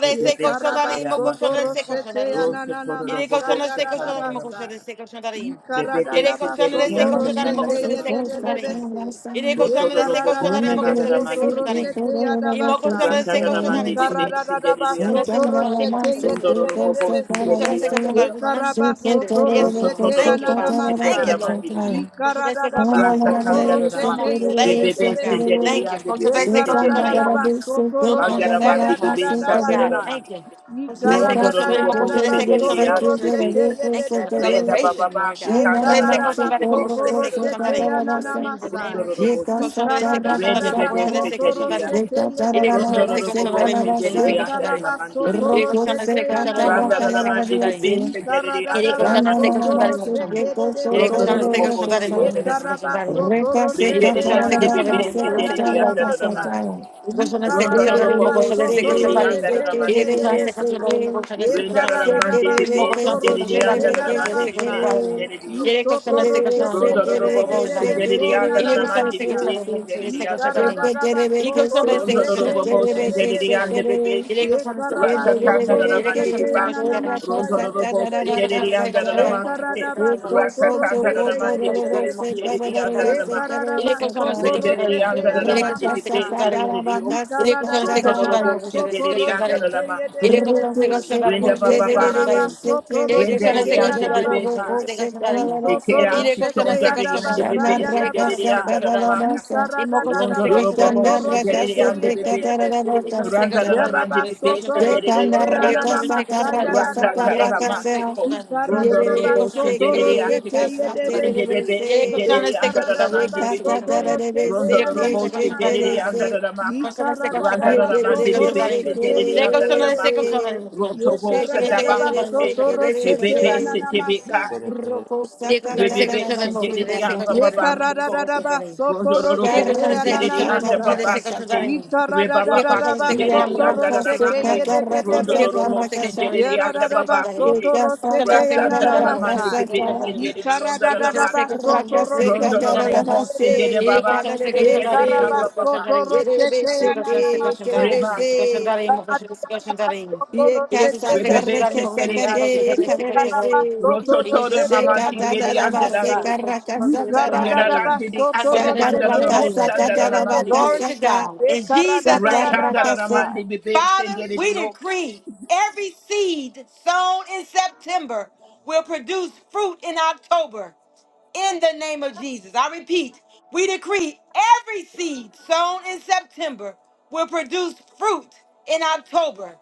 Speaker 5: di andare la
Speaker 1: koshandarimo,
Speaker 5: mandi bebe.
Speaker 1: koshandarese, koshandarim.
Speaker 5: Rosso
Speaker 3: na
Speaker 5: Tororo
Speaker 1: Ire
Speaker 5: Bobo
Speaker 3: masaya
Speaker 1: koshandarese,
Speaker 3: da da
Speaker 1: koshandarimo,
Speaker 5: Sakandarama.
Speaker 3: basa.
Speaker 1: koshandarese, koshandarim.
Speaker 5: Bebebe
Speaker 1: Yere
Speaker 3: Ikaradadaba
Speaker 2: No
Speaker 3: soto
Speaker 1: koshandarese,
Speaker 5: Sinderia
Speaker 2: no no
Speaker 1: koshandarimo,
Speaker 2: no
Speaker 3: roshete
Speaker 2: se
Speaker 5: Sakandarama.
Speaker 1: koshandarese,
Speaker 2: to
Speaker 1: koshandarim.
Speaker 2: satara
Speaker 3: yedededebese.
Speaker 2: basa.
Speaker 1: Iré cochando
Speaker 5: Rotoro
Speaker 1: desde
Speaker 5: Bobo
Speaker 1: cochando
Speaker 2: Yene
Speaker 1: mismo
Speaker 3: Yekaradadadaba
Speaker 2: de la
Speaker 1: cochando desde
Speaker 3: soto
Speaker 5: Sinderamandi
Speaker 2: bese
Speaker 1: cochando
Speaker 2: to
Speaker 1: mismo.
Speaker 5: Bibesa.
Speaker 3: roshete
Speaker 2: toro la
Speaker 1: Y mo
Speaker 2: boca
Speaker 3: yadabasa.
Speaker 1: cochando
Speaker 2: santa
Speaker 1: desde
Speaker 2: la
Speaker 1: cochando
Speaker 5: Ratadaramandi
Speaker 1: mismo
Speaker 2: base.
Speaker 5: Bibesa
Speaker 1: cochando.
Speaker 3: Ikaradadadaba
Speaker 5: Sinderia.
Speaker 1: Cochando desde
Speaker 3: soto
Speaker 2: Santana
Speaker 1: cochando
Speaker 2: la
Speaker 1: mismo
Speaker 3: roshete
Speaker 1: cochando
Speaker 2: base
Speaker 1: desde
Speaker 2: to
Speaker 1: cochando
Speaker 5: Rondoro
Speaker 1: mismo.
Speaker 5: Bobo
Speaker 2: coso
Speaker 1: Y
Speaker 3: yedededebese.
Speaker 2: para
Speaker 1: cochando desde
Speaker 5: Sinderia
Speaker 2: basa.
Speaker 1: cochando
Speaker 5: Sakandarama.
Speaker 1: mismo.
Speaker 3: Yekaraba
Speaker 2: Supo
Speaker 1: Entiende?
Speaker 3: soto
Speaker 2: toro la
Speaker 1: Yes,
Speaker 5: Rosso
Speaker 1: Lord.
Speaker 2: boca
Speaker 3: roshete
Speaker 5: Tororo
Speaker 1: Thank you,
Speaker 5: Bobo
Speaker 1: Father.
Speaker 2: santa la
Speaker 3: yananamasa.
Speaker 1: Thank you, Lord.
Speaker 5: Sinderamandi
Speaker 2: basa.
Speaker 1: Cochando desde
Speaker 3: Ikaradadaba
Speaker 1: cochando
Speaker 2: Shanda na na
Speaker 1: mismo
Speaker 3: soto
Speaker 1: cochando. No
Speaker 5: Rashatandarama,
Speaker 3: roshete
Speaker 1: more
Speaker 5: Bebe
Speaker 1: delays, Lord God. We
Speaker 3: yedededebese.
Speaker 1: thank you.
Speaker 5: Senderia, the
Speaker 1: Cochando
Speaker 5: Bebe
Speaker 1: desde cochando
Speaker 5: Senderia,
Speaker 3: Yekaradadadaba
Speaker 1: mismo.
Speaker 3: soto
Speaker 1: No more
Speaker 3: roshete
Speaker 5: Ayarabandi Bebe
Speaker 1: sabotaging, Lord God.
Speaker 3: yadadadabasa.
Speaker 5: Sandarama,
Speaker 1: Thank you. Cochando desde
Speaker 5: Rondo
Speaker 3: Ikarada,
Speaker 1: cochando mismo
Speaker 5: Robo
Speaker 1: cochando
Speaker 3: Ikarada,
Speaker 1: desde cochando mismo
Speaker 5: Senderia,
Speaker 1: cochando
Speaker 5: the
Speaker 1: desde.
Speaker 5: Bebe Saka,
Speaker 1: Thank you for
Speaker 5: Renda
Speaker 1: acceleration, Lord
Speaker 5: Bababaki
Speaker 1: God. Cochando desde
Speaker 5: Tandaramandi
Speaker 1: cochando mismo
Speaker 5: Bebe
Speaker 1: cochando desde cochando
Speaker 5: Sandaramaki,
Speaker 1: mismo. In the name
Speaker 5: Rondo
Speaker 1: of
Speaker 5: Robo
Speaker 1: Jesus, koşanların se
Speaker 3: Ikarada, da, da, da, da, da,
Speaker 5: Renda
Speaker 1: koşanların mı
Speaker 3: da, da,
Speaker 5: Bebe
Speaker 1: koşanların se
Speaker 5: Senderia,
Speaker 3: ye,
Speaker 1: koşanların.
Speaker 3: ye, de, de, de, de, de, de, ya,
Speaker 1: İle
Speaker 3: na, na,
Speaker 1: koşanların
Speaker 5: Rondo
Speaker 1: se
Speaker 3: Ikaradadadabasotorosheteyedededebese.
Speaker 5: Robo
Speaker 1: koşanların mı koşanların
Speaker 3: Ye
Speaker 1: se
Speaker 5: Senderia,
Speaker 3: karada da
Speaker 5: the
Speaker 1: koşanların.
Speaker 5: Ramandi
Speaker 3: baso
Speaker 1: İle
Speaker 5: Bebe,
Speaker 3: toro
Speaker 1: koşanların se koşanların mı
Speaker 5: Randa
Speaker 1: koşanların se
Speaker 5: Ramandi
Speaker 1: koşanların.
Speaker 5: Bebe Senderia,
Speaker 1: Yere
Speaker 5: the
Speaker 1: koşan este
Speaker 5: Ramandi
Speaker 1: koşan
Speaker 2: na
Speaker 5: Bebe,
Speaker 1: tarım
Speaker 2: se
Speaker 1: koşan.
Speaker 2: de ko so
Speaker 1: Yere
Speaker 2: to
Speaker 5: Rondo
Speaker 2: de
Speaker 1: koşan
Speaker 2: ro
Speaker 1: este
Speaker 2: ro
Speaker 5: Robo
Speaker 1: koşan
Speaker 2: ko
Speaker 1: tarım
Speaker 2: sa.
Speaker 1: koşan este
Speaker 5: Senderia.
Speaker 2: Reka se
Speaker 1: Yere
Speaker 5: Rendere di
Speaker 1: koşan
Speaker 2: katara
Speaker 1: este
Speaker 5: ande
Speaker 1: koşan
Speaker 2: raka
Speaker 5: bebe
Speaker 1: tarım
Speaker 2: se
Speaker 1: koşan este
Speaker 5: sendere di
Speaker 1: koşan
Speaker 2: katara
Speaker 5: anda
Speaker 2: raka se
Speaker 5: da mangi.
Speaker 2: katara.
Speaker 1: Yere koşan este
Speaker 5: Ronda
Speaker 2: Re
Speaker 1: koşan
Speaker 2: re
Speaker 5: da
Speaker 1: tarım
Speaker 2: re re
Speaker 5: bobo
Speaker 1: koşan
Speaker 2: se
Speaker 1: este
Speaker 2: re
Speaker 5: sendere
Speaker 2: re
Speaker 5: di
Speaker 2: re se
Speaker 5: anda da
Speaker 2: ke re
Speaker 1: Yere
Speaker 5: mangi
Speaker 2: re
Speaker 5: di
Speaker 1: koşan
Speaker 2: re
Speaker 1: este
Speaker 5: pesa.
Speaker 2: se
Speaker 1: koşan tarım
Speaker 2: ke
Speaker 1: koşan este
Speaker 5: Renda da
Speaker 2: se ke
Speaker 1: Yere
Speaker 5: mandi
Speaker 2: re
Speaker 5: di
Speaker 2: re
Speaker 5: pesa
Speaker 2: ke
Speaker 1: koşan
Speaker 2: se
Speaker 1: este
Speaker 5: sendere
Speaker 1: koşan
Speaker 2: ke
Speaker 5: di
Speaker 2: re
Speaker 3: shete
Speaker 5: anda
Speaker 1: tarım koşan
Speaker 3: ya
Speaker 5: da
Speaker 3: da
Speaker 5: mandi
Speaker 1: este
Speaker 5: di pesa
Speaker 3: basai.
Speaker 5: sendere di io.
Speaker 1: Yere koşan este koşan tarım
Speaker 3: Isotoroshete
Speaker 5: Ronda da
Speaker 1: koşan este
Speaker 5: bobo
Speaker 3: yedededebe
Speaker 5: sendere di
Speaker 3: sona
Speaker 5: anda
Speaker 1: Yere
Speaker 5: da
Speaker 1: koşan
Speaker 5: mandi
Speaker 1: este
Speaker 5: di
Speaker 3: nanamasa.
Speaker 1: koşan
Speaker 5: pesa
Speaker 1: tarım koşan
Speaker 5: sendere
Speaker 1: este
Speaker 5: di anda da mangi.
Speaker 3: Ikaradadaba
Speaker 1: Yere koşan este
Speaker 5: Rondo
Speaker 1: koşan
Speaker 5: loro
Speaker 3: sotoroshete
Speaker 1: tarım
Speaker 5: bobo
Speaker 1: koşan
Speaker 2: re
Speaker 1: este
Speaker 5: sendere
Speaker 2: ke
Speaker 5: di
Speaker 2: se
Speaker 3: yedededebese.
Speaker 2: ke
Speaker 5: ande
Speaker 2: re.
Speaker 1: Yere
Speaker 5: bebesse,
Speaker 1: koşan este
Speaker 2: Rakasa
Speaker 1: koşan
Speaker 3: Yekaraba
Speaker 5: raccia
Speaker 1: tarım
Speaker 5: tanga
Speaker 1: koşan.
Speaker 5: da
Speaker 1: Yere
Speaker 5: mandi
Speaker 1: koşan
Speaker 5: di
Speaker 3: sotoroshete
Speaker 1: este
Speaker 5: bab,
Speaker 1: koşan
Speaker 3: yananamasa
Speaker 1: tarım
Speaker 5: rondo loro bobo
Speaker 1: Ele
Speaker 3: yedededebese.
Speaker 5: sendere di
Speaker 1: questiona se
Speaker 5: anda da
Speaker 1: questiona
Speaker 5: la
Speaker 1: da irmã, se
Speaker 5: macchite,
Speaker 3: Yekaradaba
Speaker 1: questiona da irmã.
Speaker 5: raccia tanga
Speaker 1: Ele
Speaker 3: sotoroshete
Speaker 5: da
Speaker 1: questiona se
Speaker 5: mandi di
Speaker 1: questiona da
Speaker 5: bebesse,
Speaker 1: irmã,
Speaker 3: yedededebese.
Speaker 1: se
Speaker 5: sendere di
Speaker 1: questiona
Speaker 5: anda
Speaker 1: da
Speaker 5: da
Speaker 1: irmã.
Speaker 5: la
Speaker 1: Ele
Speaker 3: Yekaradaba
Speaker 1: questiona se questiona da
Speaker 5: Renderity
Speaker 1: irmã,
Speaker 3: sotoroshete
Speaker 5: under the
Speaker 1: ele
Speaker 5: mandi
Speaker 1: questiona
Speaker 5: di
Speaker 1: se
Speaker 3: yananamasa.
Speaker 5: base
Speaker 1: questiona
Speaker 5: and
Speaker 1: da irmã.
Speaker 5: diddy open.
Speaker 1: Ele questiona se
Speaker 5: Rondo the
Speaker 1: questiona da
Speaker 3: Ikaradadadaba
Speaker 1: irmã,
Speaker 5: devotion
Speaker 1: se
Speaker 5: diddy
Speaker 1: questiona da
Speaker 5: under the
Speaker 1: irmã.
Speaker 3: sotoroshete
Speaker 5: lama.
Speaker 1: Ele questiona se
Speaker 3: yedededebese.
Speaker 1: questiona da irmã,
Speaker 5: Renda
Speaker 3: Ye
Speaker 1: se
Speaker 5: baba.
Speaker 1: questiona da
Speaker 3: karaba
Speaker 1: irmã.
Speaker 3: soto
Speaker 1: Ele questiona
Speaker 3: roshete
Speaker 5: Renderity
Speaker 1: se
Speaker 3: ya
Speaker 5: under
Speaker 1: questiona da
Speaker 5: the
Speaker 1: irmã,
Speaker 5: base.
Speaker 3: dabasa.
Speaker 1: se questiona da
Speaker 3: Ye
Speaker 1: irmã.
Speaker 3: soto
Speaker 5: Ikera
Speaker 1: Ele questiona
Speaker 3: roshete
Speaker 1: se
Speaker 3: ya
Speaker 5: chitondari
Speaker 1: questiona da
Speaker 5: yande
Speaker 1: irmã,
Speaker 3: dabasa
Speaker 5: bebe
Speaker 3: ya
Speaker 1: ele
Speaker 5: sendere
Speaker 1: questiona
Speaker 5: de
Speaker 3: dabasa.
Speaker 5: yanda
Speaker 1: se questiona da
Speaker 5: la
Speaker 3: Ye
Speaker 5: maka.
Speaker 3: karada da
Speaker 5: Rondo
Speaker 3: daba
Speaker 5: lo bobo
Speaker 3: soto
Speaker 5: sendere de
Speaker 3: roshete
Speaker 5: yande
Speaker 3: ye de
Speaker 5: bebe.
Speaker 3: de
Speaker 1: Yere
Speaker 3: besi.
Speaker 1: koşan istek
Speaker 5: Randa
Speaker 1: koşan
Speaker 3: Ye
Speaker 5: la
Speaker 1: var mı?
Speaker 5: mande
Speaker 3: raba
Speaker 1: Şöyle
Speaker 5: bebe
Speaker 1: koşan
Speaker 3: soto
Speaker 1: var
Speaker 2: Shake
Speaker 1: mı?
Speaker 5: sendere
Speaker 3: roshete
Speaker 5: yanda
Speaker 1: Yere
Speaker 5: la
Speaker 1: koşan
Speaker 5: maka.
Speaker 1: istek koşan var mı?
Speaker 3: da
Speaker 5: Ratanda
Speaker 1: Şöyle. Yere
Speaker 5: la
Speaker 3: dabasi.
Speaker 1: koşan istek
Speaker 5: matiko.
Speaker 1: koşan
Speaker 3: Ye
Speaker 1: var mı?
Speaker 3: karada
Speaker 5: Rondo lo
Speaker 1: Yere
Speaker 3: daba
Speaker 5: bobo
Speaker 1: koşan istek
Speaker 5: sendere
Speaker 1: koşan var mı? Şöyle
Speaker 5: yatike.
Speaker 1: istek
Speaker 3: de
Speaker 1: koşan var mı?
Speaker 5: Rende bebe
Speaker 1: Yere
Speaker 5: sendere
Speaker 1: koşan
Speaker 5: de
Speaker 1: istek
Speaker 5: yanda
Speaker 1: koşan var
Speaker 5: la
Speaker 3: karada
Speaker 1: mı?
Speaker 5: mande
Speaker 1: Şöyle
Speaker 3: daba
Speaker 1: istek
Speaker 5: bebe.
Speaker 1: koşan
Speaker 3: soto
Speaker 1: var mı?
Speaker 3: roshete
Speaker 5: Rondo
Speaker 1: Yere
Speaker 3: ya
Speaker 5: lo
Speaker 1: koşan
Speaker 3: nana
Speaker 5: bobo
Speaker 1: istek koşan var
Speaker 5: sendere de
Speaker 1: mı? Şöyle.
Speaker 5: yanda la maka.
Speaker 1: Koşan istek
Speaker 3: karada
Speaker 1: koşan var
Speaker 5: Randa
Speaker 1: mı?
Speaker 3: daba
Speaker 5: la
Speaker 1: Şöyle
Speaker 5: mande
Speaker 1: istek
Speaker 3: soto
Speaker 1: koşan var
Speaker 5: bebe
Speaker 1: mı?
Speaker 3: roshete
Speaker 5: sendere de
Speaker 3: ye
Speaker 1: Yere
Speaker 3: de
Speaker 5: yanda
Speaker 1: koşan
Speaker 5: la
Speaker 1: istek
Speaker 5: maka.
Speaker 1: koşan var mı? Şöyle.
Speaker 3: Ye
Speaker 5: Roto bo
Speaker 1: Koşan
Speaker 3: karada
Speaker 1: istek
Speaker 3: da
Speaker 5: sendaba
Speaker 3: ba
Speaker 1: koşan var mı?
Speaker 5: kike.
Speaker 1: Şöyle.
Speaker 3: soto
Speaker 1: Yere istek
Speaker 3: roshete
Speaker 1: koşan var
Speaker 3: ya
Speaker 5: Ebebe
Speaker 3: na
Speaker 1: mı? Şöyle.
Speaker 5: sendebe ka.
Speaker 3: masai.
Speaker 1: Yere koşan istek
Speaker 5: Rebebe
Speaker 1: koşan var mı? Şöyle
Speaker 5: sendedidi anda
Speaker 3: Ye
Speaker 5: babaki
Speaker 3: karada
Speaker 5: ko.
Speaker 3: da da ba soto
Speaker 1: Yine
Speaker 5: Rororobo
Speaker 1: koşan
Speaker 3: roshete ya
Speaker 1: destek
Speaker 3: na
Speaker 5: sendedidi
Speaker 1: koşanların
Speaker 5: anda
Speaker 1: mokuşu
Speaker 3: masai.
Speaker 1: destek
Speaker 5: babaki te.
Speaker 3: Ye
Speaker 1: koşanların.
Speaker 3: karada da
Speaker 1: Yine
Speaker 3: da
Speaker 5: Rebababa
Speaker 1: koşan
Speaker 3: da ba
Speaker 1: destek
Speaker 5: sendedidi
Speaker 1: koşanların
Speaker 3: soto
Speaker 5: anda
Speaker 1: mokuşu destek
Speaker 3: roshete
Speaker 5: raramaki.
Speaker 3: ye
Speaker 1: koşanların.
Speaker 3: de de de
Speaker 1: Yine koşan
Speaker 3: besi.
Speaker 5: Rondororomo
Speaker 1: destek koşanların
Speaker 3: Ye
Speaker 5: sendedidi
Speaker 3: ra
Speaker 1: mokuşu
Speaker 3: da
Speaker 5: anda
Speaker 1: destek
Speaker 3: da ba
Speaker 5: babaki
Speaker 1: koşanların.
Speaker 3: soto
Speaker 5: te.
Speaker 1: Koşan
Speaker 3: roshete
Speaker 1: destek
Speaker 3: ya
Speaker 5: Rasanda
Speaker 1: koşanların mokuşu
Speaker 5: raramandi
Speaker 1: destek
Speaker 3: masai.
Speaker 5: bebe
Speaker 1: koşanların.
Speaker 3: Ye
Speaker 5: sendedidi onda
Speaker 3: karada
Speaker 1: Yine
Speaker 3: da
Speaker 1: koşan
Speaker 3: da ba
Speaker 1: destek
Speaker 5: raramaka.
Speaker 1: koşanların
Speaker 3: soto
Speaker 1: mokuşu destek
Speaker 3: roshete ye
Speaker 1: koşanların.
Speaker 3: de
Speaker 5: Rondororobo
Speaker 3: de
Speaker 5: sendede
Speaker 3: besi.
Speaker 1: Ele consome
Speaker 5: babaki
Speaker 1: se
Speaker 3: Ye
Speaker 1: questionar em
Speaker 5: kendedidi
Speaker 1: motion,
Speaker 3: karaba
Speaker 5: anda
Speaker 1: se questionar
Speaker 3: soto
Speaker 1: em
Speaker 5: babaki.
Speaker 3: roshete
Speaker 1: Ele
Speaker 3: ya na
Speaker 1: consome se questionar em
Speaker 3: masai.
Speaker 1: motion, se
Speaker 5: Rebas.
Speaker 1: questionar em motion, se questionar em Ele consome se
Speaker 5: Rebebe
Speaker 1: questionar em motion,
Speaker 5: sendedidi
Speaker 1: se
Speaker 5: asika.
Speaker 1: questionar em se questionar em
Speaker 2: Sakaraka
Speaker 1: Ele consome
Speaker 5: Rototore
Speaker 1: se
Speaker 5: mamanti
Speaker 1: questionar em motion,
Speaker 5: bedi
Speaker 1: se
Speaker 5: anda
Speaker 1: questionar em
Speaker 5: da
Speaker 1: se questionar em
Speaker 5: Weradandidi andada
Speaker 1: Conscience se questionar
Speaker 5: andarabo
Speaker 1: em
Speaker 5: sandaramandi
Speaker 1: Glory
Speaker 5: bibi.
Speaker 1: to God.
Speaker 3: Ye
Speaker 1: In
Speaker 3: karada
Speaker 1: Jesus'
Speaker 3: da da
Speaker 1: name.
Speaker 3: da
Speaker 5: Ratandaramandi
Speaker 3: basa.
Speaker 5: bibi
Speaker 1: Father,
Speaker 5: sendere
Speaker 1: we
Speaker 5: dioka.
Speaker 1: decree every seed sown in September will produce fruit in October in the name of Jesus. I repeat, we decree every seed sown in September will produce fruit in October.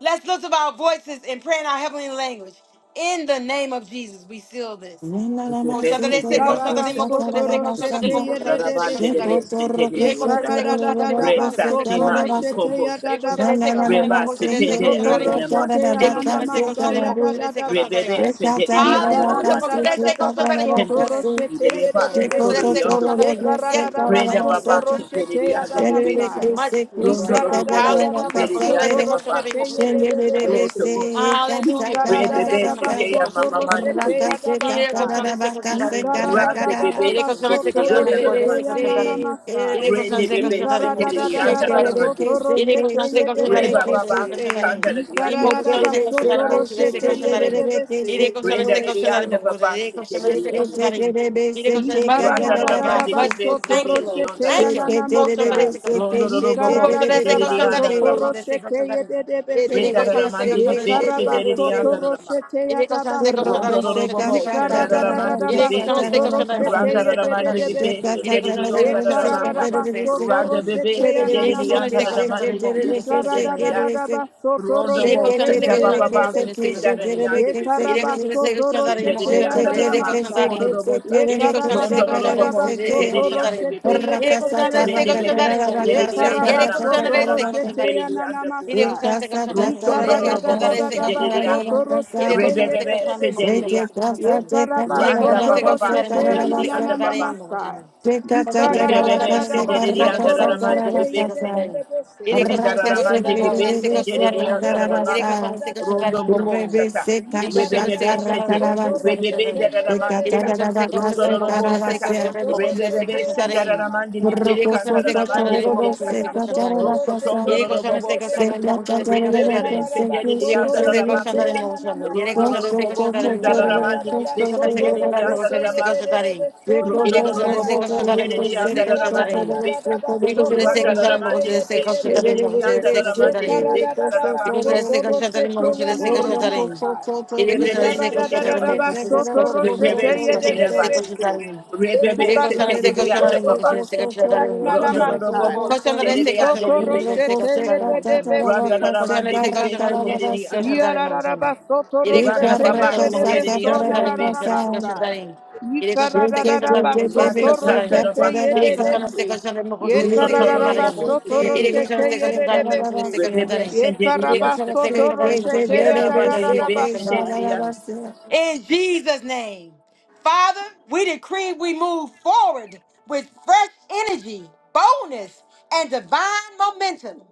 Speaker 1: Let's lift up our voices and pray in our heavenly language. In the name of Jesus, we seal this.
Speaker 2: Shake
Speaker 5: The best
Speaker 1: Koşanları
Speaker 5: in the
Speaker 1: ise
Speaker 5: baba
Speaker 1: koşanları mı
Speaker 5: sepa.
Speaker 3: Ikarabasoto
Speaker 1: koşanları ise
Speaker 5: The
Speaker 1: koşanları
Speaker 3: roshete
Speaker 5: sea,
Speaker 1: mı koşanları ise
Speaker 5: Raravante the
Speaker 3: yedebese.
Speaker 1: koşanları mı?
Speaker 5: best in the
Speaker 1: İri koşanları
Speaker 5: Oseta.
Speaker 1: ise koşanları mı koşanları
Speaker 5: Resa
Speaker 1: ise
Speaker 3: Yekaradadadabasoto
Speaker 1: koşanları
Speaker 5: Timaki
Speaker 1: mı?
Speaker 3: roshete
Speaker 5: Combosa.
Speaker 1: İri koşanları ise
Speaker 3: yadadabasa.
Speaker 1: koşanları mı
Speaker 5: Reba
Speaker 1: koşanları ise
Speaker 5: Sitende
Speaker 3: Isoto
Speaker 1: koşanları
Speaker 5: Under the
Speaker 1: mı?
Speaker 3: roshete
Speaker 5: Namasi
Speaker 1: İri
Speaker 5: Tori
Speaker 1: koşanları
Speaker 5: Under
Speaker 1: se,
Speaker 5: the
Speaker 3: yananamasa
Speaker 1: koşanları
Speaker 5: Bibika.
Speaker 1: mı koşanları se, koşanları
Speaker 3: yadadadabasa.
Speaker 1: mı?
Speaker 5: Rebebe sendere di under the
Speaker 1: Hallelujah.
Speaker 5: Andaramantica.
Speaker 1: Koşanları se, koşanları mı
Speaker 3: Ikaradadadadabasoto
Speaker 5: Tender
Speaker 1: koşanları?
Speaker 3: roshete
Speaker 5: Siri,
Speaker 1: Yes Lord.
Speaker 5: Basi, Todo the Rebaki,
Speaker 3: yedebehe.
Speaker 1: Koşanları
Speaker 5: Todori
Speaker 1: se, koşanları
Speaker 5: Underbook,
Speaker 1: mı? Yes Lord.
Speaker 5: Brenda
Speaker 1: Thank you
Speaker 3: Yekaradadabasoto
Speaker 1: Lord
Speaker 5: Baba, Siri,
Speaker 3: roshete
Speaker 5: the
Speaker 3: yadabasa.
Speaker 1: abundance
Speaker 5: Underbaby,
Speaker 1: and much fruit, Lord
Speaker 5: Rondo
Speaker 1: God.
Speaker 5: Robo,
Speaker 1: Hallelujah.
Speaker 5: Siri, the
Speaker 3: Ikaradadadabasoto
Speaker 1: Koshobese,
Speaker 3: roshete
Speaker 1: koshobarimo,
Speaker 5: Underbaby,
Speaker 1: koshobese, koshobarimo.
Speaker 5: Roto
Speaker 3: yedebese.
Speaker 5: Bosa,
Speaker 2: Shendebebese,
Speaker 3: Ye
Speaker 1: Hallelujah.
Speaker 2: kasakara
Speaker 5: Rebe
Speaker 1: Koshobese,
Speaker 5: Besi,
Speaker 2: basata,
Speaker 1: koshobarimo,
Speaker 5: Kea
Speaker 3: karabasoto
Speaker 5: Mama
Speaker 1: koshobese,
Speaker 5: Mandy,
Speaker 1: koshobarimo.
Speaker 3: roshete
Speaker 5: Bebe,
Speaker 3: ya
Speaker 2: Shake
Speaker 1: Yere
Speaker 3: dabasai.
Speaker 1: koshobese, koshobarimo, koshobarimo.
Speaker 5: Rande Bebe,
Speaker 1: Yere
Speaker 5: Siri,
Speaker 1: koshobese,
Speaker 5: the Under
Speaker 1: koshobarimo,
Speaker 5: the
Speaker 1: koshobese,
Speaker 5: Mandy,
Speaker 1: koshobarimo. Yere
Speaker 5: Rende
Speaker 1: koshobese,
Speaker 5: Bebe,
Speaker 1: koshobarimo,
Speaker 5: Siri, the
Speaker 1: koshobese,
Speaker 5: Under the
Speaker 1: koshobarimo.
Speaker 5: Mandy,
Speaker 1: Yere koshobese, koshobarimo,
Speaker 5: Reba
Speaker 1: koshobese,
Speaker 5: Baba,
Speaker 1: koshobarimo.
Speaker 5: Kanda, the Under
Speaker 1: Imo
Speaker 5: the
Speaker 1: koshobese, koshobarimo, koshobese,
Speaker 5: Bebe,
Speaker 1: koshobarimo. Yere
Speaker 5: Brenda,
Speaker 1: koshobese,
Speaker 5: the
Speaker 1: koshobarimo,
Speaker 5: Under Baba, Siri, the
Speaker 1: koshobese,
Speaker 5: Under the
Speaker 1: koshobarimo. Need to go to much
Speaker 5: Randa
Speaker 1: fruit,
Speaker 5: da da
Speaker 1: Lord God.
Speaker 5: mandi di
Speaker 1: Much fruit.
Speaker 5: beste
Speaker 1: Thank
Speaker 5: deri
Speaker 1: you,
Speaker 5: di
Speaker 1: Lord.
Speaker 5: onda da da
Speaker 1: Thank you.
Speaker 5: mandi.
Speaker 1: Go somebody, say, go somebody.
Speaker 5: Rondo da da
Speaker 1: Who
Speaker 5: bobo
Speaker 1: goes to the
Speaker 5: senderi
Speaker 1: second
Speaker 5: di anda
Speaker 1: somebody?
Speaker 5: da
Speaker 1: mo
Speaker 5: da
Speaker 1: Go to the
Speaker 5: mandi.
Speaker 1: second somebody. Ele
Speaker 5: Renda
Speaker 1: goes
Speaker 5: da
Speaker 1: to go
Speaker 5: da
Speaker 1: somebody, Say second
Speaker 5: mandi di
Speaker 1: somebody. mo Go to
Speaker 5: beste deri di anda da da mandi.
Speaker 2: Corro,
Speaker 5: Rondo da da
Speaker 1: the
Speaker 2: coseca,
Speaker 3: Ye
Speaker 5: bobo
Speaker 1: second
Speaker 2: shata,
Speaker 3: Ikara
Speaker 1: somebody.
Speaker 5: sendera
Speaker 3: da
Speaker 5: da
Speaker 3: da da da
Speaker 2: tararara,
Speaker 5: mandi
Speaker 3: da
Speaker 5: di
Speaker 1: Ele
Speaker 3: ba
Speaker 1: goes
Speaker 2: casa,
Speaker 1: to go somebody,
Speaker 5: beste.
Speaker 1: Say
Speaker 3: soto
Speaker 1: second
Speaker 2: tararara,
Speaker 1: somebody. mo Go
Speaker 2: casa.
Speaker 3: roshete
Speaker 1: to
Speaker 5: Randa
Speaker 1: the
Speaker 5: da
Speaker 3: ye
Speaker 1: second
Speaker 3: de
Speaker 2: Shake
Speaker 5: mandi
Speaker 3: de
Speaker 5: di
Speaker 1: somebody.
Speaker 5: beste
Speaker 1: Ele
Speaker 5: deri
Speaker 1: goes to
Speaker 5: di onda
Speaker 1: go somebody, Say
Speaker 5: da
Speaker 1: second somebody. mo Go
Speaker 5: maka.
Speaker 1: to the second
Speaker 5: Randa
Speaker 1: somebody.
Speaker 5: bebe
Speaker 1: Ele
Speaker 5: senderi
Speaker 1: goes
Speaker 5: di
Speaker 1: to go somebody, Say second somebody. mo Go to the second somebody. Ele goes to the
Speaker 5: anda da
Speaker 1: second somebody.
Speaker 5: mandi
Speaker 1: mo
Speaker 5: di
Speaker 1: Go to
Speaker 5: beste
Speaker 1: the say go
Speaker 5: senderi di
Speaker 1: somebody.
Speaker 5: anda. Rondo
Speaker 1: Iré
Speaker 5: bo
Speaker 1: coxando, este
Speaker 5: senda
Speaker 1: coxando, imo
Speaker 5: bababa
Speaker 1: coxando, este
Speaker 5: kikenda
Speaker 1: coxando,
Speaker 5: da di
Speaker 1: imo.
Speaker 5: anda
Speaker 1: Iré
Speaker 5: bebe.
Speaker 1: coxando, este coxando, imo
Speaker 5: Renderidi anda
Speaker 1: coxando,
Speaker 5: da
Speaker 1: este
Speaker 5: maki
Speaker 1: coxando, imo.
Speaker 5: kororobosa.
Speaker 1: Iré coxando,
Speaker 5: Rondo
Speaker 1: este coxando, imo,
Speaker 5: robobo
Speaker 1: este
Speaker 5: senderidi
Speaker 1: coxando,
Speaker 5: anda
Speaker 1: imo.
Speaker 5: bebeka.
Speaker 1: Iré coxando, este
Speaker 5: Rende
Speaker 1: coxando,
Speaker 5: bebe
Speaker 1: imo coxando,
Speaker 5: senderidi anda
Speaker 1: iré
Speaker 5: da manda
Speaker 1: coxando,
Speaker 5: da
Speaker 1: este
Speaker 5: maki
Speaker 1: coxando,
Speaker 5: teridi
Speaker 1: imo.
Speaker 5: anda
Speaker 1: Iré
Speaker 5: buka.
Speaker 1: coxando, este coxando, imo coxando,
Speaker 5: Rosondo
Speaker 1: este coxando,
Speaker 5: robobo
Speaker 1: este coxando,
Speaker 5: senderidi anda.
Speaker 1: imo. Iré coxando, este
Speaker 5: Rebebebe
Speaker 1: coxando, imo
Speaker 3: besi.
Speaker 1: coxando,
Speaker 5: senderidi
Speaker 1: este
Speaker 5: anda.
Speaker 1: coxando, imo. Iré
Speaker 5: Randa
Speaker 1: coxando,
Speaker 3: Yekarabasoto
Speaker 1: este coxando,
Speaker 5: bababa
Speaker 1: imo
Speaker 3: rosete
Speaker 1: coxando, este
Speaker 5: senderidi anda
Speaker 3: ananana
Speaker 1: coxando, imo
Speaker 5: babaka.
Speaker 3: masai.
Speaker 1: coxando.
Speaker 2: Thank you.
Speaker 1: Coxando, este coxando,
Speaker 5: Rebebebe
Speaker 1: imo coxando,
Speaker 5: senderidi
Speaker 1: este
Speaker 3: Yikaradadadabasoto
Speaker 5: anda
Speaker 1: coxando,
Speaker 5: da
Speaker 1: imo
Speaker 5: mandi
Speaker 1: coxando,
Speaker 3: rosete
Speaker 1: este
Speaker 5: bebe se.
Speaker 1: coxando, imo.
Speaker 3: yedededebese.
Speaker 1: Yere koşan se koşan
Speaker 5: Rendaramandi
Speaker 1: da mo,
Speaker 5: Bibe
Speaker 1: se koşan
Speaker 3: Yekarabasoto
Speaker 1: da mo
Speaker 5: Senderia
Speaker 1: koşan da.
Speaker 3: rosete
Speaker 1: Yere
Speaker 5: Dadanamaka
Speaker 1: koşan se koşan da
Speaker 5: Rondo
Speaker 1: mo
Speaker 5: Bobo
Speaker 1: koşan
Speaker 3: yadadadadabasai.
Speaker 1: da.
Speaker 5: Sata
Speaker 1: Yere koşan se
Speaker 5: Rebebe
Speaker 1: koşan da
Speaker 5: Sente
Speaker 1: mo
Speaker 3: Yikaradadabasoto
Speaker 1: koşan da se koşan
Speaker 5: Rebebe
Speaker 3: rosete
Speaker 1: da. Yere
Speaker 5: Dadanamatika
Speaker 3: yedebese.
Speaker 1: koşan se koşan
Speaker 5: Rondo
Speaker 1: da mo koşan
Speaker 5: Robo
Speaker 1: da se
Speaker 5: Sata
Speaker 1: koşan da
Speaker 3: Yekarabasoto
Speaker 1: mo koşan da se
Speaker 3: rosete
Speaker 5: Rebebe
Speaker 1: koşan da.
Speaker 3: ananana
Speaker 5: Sendaramandi
Speaker 3: masai.
Speaker 5: Bibe
Speaker 1: Yere koşan se koşan
Speaker 5: Kandaramandi
Speaker 1: da mo
Speaker 5: Bibe
Speaker 1: koşan da se
Speaker 5: Kata
Speaker 1: koşan da.
Speaker 3: Yikaradadadabasoto
Speaker 5: Rosso
Speaker 3: rosete
Speaker 5: Tondo
Speaker 1: Yere koşan se
Speaker 5: Robo
Speaker 1: koşan
Speaker 5: Sata
Speaker 1: da
Speaker 3: yedededebese.
Speaker 1: mo koşan da se
Speaker 3: Ye
Speaker 1: koşan da.
Speaker 5: Rebebe
Speaker 3: kararaba
Speaker 1: Yere
Speaker 5: Senderia
Speaker 3: soto
Speaker 1: koşan se koşan
Speaker 3: roshete
Speaker 1: da
Speaker 5: Dadanamakite
Speaker 1: mo
Speaker 3: yanana
Speaker 1: koşan da. Yere
Speaker 5: Rondo
Speaker 3: masai.
Speaker 1: koşan se
Speaker 5: Robo
Speaker 1: koşan
Speaker 3: Ye
Speaker 1: da mo koşan da.
Speaker 5: Sendaramandi
Speaker 3: kararaba
Speaker 5: Bibe
Speaker 1: Koşan se
Speaker 3: soto
Speaker 1: koşan da mo
Speaker 5: Senderia
Speaker 1: koşan
Speaker 3: roshete
Speaker 1: da se koşan da.
Speaker 3: yedededebe
Speaker 5: Dadanamakite
Speaker 3: so
Speaker 5: Ronda
Speaker 1: Yere
Speaker 5: ro ro
Speaker 1: koşan
Speaker 5: bo
Speaker 3: narararaba
Speaker 1: se
Speaker 5: bo
Speaker 1: koşan da mo
Speaker 3: sai.
Speaker 5: jere di
Speaker 1: koşan da
Speaker 5: anda
Speaker 1: se
Speaker 3: Ye
Speaker 5: ro ro mandi
Speaker 1: koşan da.
Speaker 5: bi beka.
Speaker 3: kararaba
Speaker 1: Because the
Speaker 3: soto
Speaker 5: ronda
Speaker 1: second
Speaker 5: ro
Speaker 1: shot,
Speaker 5: ro
Speaker 3: roshete
Speaker 1: Mokos,
Speaker 5: mandi
Speaker 1: the
Speaker 5: bi be
Speaker 1: second
Speaker 2: Thank
Speaker 5: se
Speaker 2: you.
Speaker 3: yedededebe
Speaker 1: Shatarin,
Speaker 5: jere
Speaker 3: so.
Speaker 5: di
Speaker 1: Mokos, the
Speaker 5: anda ro
Speaker 1: second
Speaker 5: ro
Speaker 3: Ye
Speaker 5: mandi bi
Speaker 1: Shatarin.
Speaker 5: beka ro ro
Speaker 3: kararaba
Speaker 1: Because
Speaker 5: baka
Speaker 1: the
Speaker 5: ta.
Speaker 3: soto
Speaker 1: second Shatarin,
Speaker 3: roshete
Speaker 1: Mokos, the
Speaker 5: Rosso
Speaker 1: second
Speaker 5: toro
Speaker 3: yanana
Speaker 5: bo se
Speaker 1: Shatarin.
Speaker 5: ta.
Speaker 3: masai. Ye
Speaker 1: Because
Speaker 5: Rebe be
Speaker 1: the
Speaker 5: se
Speaker 1: second
Speaker 5: jere
Speaker 1: Shatarin,
Speaker 5: ba
Speaker 3: kararaba
Speaker 5: ti.
Speaker 1: Mokos, the
Speaker 3: soto
Speaker 1: second Shatarin,
Speaker 5: Rebe
Speaker 1: Mokos,
Speaker 3: roshete
Speaker 1: the
Speaker 5: se
Speaker 1: second Shatarin,
Speaker 5: jere
Speaker 1: the
Speaker 5: ba
Speaker 3: yedededebe
Speaker 1: second
Speaker 5: ti.
Speaker 3: so.
Speaker 1: Shatarin.
Speaker 3: Ye
Speaker 5: Rebe
Speaker 1: Because
Speaker 5: se
Speaker 1: the
Speaker 5: jere
Speaker 3: kararaba
Speaker 1: second
Speaker 5: di anda
Speaker 1: Shatarin,
Speaker 3: soto
Speaker 5: ba
Speaker 1: Mokos,
Speaker 5: ronda
Speaker 1: the
Speaker 5: se.
Speaker 1: second
Speaker 3: roshete
Speaker 1: Shatarin,
Speaker 3: yanana
Speaker 1: Mokos,
Speaker 5: Rondo ro ro
Speaker 3: masai.
Speaker 1: the
Speaker 5: jere
Speaker 3: Ye
Speaker 5: di
Speaker 1: second
Speaker 5: anda
Speaker 3: soto
Speaker 5: bi
Speaker 1: Shatarin,
Speaker 5: be
Speaker 1: Mokos, the
Speaker 5: se.
Speaker 3: roshete
Speaker 1: second Shatarin, Mokos,
Speaker 3: yedededebe
Speaker 5: Rwanda ro
Speaker 3: so.
Speaker 5: ro
Speaker 1: the
Speaker 5: mandi bi
Speaker 1: second
Speaker 5: be se
Speaker 1: Shatarin, Mokos,
Speaker 5: jere
Speaker 1: the
Speaker 5: di
Speaker 1: second
Speaker 5: anda.
Speaker 3: Ye
Speaker 1: Shatarin, Mokos,
Speaker 3: karabasoto
Speaker 1: Because
Speaker 5: Rwanda
Speaker 1: the
Speaker 3: roshete
Speaker 1: second
Speaker 5: baba
Speaker 3: ya da
Speaker 1: Shatarin,
Speaker 5: se
Speaker 1: Mokos, the second Shatarin, Mokos, the
Speaker 5: jere di
Speaker 1: second
Speaker 5: anda bi
Speaker 1: Shatarin.
Speaker 5: beka.
Speaker 1: Because the second Shatarin, Mokos, the
Speaker 5: Rata
Speaker 1: second Shatarin.
Speaker 5: tandara
Speaker 1: Il est
Speaker 5: basikeri
Speaker 1: conscient de ses
Speaker 5: asutu.
Speaker 1: cochons de mon cochon de
Speaker 5: Ruso
Speaker 1: ses cochons
Speaker 5: tororo
Speaker 1: d'arène.
Speaker 5: bobosu
Speaker 1: Il est
Speaker 5: derili
Speaker 1: conscient
Speaker 5: asutu.
Speaker 1: de ses cochons d'arène,
Speaker 3: da
Speaker 1: mon cochon de ses
Speaker 5: Ve
Speaker 1: cochons d'arène.
Speaker 5: bebesin
Speaker 1: Il est
Speaker 5: derili
Speaker 1: conscient de
Speaker 2: Rakasa
Speaker 5: asutu.
Speaker 1: ses cochons
Speaker 3: Yekarabasoto
Speaker 1: d'arène, mon cochon de
Speaker 5: Yere
Speaker 1: ses cochons
Speaker 5: rabandi
Speaker 1: d'arène,
Speaker 5: bir
Speaker 1: mon
Speaker 3: da
Speaker 1: cochon
Speaker 5: besin
Speaker 1: de ses
Speaker 3: basai.
Speaker 1: cochons
Speaker 5: derili
Speaker 1: d'arène.
Speaker 5: asutu.
Speaker 1: In Jesus' name. Father, we decree we move forward with fresh energy, boldness, and divine momentum.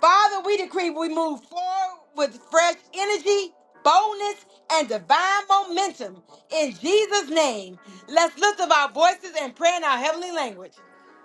Speaker 1: Father, we decree we move forward with fresh energy, boldness, and divine momentum. In Jesus' name, let's lift up our voices and pray in our heavenly language.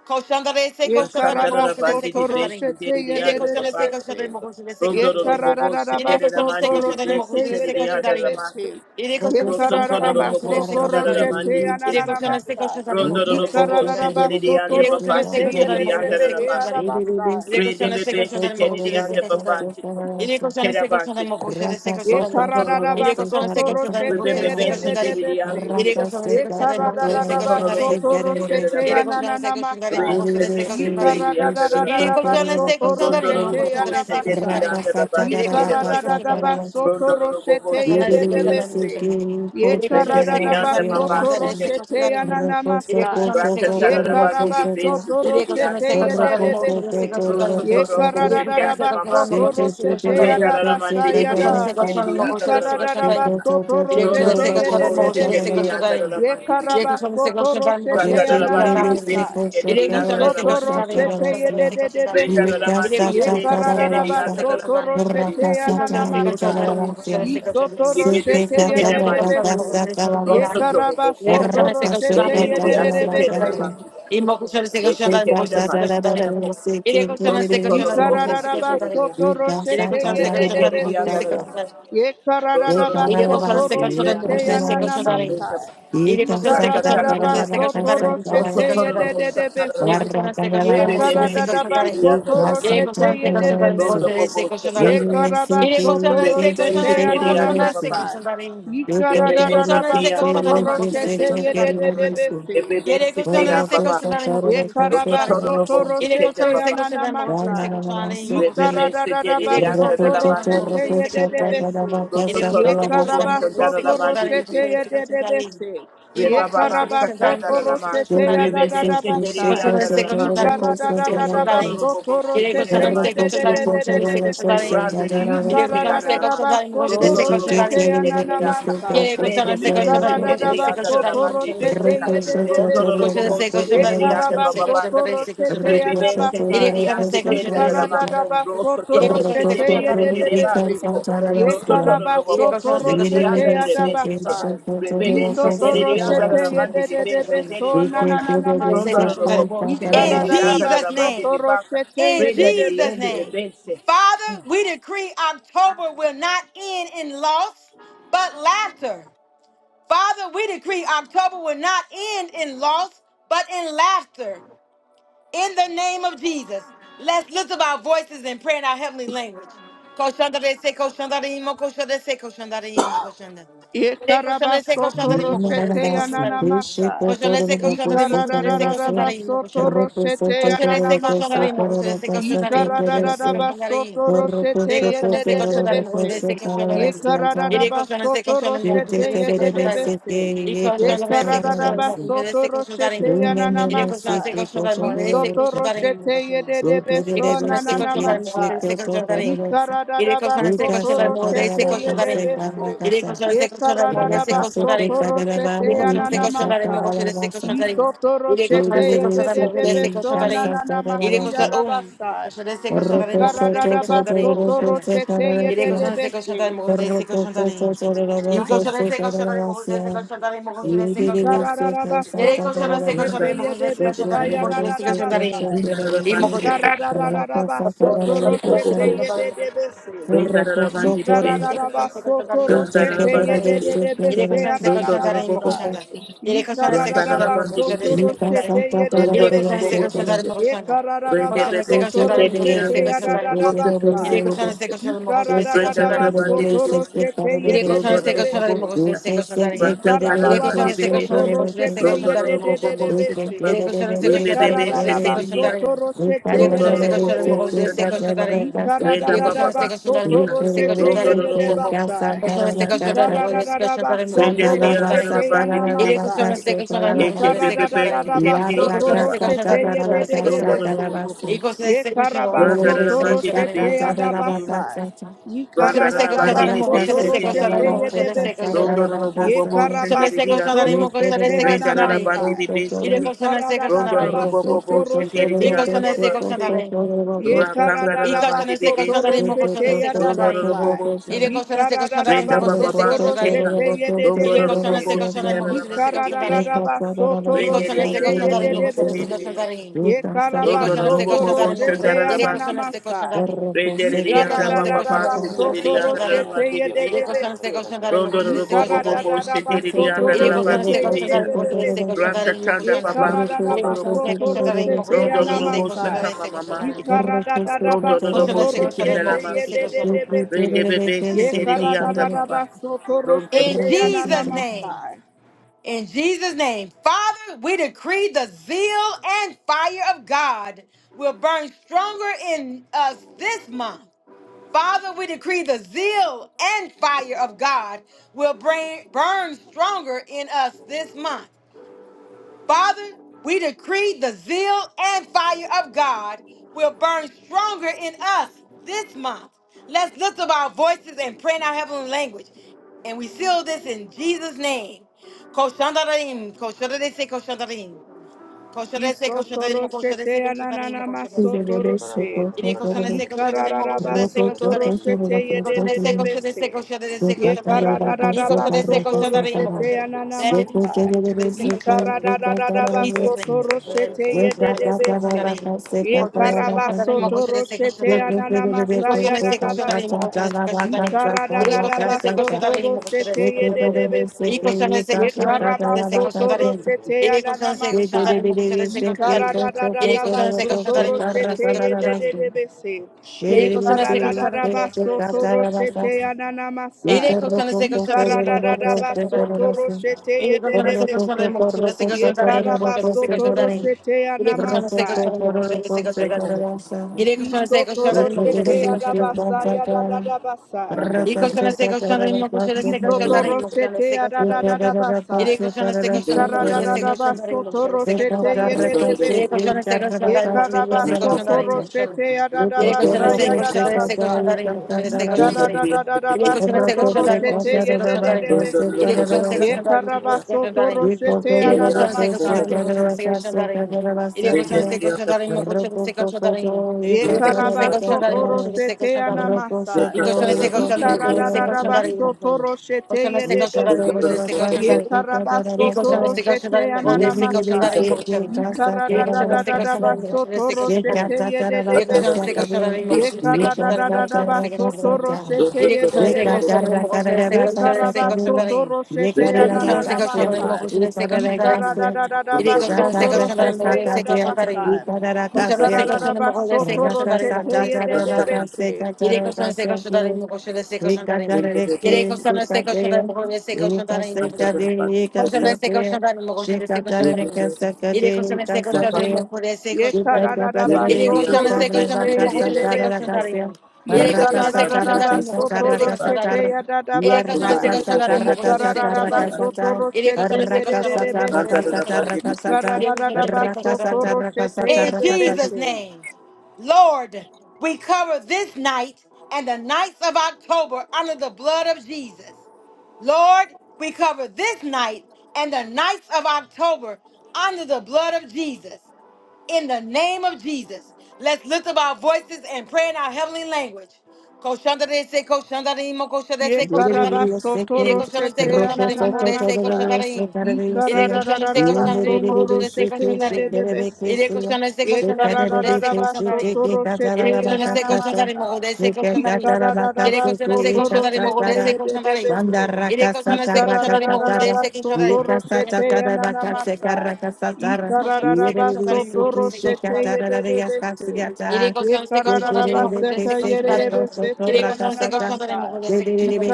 Speaker 1: Koshandarese,
Speaker 3: Ye
Speaker 1: koshandarimo,
Speaker 5: Rasandara
Speaker 3: karabaso
Speaker 1: koshandarese,
Speaker 5: rabandi bir
Speaker 3: toro
Speaker 1: koshandarim.
Speaker 5: besin
Speaker 3: shete
Speaker 5: derili
Speaker 3: ye
Speaker 1: Yere
Speaker 3: de
Speaker 5: yanda
Speaker 3: de de
Speaker 1: koshandarese,
Speaker 5: babak.
Speaker 3: besi.
Speaker 1: koshandarimo, koshandarese,
Speaker 3: Ye
Speaker 5: Rondororo
Speaker 1: koshandarim.
Speaker 5: bobosu
Speaker 1: Yere
Speaker 5: derili
Speaker 3: karararabaso
Speaker 1: koshandarese,
Speaker 5: rabandi
Speaker 3: toro
Speaker 5: bir
Speaker 1: koshandarimo,
Speaker 3: shete
Speaker 5: besin
Speaker 3: ye
Speaker 1: koshandarese,
Speaker 5: derili
Speaker 3: de de de
Speaker 1: koshandarim.
Speaker 5: yanda
Speaker 3: besi.
Speaker 1: Yere
Speaker 3: Ye
Speaker 1: koshandarese,
Speaker 5: Rototoro
Speaker 1: koshandarimo,
Speaker 3: karararabaso
Speaker 5: Robobo
Speaker 1: koshandarese,
Speaker 3: toro
Speaker 5: Sendara
Speaker 1: koshandarim.
Speaker 3: shete
Speaker 5: Ramandi
Speaker 1: Yere
Speaker 3: ananana
Speaker 5: Ribesata
Speaker 1: koshandarese,
Speaker 3: masa.
Speaker 1: koshandarimo,
Speaker 5: Rondoro
Speaker 3: Ye
Speaker 1: koshandarese,
Speaker 5: Robobo
Speaker 1: koshandarim.
Speaker 5: Senderi di
Speaker 3: karararabaso
Speaker 5: Anda
Speaker 1: Yere
Speaker 3: toro
Speaker 5: Papa
Speaker 1: koshandarese,
Speaker 3: shete ye
Speaker 5: Senderi
Speaker 3: de
Speaker 5: di
Speaker 1: koshandarimo,
Speaker 3: de de
Speaker 5: Anda
Speaker 1: koshandarese,
Speaker 3: behe
Speaker 5: Ramakit
Speaker 1: koshandarim.
Speaker 3: arabasa.
Speaker 1: Il est
Speaker 5: Rende
Speaker 1: conscient de ses
Speaker 5: Bebe
Speaker 1: cochons d'aller me
Speaker 5: Senderi
Speaker 1: coucher
Speaker 5: di
Speaker 1: de ses
Speaker 5: Anda
Speaker 1: cochons
Speaker 5: Papa
Speaker 1: d'aller.
Speaker 5: Chico
Speaker 1: Il est conscient de ses cochons d'aller me
Speaker 5: Terabachiko
Speaker 1: coucher de ses cochons
Speaker 3: Ye
Speaker 1: d'aller.
Speaker 5: Rosotoro
Speaker 3: karada da
Speaker 1: Il
Speaker 3: ba
Speaker 1: est
Speaker 5: Robosa
Speaker 1: conscient de ses
Speaker 3: soto
Speaker 1: cochons d'aller me
Speaker 5: Rebe
Speaker 3: roshete
Speaker 1: coucher de
Speaker 3: ye
Speaker 1: ses
Speaker 5: Bebe
Speaker 3: de
Speaker 1: cochons
Speaker 3: de de
Speaker 1: d'aller.
Speaker 5: Senderi di
Speaker 3: besi.
Speaker 5: Ati
Speaker 1: Il est conscient de ses
Speaker 5: Kedakito
Speaker 3: Ye
Speaker 1: cochons d'aller me
Speaker 3: karada
Speaker 1: coucher de
Speaker 3: da
Speaker 1: ses
Speaker 3: da ba
Speaker 1: cochons
Speaker 5: Rosotoro
Speaker 1: d'aller.
Speaker 5: Robobo
Speaker 3: soto
Speaker 5: Sendera
Speaker 3: roshete
Speaker 1: Il
Speaker 3: ya
Speaker 1: est
Speaker 3: na
Speaker 1: conscient de
Speaker 3: na
Speaker 5: Rabatiko
Speaker 1: ses
Speaker 3: na
Speaker 1: cochons d'aller
Speaker 3: masa.
Speaker 1: me
Speaker 5: Rende
Speaker 1: coucher de ses
Speaker 5: Bebe
Speaker 3: Ye
Speaker 1: cochons
Speaker 5: Senderi
Speaker 1: d'aller.
Speaker 5: di
Speaker 3: karada
Speaker 5: Anda
Speaker 3: da da
Speaker 1: Il
Speaker 3: da
Speaker 1: est
Speaker 3: da
Speaker 5: Ramakit
Speaker 3: ba
Speaker 1: conscient de ses
Speaker 3: soto
Speaker 1: cochons d'aller
Speaker 5: Rondoro
Speaker 1: me
Speaker 3: roshete
Speaker 1: coucher
Speaker 3: ya
Speaker 1: de
Speaker 5: Robobo
Speaker 3: da
Speaker 1: ses
Speaker 5: Senderi
Speaker 1: cochons
Speaker 5: di
Speaker 3: basa.
Speaker 1: d'aller.
Speaker 5: Anda
Speaker 1: Il
Speaker 3: Ye
Speaker 1: est
Speaker 5: Rabatiko
Speaker 1: conscient de ses
Speaker 3: karada da
Speaker 1: cochons
Speaker 5: Terabachiko
Speaker 3: da
Speaker 1: d'aller me
Speaker 3: ba
Speaker 1: coucher.
Speaker 3: soto
Speaker 5: Rondoro Robobo
Speaker 3: roshete ye
Speaker 1: Koşanlar
Speaker 3: de
Speaker 5: Senderi
Speaker 1: istek
Speaker 3: de
Speaker 5: di
Speaker 2: Rakasa
Speaker 1: koşanlar mı
Speaker 5: Anda
Speaker 3: besi.
Speaker 1: koşanlar?
Speaker 3: Ye
Speaker 1: Yere
Speaker 2: Rakasa,
Speaker 1: koşan
Speaker 5: Rendere
Speaker 3: karada
Speaker 1: istek
Speaker 5: di
Speaker 3: da ba
Speaker 5: anda
Speaker 1: koşanlar mı
Speaker 5: papà,
Speaker 3: soto
Speaker 1: koşanlar?
Speaker 5: si
Speaker 1: Istek
Speaker 5: chiede di
Speaker 3: roshete
Speaker 1: koşanlar
Speaker 3: ya
Speaker 5: luce.
Speaker 1: mı?
Speaker 3: na na
Speaker 1: Yere
Speaker 3: masa.
Speaker 1: koşan istek
Speaker 3: Ye
Speaker 5: Raccattare
Speaker 1: koşanlar mı
Speaker 5: davanti
Speaker 1: koşanlar?
Speaker 5: di
Speaker 3: karaba
Speaker 5: te, si
Speaker 3: soto
Speaker 5: chiede
Speaker 1: Yere
Speaker 5: di
Speaker 1: koşan
Speaker 5: anda
Speaker 3: roshete
Speaker 1: istek
Speaker 3: ye
Speaker 5: papà.
Speaker 3: de
Speaker 1: koşanlar
Speaker 3: de
Speaker 1: mı koşanlar? Istek
Speaker 3: besi.
Speaker 1: koşanlar
Speaker 5: Rosso
Speaker 1: mı?
Speaker 3: Ye
Speaker 5: toropo,
Speaker 1: Yere
Speaker 5: si
Speaker 3: karada da
Speaker 1: koşan
Speaker 3: da
Speaker 5: chiede
Speaker 1: istek
Speaker 3: ba
Speaker 1: koşanlar
Speaker 5: mamma.
Speaker 1: mı
Speaker 3: soto
Speaker 1: koşanlar? Istek
Speaker 3: roshete
Speaker 1: koşanlar
Speaker 3: ya
Speaker 1: mı?
Speaker 3: da
Speaker 5: Rendere
Speaker 3: ba sa
Speaker 5: davanti
Speaker 1: Yere
Speaker 5: di
Speaker 3: ya
Speaker 5: te,
Speaker 1: koşan
Speaker 5: si
Speaker 1: istek
Speaker 3: da.
Speaker 5: chiede
Speaker 1: koşanlar
Speaker 5: di
Speaker 1: mı
Speaker 3: Ye
Speaker 5: anda
Speaker 1: koşanlar? Istek
Speaker 5: davanti
Speaker 1: koşanlar
Speaker 5: di
Speaker 1: mı?
Speaker 5: te.
Speaker 3: karabasoto
Speaker 1: Yere koşan
Speaker 5: Rondo
Speaker 1: istek
Speaker 3: roshete
Speaker 1: koşanlar
Speaker 5: robo,
Speaker 1: mı
Speaker 5: si
Speaker 1: koşanlar?
Speaker 5: chiede
Speaker 1: Istek
Speaker 5: di
Speaker 3: yedebese.
Speaker 5: anda
Speaker 1: koşanlar mı?
Speaker 5: davanti di
Speaker 1: Yere
Speaker 5: te.
Speaker 1: koşan istek koşanlar mı koşanlar?
Speaker 5: Raccattare
Speaker 1: Istek
Speaker 5: davanti
Speaker 1: koşanlar
Speaker 5: di te,
Speaker 1: mı?
Speaker 5: si chiede
Speaker 1: Yere
Speaker 5: di
Speaker 1: koşan
Speaker 5: anda
Speaker 1: istek
Speaker 5: davanti di
Speaker 1: koşanlar
Speaker 5: te.
Speaker 1: mı koşanlar? Istek koşanlar mı?
Speaker 5: Rendere
Speaker 1: Yere
Speaker 5: davanti
Speaker 1: koşan
Speaker 5: di te,
Speaker 1: istek
Speaker 5: si
Speaker 1: koşanlar mı
Speaker 5: chiede di
Speaker 1: koşanlar?
Speaker 5: anda
Speaker 1: Istek koşanlar
Speaker 5: davanti
Speaker 1: mı?
Speaker 5: di te.
Speaker 1: Il est conscient de ses cochons
Speaker 5: Rosso tobo,
Speaker 1: d'animaux, de ses cochons d'animaux.
Speaker 5: di
Speaker 2: Rakasa,
Speaker 5: bebe,
Speaker 1: Il
Speaker 5: si
Speaker 1: est
Speaker 2: Rakasa,
Speaker 1: conscient
Speaker 5: chiede
Speaker 1: de
Speaker 5: a
Speaker 1: ses
Speaker 5: matica.
Speaker 2: Rakasa, Rakasa, Thank
Speaker 1: cochons d'animaux,
Speaker 5: Vedere bir asetele de bak.
Speaker 2: you.
Speaker 5: Vetekere de bak. Rosu tororo bobo
Speaker 3: Ikararaba
Speaker 5: sedere bir asetele.
Speaker 3: soto roshete yedede
Speaker 5: Vetekere bir
Speaker 1: de
Speaker 3: bese.
Speaker 1: ses
Speaker 5: adana da
Speaker 1: cochons
Speaker 5: bak.
Speaker 1: d'animaux.
Speaker 3: Yekararaba
Speaker 5: Rodoro
Speaker 1: Ele
Speaker 5: bobo
Speaker 1: consome
Speaker 3: soto
Speaker 1: este
Speaker 5: sedere
Speaker 1: cachorro da
Speaker 5: bir
Speaker 3: roshete
Speaker 1: minha de
Speaker 5: asetele.
Speaker 1: este
Speaker 3: yanana
Speaker 1: cachorro da rainha.
Speaker 5: Vete
Speaker 3: masai.
Speaker 5: bak.
Speaker 1: Ele consome este cachorro da
Speaker 5: Rakatara
Speaker 1: minha
Speaker 5: da
Speaker 1: de
Speaker 3: Ikararaba
Speaker 5: bak.
Speaker 1: este cachorro
Speaker 3: soto
Speaker 1: da rainha, de este
Speaker 5: Rosu
Speaker 3: roshete
Speaker 1: cachorro
Speaker 5: tororo bosa
Speaker 3: yedede
Speaker 5: tarara
Speaker 1: Ele
Speaker 3: bese.
Speaker 5: bak.
Speaker 1: consome
Speaker 6: Thank you.
Speaker 1: este cachorro da
Speaker 5: Rebe
Speaker 1: minha de
Speaker 5: bebe
Speaker 1: este cachorro
Speaker 5: sedere
Speaker 1: da
Speaker 3: Yekararaba
Speaker 1: rainha.
Speaker 5: bir
Speaker 3: soto
Speaker 5: adana da
Speaker 1: Ele
Speaker 5: bak.
Speaker 3: roshete
Speaker 1: consome este cachorro
Speaker 6: Saptara
Speaker 1: da
Speaker 3: yedede
Speaker 1: minha
Speaker 5: Rondo
Speaker 1: de
Speaker 3: bese.
Speaker 1: este
Speaker 5: bobo
Speaker 1: cachorro da
Speaker 5: çatara da
Speaker 1: rainha.
Speaker 5: bak.
Speaker 3: Yekaraba
Speaker 1: Ele
Speaker 3: soto
Speaker 1: consome este
Speaker 5: Rebe bebe
Speaker 1: cachorro
Speaker 3: roshete
Speaker 1: da minha
Speaker 5: sedere ya
Speaker 3: yanana
Speaker 1: de este
Speaker 5: kapapa.
Speaker 3: masai.
Speaker 1: cachorro da rainha.
Speaker 5: Rebe
Speaker 1: Ele
Speaker 5: bebe
Speaker 1: consome
Speaker 3: Ikararaba
Speaker 5: sedere
Speaker 1: este
Speaker 5: ya
Speaker 1: cachorro da
Speaker 5: mama
Speaker 3: soto
Speaker 1: minha
Speaker 5: mandi
Speaker 1: de este
Speaker 3: roshete
Speaker 1: cachorro da
Speaker 5: bir
Speaker 1: rainha.
Speaker 3: yedede bese.
Speaker 5: Rebebe
Speaker 1: Ele
Speaker 2: Thank
Speaker 5: sete
Speaker 1: consome
Speaker 5: ya
Speaker 1: este
Speaker 2: you.
Speaker 5: baba.
Speaker 1: cachorro da minha de este cachorro
Speaker 3: Yekaraba
Speaker 1: da
Speaker 5: Rototoro
Speaker 1: rainha.
Speaker 3: soto
Speaker 5: robo
Speaker 1: Ele
Speaker 5: sete ya
Speaker 3: roshete
Speaker 1: consome este
Speaker 5: baba.
Speaker 1: cachorro
Speaker 3: yanana
Speaker 1: da minha de
Speaker 3: masa.
Speaker 1: este cachorro da
Speaker 5: Rebebe
Speaker 1: rainha.
Speaker 5: sete
Speaker 1: Ele
Speaker 3: Yikaradadaba
Speaker 5: ya
Speaker 1: consome este
Speaker 5: tara
Speaker 3: soto
Speaker 1: cachorro
Speaker 5: la
Speaker 1: da minha
Speaker 5: mandi
Speaker 3: roshete
Speaker 1: de
Speaker 5: bibi.
Speaker 1: este cachorro da
Speaker 3: yededebese.
Speaker 1: Ele gostou
Speaker 5: Rototoro
Speaker 1: de se
Speaker 5: robo bo
Speaker 1: concentrar, me
Speaker 3: Yekaraba
Speaker 1: gostou de
Speaker 5: sandara
Speaker 1: se
Speaker 3: soto
Speaker 5: la
Speaker 1: concentrar,
Speaker 5: mandi
Speaker 1: me
Speaker 3: roshete
Speaker 5: bibi
Speaker 1: gostou de se concentrar.
Speaker 3: yededebese.
Speaker 1: E me
Speaker 5: Reba
Speaker 1: gostou de se
Speaker 5: baba
Speaker 3: Yekaraba
Speaker 1: concentrar, me
Speaker 5: sakanda
Speaker 3: soto
Speaker 5: la
Speaker 1: gostou de se
Speaker 5: lama,
Speaker 3: roshete
Speaker 1: concentrar.
Speaker 5: rebe be se
Speaker 3: yadadadabasa.
Speaker 5: teriri
Speaker 1: Gostou de
Speaker 5: anda la
Speaker 1: se
Speaker 5: lama
Speaker 1: concentrar, me
Speaker 5: kiko,
Speaker 1: gostou de se
Speaker 5: rosso
Speaker 1: concentrar.
Speaker 3: Yikaradadadaba
Speaker 5: toro robo bo
Speaker 3: soto
Speaker 1: Ele
Speaker 5: sendere
Speaker 1: gostou
Speaker 3: roshete
Speaker 5: la
Speaker 1: de
Speaker 5: ma
Speaker 1: se
Speaker 5: ti
Speaker 1: concentrar,
Speaker 5: bebe
Speaker 1: me
Speaker 5: se
Speaker 1: gostou
Speaker 5: te,
Speaker 1: de se concentrar.
Speaker 3: yedededededebese.
Speaker 1: Ele
Speaker 5: rande ri ansi te
Speaker 1: gostou de
Speaker 5: ana
Speaker 1: se
Speaker 5: la ma,
Speaker 3: Yikaradadadaba
Speaker 1: concentrar, me gostou
Speaker 3: soto
Speaker 1: de
Speaker 5: rondo
Speaker 1: se
Speaker 5: ro robo
Speaker 1: concentrar.
Speaker 3: roshete
Speaker 5: se
Speaker 3: yanana
Speaker 5: teriri aka,
Speaker 3: masa.
Speaker 1: Ele gostou
Speaker 5: rende
Speaker 1: de se
Speaker 5: bebe se
Speaker 1: concentrar, me gostou de
Speaker 5: teriri
Speaker 3: Yikaradadaba
Speaker 1: se
Speaker 5: anda la
Speaker 1: concentrar. Ele
Speaker 3: soto
Speaker 5: lama di
Speaker 1: gostou de se
Speaker 3: roshete
Speaker 5: beseka,
Speaker 1: concentrar, me
Speaker 5: rondo ro
Speaker 1: gostou
Speaker 5: robo
Speaker 1: de
Speaker 3: yededebese.
Speaker 1: se
Speaker 5: bo
Speaker 1: concentrar. Se
Speaker 5: se
Speaker 3: Ye
Speaker 1: concentrar.
Speaker 5: teriri
Speaker 1: Ele
Speaker 3: Ikarada
Speaker 1: gostou
Speaker 5: anda
Speaker 3: da
Speaker 1: de se
Speaker 5: baba
Speaker 3: baso
Speaker 5: ba ti
Speaker 1: concentrar,
Speaker 3: toro
Speaker 5: te,
Speaker 1: se concentrar.
Speaker 5: rebe be se
Speaker 1: Ele
Speaker 5: teriri
Speaker 1: gostou de se
Speaker 5: ansi te
Speaker 1: concentrar,
Speaker 5: anda la lama, rosso toro
Speaker 2: Thank
Speaker 5: se te
Speaker 3: sete
Speaker 5: be
Speaker 3: ye
Speaker 5: se
Speaker 1: me
Speaker 5: te
Speaker 2: you.
Speaker 5: reba
Speaker 1: gostou de se
Speaker 5: kiko,
Speaker 1: concentrar.
Speaker 5: Rototoro
Speaker 1: Y de
Speaker 5: Robo
Speaker 1: cosas de
Speaker 5: Sendere
Speaker 1: cosas
Speaker 5: di
Speaker 1: de
Speaker 5: Andare le
Speaker 1: cosas de cosas
Speaker 5: Vecchite,
Speaker 1: de
Speaker 5: Rebede
Speaker 1: Cosas
Speaker 5: Sendere
Speaker 1: de
Speaker 5: di
Speaker 1: cosas de
Speaker 5: Andare la Mandi di
Speaker 1: cosas de
Speaker 5: Be
Speaker 1: cosas de
Speaker 5: Sendere di Ota, Rondoro Robo Sendere
Speaker 1: In
Speaker 5: di Andare
Speaker 1: Jesus'
Speaker 5: la Mandi di
Speaker 1: name.
Speaker 5: Paca,
Speaker 1: In
Speaker 3: de
Speaker 5: Rendere
Speaker 3: de
Speaker 5: di
Speaker 1: Jesus'
Speaker 5: Ende
Speaker 1: name.
Speaker 3: bese.
Speaker 5: Bebesse,
Speaker 1: Father, we decree October will not end in loss, but laughter. Father, we decree October will not end in loss, but in laughter. In the name of Jesus, let's lift up our voices and pray in our heavenly language. Koshandarese, koshandarimo, koshandarese, koshandarimo, koshanda. Re koshandarese,
Speaker 3: Ekarabasoto
Speaker 1: koshandarimo,
Speaker 3: roshete
Speaker 1: koshandarese, koshandarimo.
Speaker 3: yananamasa.
Speaker 1: Koshandarese, koshandarimo, koshandarese, koshandarimo,
Speaker 3: Ikarararabasoto
Speaker 1: koshanda.
Speaker 3: roshete
Speaker 1: Koshandarese,
Speaker 3: yananamasa.
Speaker 1: koshandarimo, koshandarese, koshandarimo, koshandarese, koshandarimo.
Speaker 3: Ikarararabasoto roshete
Speaker 1: Yedi koşan destek koşanların boyu
Speaker 3: yedededebese.
Speaker 1: destek koşanların. Yedi koşan destek
Speaker 3: Ikarararabasoto
Speaker 1: koşanların boyu
Speaker 3: roshete
Speaker 1: destek koşanların.
Speaker 3: yedededebese.
Speaker 1: İlk koşanların destek koşanların
Speaker 2: Thank you.
Speaker 1: boyu
Speaker 3: Ikarararabasoto
Speaker 1: destek
Speaker 2: Thank
Speaker 1: koşanların.
Speaker 3: roshete
Speaker 2: you.
Speaker 1: Yedi koşan
Speaker 3: yananamasa.
Speaker 1: destek koşanların boyu destek
Speaker 3: Isoto
Speaker 1: koşanların
Speaker 3: roshete
Speaker 1: koşanların. Yedi
Speaker 3: yededebeso
Speaker 1: koşan destek koşanların boyu
Speaker 3: nananamasa.
Speaker 1: destek koşanların. Yedi koşan destek
Speaker 3: Ikarararabasoto
Speaker 1: koşanların boyu destek
Speaker 3: roshete
Speaker 1: koşanların.
Speaker 3: yedebese.
Speaker 1: Yedi koşan destek
Speaker 3: Ye
Speaker 1: koşanların
Speaker 3: karada
Speaker 1: boyu destek koşanların.
Speaker 3: soto roshete
Speaker 1: Yedi koşan destek
Speaker 3: anana
Speaker 1: koşanların
Speaker 3: masai.
Speaker 1: boyu destek
Speaker 3: soto
Speaker 1: koşanların. Yedi koşan
Speaker 3: roshete
Speaker 1: destek
Speaker 3: ye
Speaker 1: koşanların
Speaker 3: de de
Speaker 1: boyu
Speaker 3: de be
Speaker 1: destek
Speaker 3: so na
Speaker 1: koşanların.
Speaker 3: na na
Speaker 1: Yedi koşan um. Koşan destek koşan tarayın mı koşan destek koşan tarayın mı
Speaker 3: soto
Speaker 1: koşan da.
Speaker 3: roshete ye
Speaker 1: Yere
Speaker 3: de de
Speaker 1: koşan destek
Speaker 3: se.
Speaker 1: mı koşan destek koşan tarayın. İyi mı koşan destek mı koşan destek
Speaker 5: Rendere
Speaker 3: Ikara da da da ba
Speaker 1: Yere koşan destek mı koşan destek
Speaker 2: Thank
Speaker 1: mı koşan destek
Speaker 5: la
Speaker 1: koşan
Speaker 5: Mandi di Be,
Speaker 1: कर दो दो
Speaker 5: Rondoro Robo
Speaker 1: खोगँ का
Speaker 5: Bosse,
Speaker 1: उसन से को श
Speaker 5: Rendere la Mandi di
Speaker 1: mmm
Speaker 5: Besse,
Speaker 1: गलो कुछिवर है,
Speaker 5: Randare la Mandi di Besse, Rondoro Robo Bosse, Randare la Mandi di Besse,
Speaker 1: यह
Speaker 5: Rondoro Robo
Speaker 1: उनसी का शधैर
Speaker 5: Bosse,
Speaker 1: मौश
Speaker 5: Brenda Bebes, Dedia, Rosa Tororo
Speaker 1: you go all S. से को आ 얼�े अ कर ई स की अ कर कान। कर दो खिछ बाल कि यह उनसी को न
Speaker 5: Bobos,
Speaker 1: सिक पार मौश दिस सा कर हम यह उनसी कि अ
Speaker 5: Brenda
Speaker 1: आoria
Speaker 5: Rabandi Bebes,
Speaker 1: Iré coxando
Speaker 5: Rondo
Speaker 1: este coxando de
Speaker 5: Robobos,
Speaker 1: mogos de este coxando de
Speaker 5: Rasa
Speaker 1: Iré
Speaker 3: Karababa
Speaker 1: coxando
Speaker 5: Tararamandi
Speaker 1: este coxando
Speaker 3: soto
Speaker 5: Bebes,
Speaker 1: de mogos de este
Speaker 3: roshete
Speaker 5: Rondo
Speaker 3: ye
Speaker 1: coxando de
Speaker 3: de de de de
Speaker 5: Robobos,
Speaker 3: beshe.
Speaker 5: Sentaba,
Speaker 1: Iré coxando este
Speaker 3: Ye
Speaker 5: Rebe
Speaker 1: coxando de
Speaker 5: Bebes,
Speaker 1: mogos de este
Speaker 3: karadadaba
Speaker 1: coxando
Speaker 5: Senteria,
Speaker 1: de
Speaker 3: soto roshete
Speaker 1: Iré
Speaker 3: ye
Speaker 5: Rondo
Speaker 1: coxando
Speaker 3: de
Speaker 1: este
Speaker 3: de de
Speaker 1: coxando de
Speaker 5: Robobos,
Speaker 1: mogos de
Speaker 3: beshe.
Speaker 1: este coxando
Speaker 5: Sentaraba,
Speaker 1: de
Speaker 5: Brenda
Speaker 1: Iré
Speaker 2: you.
Speaker 1: coxando este
Speaker 3: Ikaradadaba
Speaker 5: Baba,
Speaker 1: coxando
Speaker 3: soto
Speaker 2: Thank
Speaker 5: Sentica,
Speaker 2: you.
Speaker 3: roshete ye
Speaker 5: Rondo
Speaker 1: de mogos de este coxando de
Speaker 3: de
Speaker 1: mogos
Speaker 3: de
Speaker 1: de
Speaker 5: Robobos,
Speaker 3: basai.
Speaker 1: Coxando este
Speaker 5: Senteria,
Speaker 1: coxando de
Speaker 5: Bebe,
Speaker 1: mogos de este
Speaker 3: Ikaradadaba
Speaker 1: coxando de mogos
Speaker 5: Brenda
Speaker 3: soto
Speaker 1: este
Speaker 3: roshete
Speaker 5: Rabandi
Speaker 1: Iré
Speaker 5: Bebes,
Speaker 1: coxando
Speaker 3: yanamasai.
Speaker 1: este coxando de mogos
Speaker 5: Eke
Speaker 1: de este
Speaker 5: Bebe,
Speaker 1: coxando de
Speaker 3: Ikaradadaba
Speaker 5: Senteria,
Speaker 1: Y
Speaker 3: soto
Speaker 1: coxando este coxando de
Speaker 3: roshete
Speaker 1: mogos
Speaker 3: ye
Speaker 1: de
Speaker 3: de de
Speaker 1: este
Speaker 3: de
Speaker 1: coxando
Speaker 5: Rondo
Speaker 1: de
Speaker 3: beshe.
Speaker 1: Y
Speaker 5: Robobos,
Speaker 1: coxando
Speaker 3: Ye
Speaker 1: este coxando de mogos
Speaker 3: karabaso
Speaker 1: de
Speaker 5: Randara
Speaker 1: este
Speaker 3: toro
Speaker 5: mandiri
Speaker 1: coxando de
Speaker 3: shete
Speaker 5: bese
Speaker 3: ya
Speaker 5: ntereri yoka.
Speaker 3: dabasa. Ye
Speaker 1: Koşana
Speaker 5: Randara
Speaker 1: seko
Speaker 5: bandiri
Speaker 1: şanarım o
Speaker 3: karadadabaso
Speaker 5: bese
Speaker 1: koşana
Speaker 3: toro
Speaker 1: seko
Speaker 5: ntereri
Speaker 3: shete
Speaker 1: şanarım o
Speaker 5: yoka.
Speaker 3: ye
Speaker 1: koşana seko
Speaker 3: debese.
Speaker 5: Rondoro
Speaker 1: şanarım.
Speaker 5: robo
Speaker 3: Ye
Speaker 5: bobo
Speaker 1: Koşana
Speaker 5: sentereri
Speaker 1: seko
Speaker 3: karabaso
Speaker 1: şanarım
Speaker 5: yatuka.
Speaker 3: toro
Speaker 1: o koşana
Speaker 3: shete
Speaker 1: seko
Speaker 5: Rendara
Speaker 1: şanarım.
Speaker 5: bandiri
Speaker 3: anamasai.
Speaker 5: bese
Speaker 1: İle
Speaker 3: Ye
Speaker 5: te.
Speaker 1: koşana seko
Speaker 5: Rondoro
Speaker 1: şanarım.
Speaker 5: robo
Speaker 3: karadadabaso
Speaker 5: bobo
Speaker 3: toro
Speaker 5: sentereri
Speaker 1: İle
Speaker 3: shete
Speaker 5: yata
Speaker 1: koşana
Speaker 5: baba.
Speaker 1: seko
Speaker 3: yedebese.
Speaker 1: şanarım.
Speaker 3: Ye
Speaker 1: İle
Speaker 5: Rakandara
Speaker 1: koşana
Speaker 5: bandiri
Speaker 3: karadadabaso
Speaker 1: seko
Speaker 5: bese
Speaker 3: toro
Speaker 1: şanarım
Speaker 5: te.
Speaker 1: o koşana
Speaker 3: shete
Speaker 1: seko
Speaker 5: Rondoro
Speaker 1: şanarım.
Speaker 5: robo
Speaker 3: yadabasai.
Speaker 5: bobo sita.
Speaker 1: İle
Speaker 3: Ye
Speaker 1: koşana seko şanarım
Speaker 5: Renda
Speaker 1: o
Speaker 2: Thank
Speaker 1: koşana
Speaker 5: baba
Speaker 3: karadadabaso
Speaker 1: seko
Speaker 5: basi
Speaker 3: toro
Speaker 5: teka.
Speaker 1: şanarım.
Speaker 3: shete
Speaker 5: Rondoro
Speaker 1: İle
Speaker 5: robo
Speaker 1: koşana
Speaker 3: yedebese.
Speaker 5: bobo
Speaker 1: seko şanarım o
Speaker 3: Ye
Speaker 5: senterera
Speaker 1: koşana seko
Speaker 5: mandiri bese.
Speaker 1: şanarım.
Speaker 3: karadadabaso
Speaker 1: Iko
Speaker 3: toro
Speaker 1: shana
Speaker 5: Renderi
Speaker 1: se
Speaker 3: shete
Speaker 1: ko
Speaker 5: yanda
Speaker 1: shana darin mo ko
Speaker 5: bese
Speaker 1: shana se ko
Speaker 5: ntereri
Speaker 1: shana
Speaker 3: yedebese.
Speaker 5: yoka.
Speaker 1: darin.
Speaker 2: you.
Speaker 3: Ye
Speaker 1: Iko
Speaker 5: Rondo
Speaker 1: shana
Speaker 3: karabaso
Speaker 5: ro
Speaker 1: se ko
Speaker 5: bo bo
Speaker 1: shana
Speaker 3: toro
Speaker 5: bo
Speaker 1: darin mo ko shana
Speaker 5: senda ra
Speaker 3: shete
Speaker 1: darin.
Speaker 5: ra ba
Speaker 1: Iko shana se
Speaker 5: sike.
Speaker 1: ko shana
Speaker 3: ananamasai.
Speaker 1: darin.
Speaker 5: Rende
Speaker 3: Ye
Speaker 5: re re
Speaker 1: Iko
Speaker 5: anda
Speaker 1: shana
Speaker 5: ba ba ba sende
Speaker 3: karadadabaso
Speaker 5: re
Speaker 6: kahara,
Speaker 5: re
Speaker 3: toro
Speaker 5: anda
Speaker 6: saptara
Speaker 5: ra ra
Speaker 6: kahara,
Speaker 3: shete
Speaker 5: di bi
Speaker 6: saptara kahara, saptara kahara, saptara
Speaker 3: yedebese.
Speaker 6: kahara,
Speaker 5: Rondo ro ro
Speaker 6: saptara
Speaker 5: bo bo
Speaker 6: kahara,
Speaker 5: bo
Speaker 3: Ikarada
Speaker 5: bo
Speaker 3: da da
Speaker 5: sende
Speaker 3: baso toro
Speaker 5: di
Speaker 3: sete
Speaker 5: bi
Speaker 3: Ye
Speaker 5: bi
Speaker 3: de
Speaker 5: ke.
Speaker 6: saptara
Speaker 3: de de
Speaker 6: kahara, saptara kahara,
Speaker 3: besi.
Speaker 6: saptara
Speaker 5: Rasa tanda ba ba ki
Speaker 3: Ikarada da
Speaker 5: kono ro bo
Speaker 3: baso
Speaker 5: sa.
Speaker 3: toro sete ya
Speaker 5: Rondo ro ro bo
Speaker 3: namasa.
Speaker 5: sa tama mama ki
Speaker 3: Ikarada da ba
Speaker 5: Rondo ro ro bo
Speaker 3: soto
Speaker 5: sike
Speaker 6: kahara,
Speaker 5: na la ma ki ke.
Speaker 6: saptara kahara, saptara
Speaker 5: Rende be
Speaker 6: kahara.
Speaker 5: be sende re re anda Rondo.
Speaker 1: In
Speaker 3: roshete ya na ya
Speaker 1: Jesus' name.
Speaker 3: namasa.
Speaker 1: In Jesus' name, Father, we decree the zeal and fire of God will burn stronger in us this month. Father, we decree the zeal and fire of God will bring, burn stronger in us this month. Father, we decree the zeal and fire of God will burn stronger in us this month. Let's lift up our voices and pray in our heavenly language. And we seal this in Jesus' name. Koshandarim. Koshandarim. Koshandarim. Koşu destek koşu darim koşu
Speaker 3: Isotoroshete
Speaker 1: destek koşu darim
Speaker 3: ananana
Speaker 1: koşu destek koşu
Speaker 6: Ipira
Speaker 1: darim.
Speaker 6: kara
Speaker 3: sotoroshe.
Speaker 6: hara
Speaker 1: İri
Speaker 6: satra ka
Speaker 1: koşu
Speaker 6: hara
Speaker 1: destek koşu
Speaker 6: satra
Speaker 1: darim
Speaker 6: hara
Speaker 3: Ikarararaba
Speaker 1: koşu
Speaker 6: satra
Speaker 1: destek
Speaker 6: hara
Speaker 1: koşu darim.
Speaker 6: sachi
Speaker 3: sotoroshete
Speaker 6: tiri ri
Speaker 1: İri
Speaker 6: si
Speaker 1: koşu
Speaker 3: yedede
Speaker 1: destek
Speaker 6: hara
Speaker 1: koşu
Speaker 3: bese.
Speaker 1: destek
Speaker 6: satra
Speaker 1: koşu
Speaker 2: Shake
Speaker 6: ke
Speaker 1: destek koşu
Speaker 6: satra
Speaker 1: darim. İri
Speaker 3: Yekarararaba
Speaker 1: koşu
Speaker 6: hara
Speaker 1: destek
Speaker 6: satra
Speaker 1: koşu
Speaker 6: poro ko
Speaker 1: darim
Speaker 3: sotoroshete
Speaker 1: koşu.
Speaker 6: satra poro
Speaker 3: ananama
Speaker 1: Very
Speaker 6: ko
Speaker 1: big
Speaker 6: no
Speaker 3: sa.
Speaker 1: koşu
Speaker 6: satra
Speaker 1: destek
Speaker 6: poro
Speaker 1: koşu
Speaker 6: ko
Speaker 1: darim. In
Speaker 3: Ikarararaba
Speaker 6: epe
Speaker 1: Jesus name.
Speaker 6: hara
Speaker 1: Very
Speaker 6: satra
Speaker 1: big
Speaker 3: sotoroshete
Speaker 6: ka hara
Speaker 1: koşu
Speaker 3: yedede
Speaker 6: satra ka
Speaker 1: destek
Speaker 6: hara
Speaker 1: koşu
Speaker 3: bese.
Speaker 6: satra
Speaker 1: darim.
Speaker 6: hara
Speaker 1: Koşu
Speaker 6: satra
Speaker 1: destek
Speaker 3: Yekaraba
Speaker 6: hara
Speaker 1: koşu darim koşu destek koşu
Speaker 3: sotoroshete
Speaker 1: darim.
Speaker 6: ipira
Speaker 3: ananama
Speaker 6: kana
Speaker 1: İri
Speaker 6: hara
Speaker 3: sa
Speaker 1: koşu
Speaker 6: satra ka
Speaker 1: destek
Speaker 6: hara
Speaker 1: koşu
Speaker 3: yadadaba
Speaker 1: darim
Speaker 3: sa.
Speaker 6: satra ka
Speaker 1: koşu
Speaker 6: hara
Speaker 1: destek koşu
Speaker 6: satra
Speaker 1: darim.
Speaker 6: hara satra
Speaker 1: İri koşu
Speaker 3: Ikarararaba
Speaker 6: hara
Speaker 1: destek koşu
Speaker 6: satra
Speaker 1: darim
Speaker 6: hara
Speaker 1: koşu
Speaker 3: sotoroshete
Speaker 6: satra ke
Speaker 1: destek koşu
Speaker 3: yedede
Speaker 6: satra
Speaker 1: darim.
Speaker 3: bese.
Speaker 1: İri
Speaker 6: hara
Speaker 1: koşu destek koşu darim
Speaker 6: epe
Speaker 1: koşu
Speaker 6: kini
Speaker 1: destek koşu
Speaker 3: Yekarabasotoro
Speaker 6: satra
Speaker 1: darim.
Speaker 6: ke
Speaker 3: sete
Speaker 6: hara
Speaker 1: Ele
Speaker 6: satra ke
Speaker 1: consome se
Speaker 6: hara satra
Speaker 3: yadanamasai.
Speaker 1: consome mo consome se
Speaker 6: hara satra
Speaker 1: consome
Speaker 6: hara
Speaker 1: Ele consome se consome
Speaker 3: Yikaradadadabasotoro
Speaker 1: mo consome
Speaker 3: sete
Speaker 1: se consome
Speaker 3: yedededebese.
Speaker 1: Ele consome se consome mo consome se
Speaker 3: Yekaradadadabasotoro
Speaker 1: consome
Speaker 3: sete yananamasai.
Speaker 1: Ele consome
Speaker 2: Rojo,
Speaker 1: se
Speaker 2: se casa
Speaker 1: consome
Speaker 2: de
Speaker 1: mo
Speaker 2: la
Speaker 1: consome
Speaker 2: vaca,
Speaker 1: se
Speaker 2: se
Speaker 1: consome
Speaker 2: cara
Speaker 3: Yikaradadadabasotoro sete
Speaker 1: Ele consome se
Speaker 3: yedededebese.
Speaker 1: consome mo consome se consome mo consome se
Speaker 3: Yekarabasotoro
Speaker 1: consome
Speaker 3: sete
Speaker 1: Ele consome se
Speaker 3: yanamasai.
Speaker 1: consome mo consome se
Speaker 5: Rende ro
Speaker 1: consome Ele consome se
Speaker 3: Isotoro
Speaker 1: consome mo
Speaker 5: rondo
Speaker 1: consome
Speaker 3: sete
Speaker 5: ro
Speaker 1: se
Speaker 3: yadabasai
Speaker 1: consome
Speaker 3: yadadadabasai.
Speaker 5: Randa
Speaker 1: Il est
Speaker 5: re
Speaker 1: conscient de ses conscients de mon conscient de ses conscients
Speaker 5: Rondo ro
Speaker 1: d'arrêt,
Speaker 3: Isotoro
Speaker 1: mon conscient de
Speaker 3: shete
Speaker 1: ses
Speaker 3: ya da
Speaker 1: conscients
Speaker 3: da
Speaker 1: d'arrêt.
Speaker 3: da da
Speaker 1: Il
Speaker 3: basa.
Speaker 1: est conscient de
Speaker 2: de
Speaker 1: ses
Speaker 2: la
Speaker 1: conscients de mon
Speaker 5: rondo ro
Speaker 3: Ikara
Speaker 1: conscient
Speaker 3: da
Speaker 1: de
Speaker 3: da
Speaker 1: ses
Speaker 3: da
Speaker 1: conscients d'arrêt,
Speaker 3: baso
Speaker 6: We
Speaker 1: mon conscient de
Speaker 3: toro
Speaker 1: ses conscients
Speaker 3: shete
Speaker 1: d'arrêt.
Speaker 3: ye de
Speaker 5: Rondo
Speaker 3: de
Speaker 5: ro
Speaker 1: Il est conscient
Speaker 3: besi.
Speaker 1: de ses conscients
Speaker 3: Ye
Speaker 1: d'arrêt, mon conscient de ses
Speaker 3: karabaso
Speaker 1: conscients
Speaker 3: toro shete ya
Speaker 1: de-
Speaker 3: da
Speaker 1: Il
Speaker 3: da
Speaker 1: conscient de
Speaker 3: basa
Speaker 1: ses
Speaker 3: ya da
Speaker 1: conscients
Speaker 3: da
Speaker 1: de ses
Speaker 3: basa.
Speaker 1: conscient de ses conscients
Speaker 3: Ikara
Speaker 1: d'arrêt.
Speaker 3: da da da da
Speaker 1: Il est conscient de
Speaker 3: baso
Speaker 1: ses conscients
Speaker 3: toro
Speaker 1: d'arrêt, mon conscient
Speaker 3: shete
Speaker 1: de ses
Speaker 3: ye de
Speaker 1: conscients
Speaker 3: de
Speaker 1: d'arrêt.
Speaker 3: de
Speaker 1: Il
Speaker 3: besi.
Speaker 1: est conscient de ses
Speaker 2: vaca.
Speaker 3: Ye
Speaker 1: conscients d'arrêt, mon conscient de ses conscients
Speaker 3: karabaso
Speaker 1: d'arrêt.
Speaker 3: toro
Speaker 2: Roco
Speaker 3: shete
Speaker 1: Il
Speaker 3: ya
Speaker 2: soto,
Speaker 1: est
Speaker 3: na na
Speaker 1: conscient de ses conscients d'arrêt,
Speaker 3: masa.
Speaker 1: mon conscient de ses conscients d'arrêt. Il est conscient de ses conscients d'arrêt, mon conscient de
Speaker 2: roco
Speaker 1: ses conscients
Speaker 2: soto,
Speaker 1: d'arrêt. Il
Speaker 3: Ye
Speaker 1: est conscient de ses conscients
Speaker 3: karabaso
Speaker 1: d'arrêt, mon
Speaker 3: toro
Speaker 1: conscient de ses
Speaker 3: shete
Speaker 1: conscients d'arrêt.
Speaker 2: roco
Speaker 3: anamasa.
Speaker 1: Because on the second
Speaker 3: Ye
Speaker 1: shot, the second shot, the second shot,
Speaker 2: soto,
Speaker 3: karadadabaso toro
Speaker 1: the second
Speaker 3: shete
Speaker 1: shot, the second shot,
Speaker 2: Rasa sa ta ta ra
Speaker 3: yedebese.
Speaker 1: the
Speaker 2: ra
Speaker 1: second
Speaker 2: sa
Speaker 1: shot,
Speaker 3: Ye
Speaker 2: se
Speaker 1: the
Speaker 2: ka ta ra
Speaker 1: Yedi
Speaker 3: karabaso
Speaker 1: koşan
Speaker 3: toro
Speaker 1: destek koşan
Speaker 3: shete
Speaker 1: tarayın mı? Kol destek koşan
Speaker 3: ananamasa.
Speaker 1: tarayın mı
Speaker 5: Thank
Speaker 1: koşan?
Speaker 3: Ye
Speaker 1: Yedi koşan destek koşan tarayın mı?
Speaker 3: karadadadabaso
Speaker 1: Koşan destek
Speaker 3: toro
Speaker 1: koşan tarayın mı?
Speaker 3: shete
Speaker 1: Yedi koşan destek
Speaker 3: yedebese.
Speaker 1: koşan tarayın mı?
Speaker 3: Ye
Speaker 1: Koşan destek koşan tarayın mı? Koşan destek koşan
Speaker 3: karadadadabaso
Speaker 1: tarayın mı?
Speaker 3: toro shete
Speaker 1: Yedi koşan destek koşan
Speaker 3: yedebese.
Speaker 1: tarayın mı? Koşan destek
Speaker 3: Ye
Speaker 1: koşan destek koşan
Speaker 3: karabaso
Speaker 1: tarayın mı?
Speaker 3: toro shete
Speaker 1: Yedi koşan destek koşan tarayın mı?
Speaker 3: ananamasa.
Speaker 1: Koşan destek
Speaker 3: Ye
Speaker 1: koşan tarayın mı? Yedi koşan
Speaker 3: karadadadabaso
Speaker 1: destek
Speaker 3: toro
Speaker 1: koşan tarayın mı?
Speaker 3: shete
Speaker 1: Kol destek koşan tarayın mı?
Speaker 3: yedebese.
Speaker 1: Koşan destek koşan tarayın mı?
Speaker 3: Ikararaba
Speaker 1: Kol destek
Speaker 3: soto
Speaker 1: koşan tarayın mı?
Speaker 3: roshete
Speaker 1: Koşan destek koşan tarayın mı?
Speaker 3: yedebese.
Speaker 1: Yedi koşan
Speaker 2: ra
Speaker 1: destek
Speaker 2: se
Speaker 1: koşan
Speaker 2: ke
Speaker 1: tarayın mı? Koşan destek koşan
Speaker 2: Rika
Speaker 1: tarayın mı? Yedi
Speaker 2: Dareke,
Speaker 1: koşan destek koşan
Speaker 2: Sikatea,
Speaker 1: tarayın mı? Kol destek koşan
Speaker 2: Rika
Speaker 1: tarayın mı? Koşan
Speaker 2: Sekade, Rika
Speaker 1: Koşan
Speaker 5: you.
Speaker 1: destek
Speaker 2: Satea,
Speaker 1: koşan tarım mı? Koşan
Speaker 2: Shika
Speaker 1: destek koşan tarım mı?
Speaker 2: Dareke
Speaker 5: Thank
Speaker 1: İri
Speaker 2: Sekade,
Speaker 1: koşan
Speaker 2: Rika
Speaker 1: destek koşan tarım
Speaker 2: Satea,
Speaker 1: mı? Koşan destek koşan
Speaker 2: Shika
Speaker 1: tarım mı?
Speaker 3: Yekararaba
Speaker 1: İri
Speaker 2: Dareke
Speaker 3: soto
Speaker 1: koşan destek
Speaker 2: Sikadre,
Speaker 1: koşan
Speaker 3: roshete
Speaker 1: tarım
Speaker 2: Raka
Speaker 1: mı? Koşan destek
Speaker 2: Satara
Speaker 1: koşan
Speaker 3: yedebese.
Speaker 1: tarım
Speaker 2: Rakasia,
Speaker 1: mı? İri
Speaker 2: Raka
Speaker 1: koşan destek koşan
Speaker 2: Satara
Speaker 3: Yekararaba
Speaker 1: tarım mı? Koşan destek
Speaker 3: soto
Speaker 2: Kasatara Raka
Speaker 1: koşan tarım
Speaker 3: roshete
Speaker 2: Satara,
Speaker 1: mı? İri koşan
Speaker 3: yadadabasa.
Speaker 1: destek
Speaker 2: Yaraka
Speaker 1: koşan tarım mı?
Speaker 2: Satara
Speaker 1: Koşan destek koşan
Speaker 2: Kasatara
Speaker 3: Ikararaba
Speaker 1: tarım mı? İri koşan destek koşan tarım mı? Koşan destek koşan tarım mı?
Speaker 3: soto
Speaker 2: Kasatara,
Speaker 1: İri
Speaker 3: roshete
Speaker 1: koşan destek
Speaker 2: Raka Satara
Speaker 3: yedebese.
Speaker 2: Kasatara Kasatara,
Speaker 3: Ikararaba
Speaker 2: Raka
Speaker 1: koşan tarım
Speaker 3: soto
Speaker 1: mı?
Speaker 2: Satara
Speaker 3: roshete
Speaker 1: In
Speaker 2: Kasatara
Speaker 1: Jesus'
Speaker 3: yedebese.
Speaker 1: name, Lord, we cover this night and the nights of October under the blood of Jesus. Lord, we cover this night and the nights of October under the blood of Jesus. In the name of Jesus, let's lift up our voices and pray in our heavenly language. Koshandare se koshandare mo
Speaker 3: Ye karabasoto
Speaker 1: Ire koshandare se
Speaker 3: roshete
Speaker 1: koshandare mo
Speaker 3: ananana masa. Ye
Speaker 1: Ire koshandare se koshandare mo
Speaker 3: kararararabasoto roshete yedede bese.
Speaker 1: Ire koshandare se
Speaker 3: Ye
Speaker 1: koshandare mo
Speaker 3: kararararabasoto roshete
Speaker 1: Ire koshandare se
Speaker 3: yanana
Speaker 1: koshandare
Speaker 3: masa.
Speaker 1: mo
Speaker 3: Ye
Speaker 1: Ire koshandare se
Speaker 3: kararararabasoto
Speaker 1: koshandare mo
Speaker 3: roshete yedede bese.
Speaker 1: Ire
Speaker 3: Ye
Speaker 1: koshandare se koshandare mo
Speaker 3: kararararabasoto
Speaker 1: Yes,
Speaker 3: roshete yanana masa.
Speaker 1: Lord.
Speaker 3: Ye
Speaker 1: Koşan destek koşanların
Speaker 3: kararararabasoto
Speaker 1: koy destek
Speaker 3: roshete
Speaker 1: koşanların.
Speaker 3: yedede bese.
Speaker 1: İri koşan destek koşanların koy
Speaker 3: Yekararabasete
Speaker 1: destek koşanların.
Speaker 3: yererebesete
Speaker 1: İri
Speaker 2: Shake
Speaker 1: koşan destek koşanların
Speaker 3: yananamasai.
Speaker 1: koy destek
Speaker 2: Thank
Speaker 1: koşanların.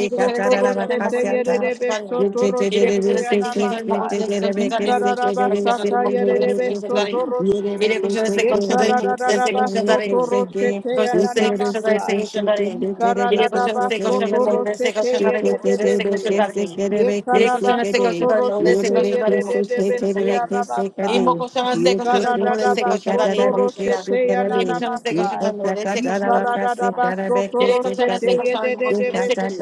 Speaker 1: İri koşan destek koşanların koy
Speaker 3: yererebesotoroshete yanamasai. Yikararabasata yererebesotoroshi. Yekararabasotoroshete
Speaker 1: Koşan se koşan da se
Speaker 3: yananamasai.
Speaker 1: koşan da in. İle koşan
Speaker 3: Karadadaba
Speaker 1: se koşan da
Speaker 3: soto
Speaker 1: mol se
Speaker 3: roshete
Speaker 1: koşan da in mol se
Speaker 3: yededebese.
Speaker 1: koşan da in.
Speaker 3: Ye
Speaker 1: İle
Speaker 3: karaba
Speaker 1: koşan se
Speaker 3: soto
Speaker 1: koşan da mol se
Speaker 3: roshete
Speaker 1: koşan da in mol se
Speaker 3: yededebese
Speaker 1: koşan da in.
Speaker 3: arabasa.
Speaker 1: İmo koşan se koşan da mol se
Speaker 3: Karadadaba
Speaker 1: koşan da
Speaker 3: soto
Speaker 1: in mol koşan da.
Speaker 3: roshete
Speaker 1: İle koşan se
Speaker 3: yananamasa.
Speaker 1: koşan da mol se koşan da in mol koşan da.
Speaker 3: Karadadaba soto
Speaker 1: İle koşan
Speaker 3: roshete
Speaker 1: se
Speaker 2: you.
Speaker 1: koşan da mol se koşan da in. İle
Speaker 2: Yakasa
Speaker 3: yededebese.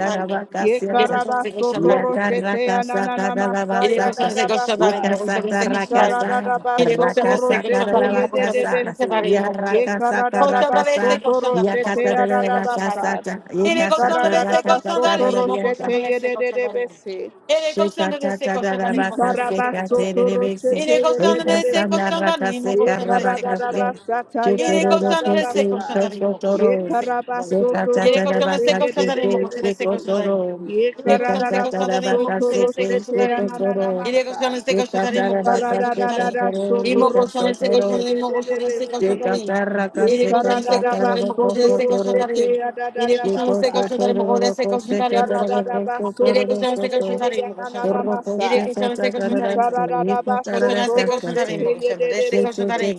Speaker 3: Ye
Speaker 1: koşan
Speaker 3: karaba
Speaker 1: se koşan
Speaker 3: soto
Speaker 1: da mı
Speaker 3: roshete yananamasa
Speaker 1: Ele consome se concentrar
Speaker 3: yadadabasa.
Speaker 1: em morro, consome se
Speaker 3: Ye
Speaker 1: concentrar em
Speaker 3: karararaba
Speaker 1: ele consome
Speaker 3: sotoro
Speaker 1: se concentrar em morro, consome se concentrar em morro, consome concentrar se concentrar em morro, consome se concentrar em morro. ele consome se concentrar em morro, consome se concentrar em morro.
Speaker 2: Shake
Speaker 1: ele consome se concentrar em morro, consome se concentrar em morro. ele consome se concentrar em morro, consome se concentrar em morro. ele consome se concentrar em morro, consome se concentrar em morro. ele consome se concentrar em morro, consome se concentrar em morro. ele consome se concentrar em morro, consome se
Speaker 3: sete
Speaker 1: concentrar
Speaker 3: ananana
Speaker 1: Iré coxando
Speaker 3: masa.
Speaker 1: este coxotarín, mo coxo este coxotarín.
Speaker 3: Karararara soto
Speaker 1: Imo coxando este
Speaker 3: roshete
Speaker 1: coxotarín, mo coxo este
Speaker 3: yedededebese.
Speaker 1: coxotarín.
Speaker 3: Ye
Speaker 1: Iré coxando este
Speaker 3: karararaba
Speaker 1: coxotarín, mo coxo
Speaker 3: soto
Speaker 1: este
Speaker 3: roshete
Speaker 1: coxotarín. Iré coxando este
Speaker 3: yadadadabasa.
Speaker 1: coxotarín, mo coxo este
Speaker 3: Ye
Speaker 1: coxotarín, mo coxando.
Speaker 3: Ikarararaba
Speaker 1: Iré coxando este coxotarín, mo coxando. Iré coxando este coxotarín, mo coxando. Coxando este coxotarín, mo coxando. Este coxotarín.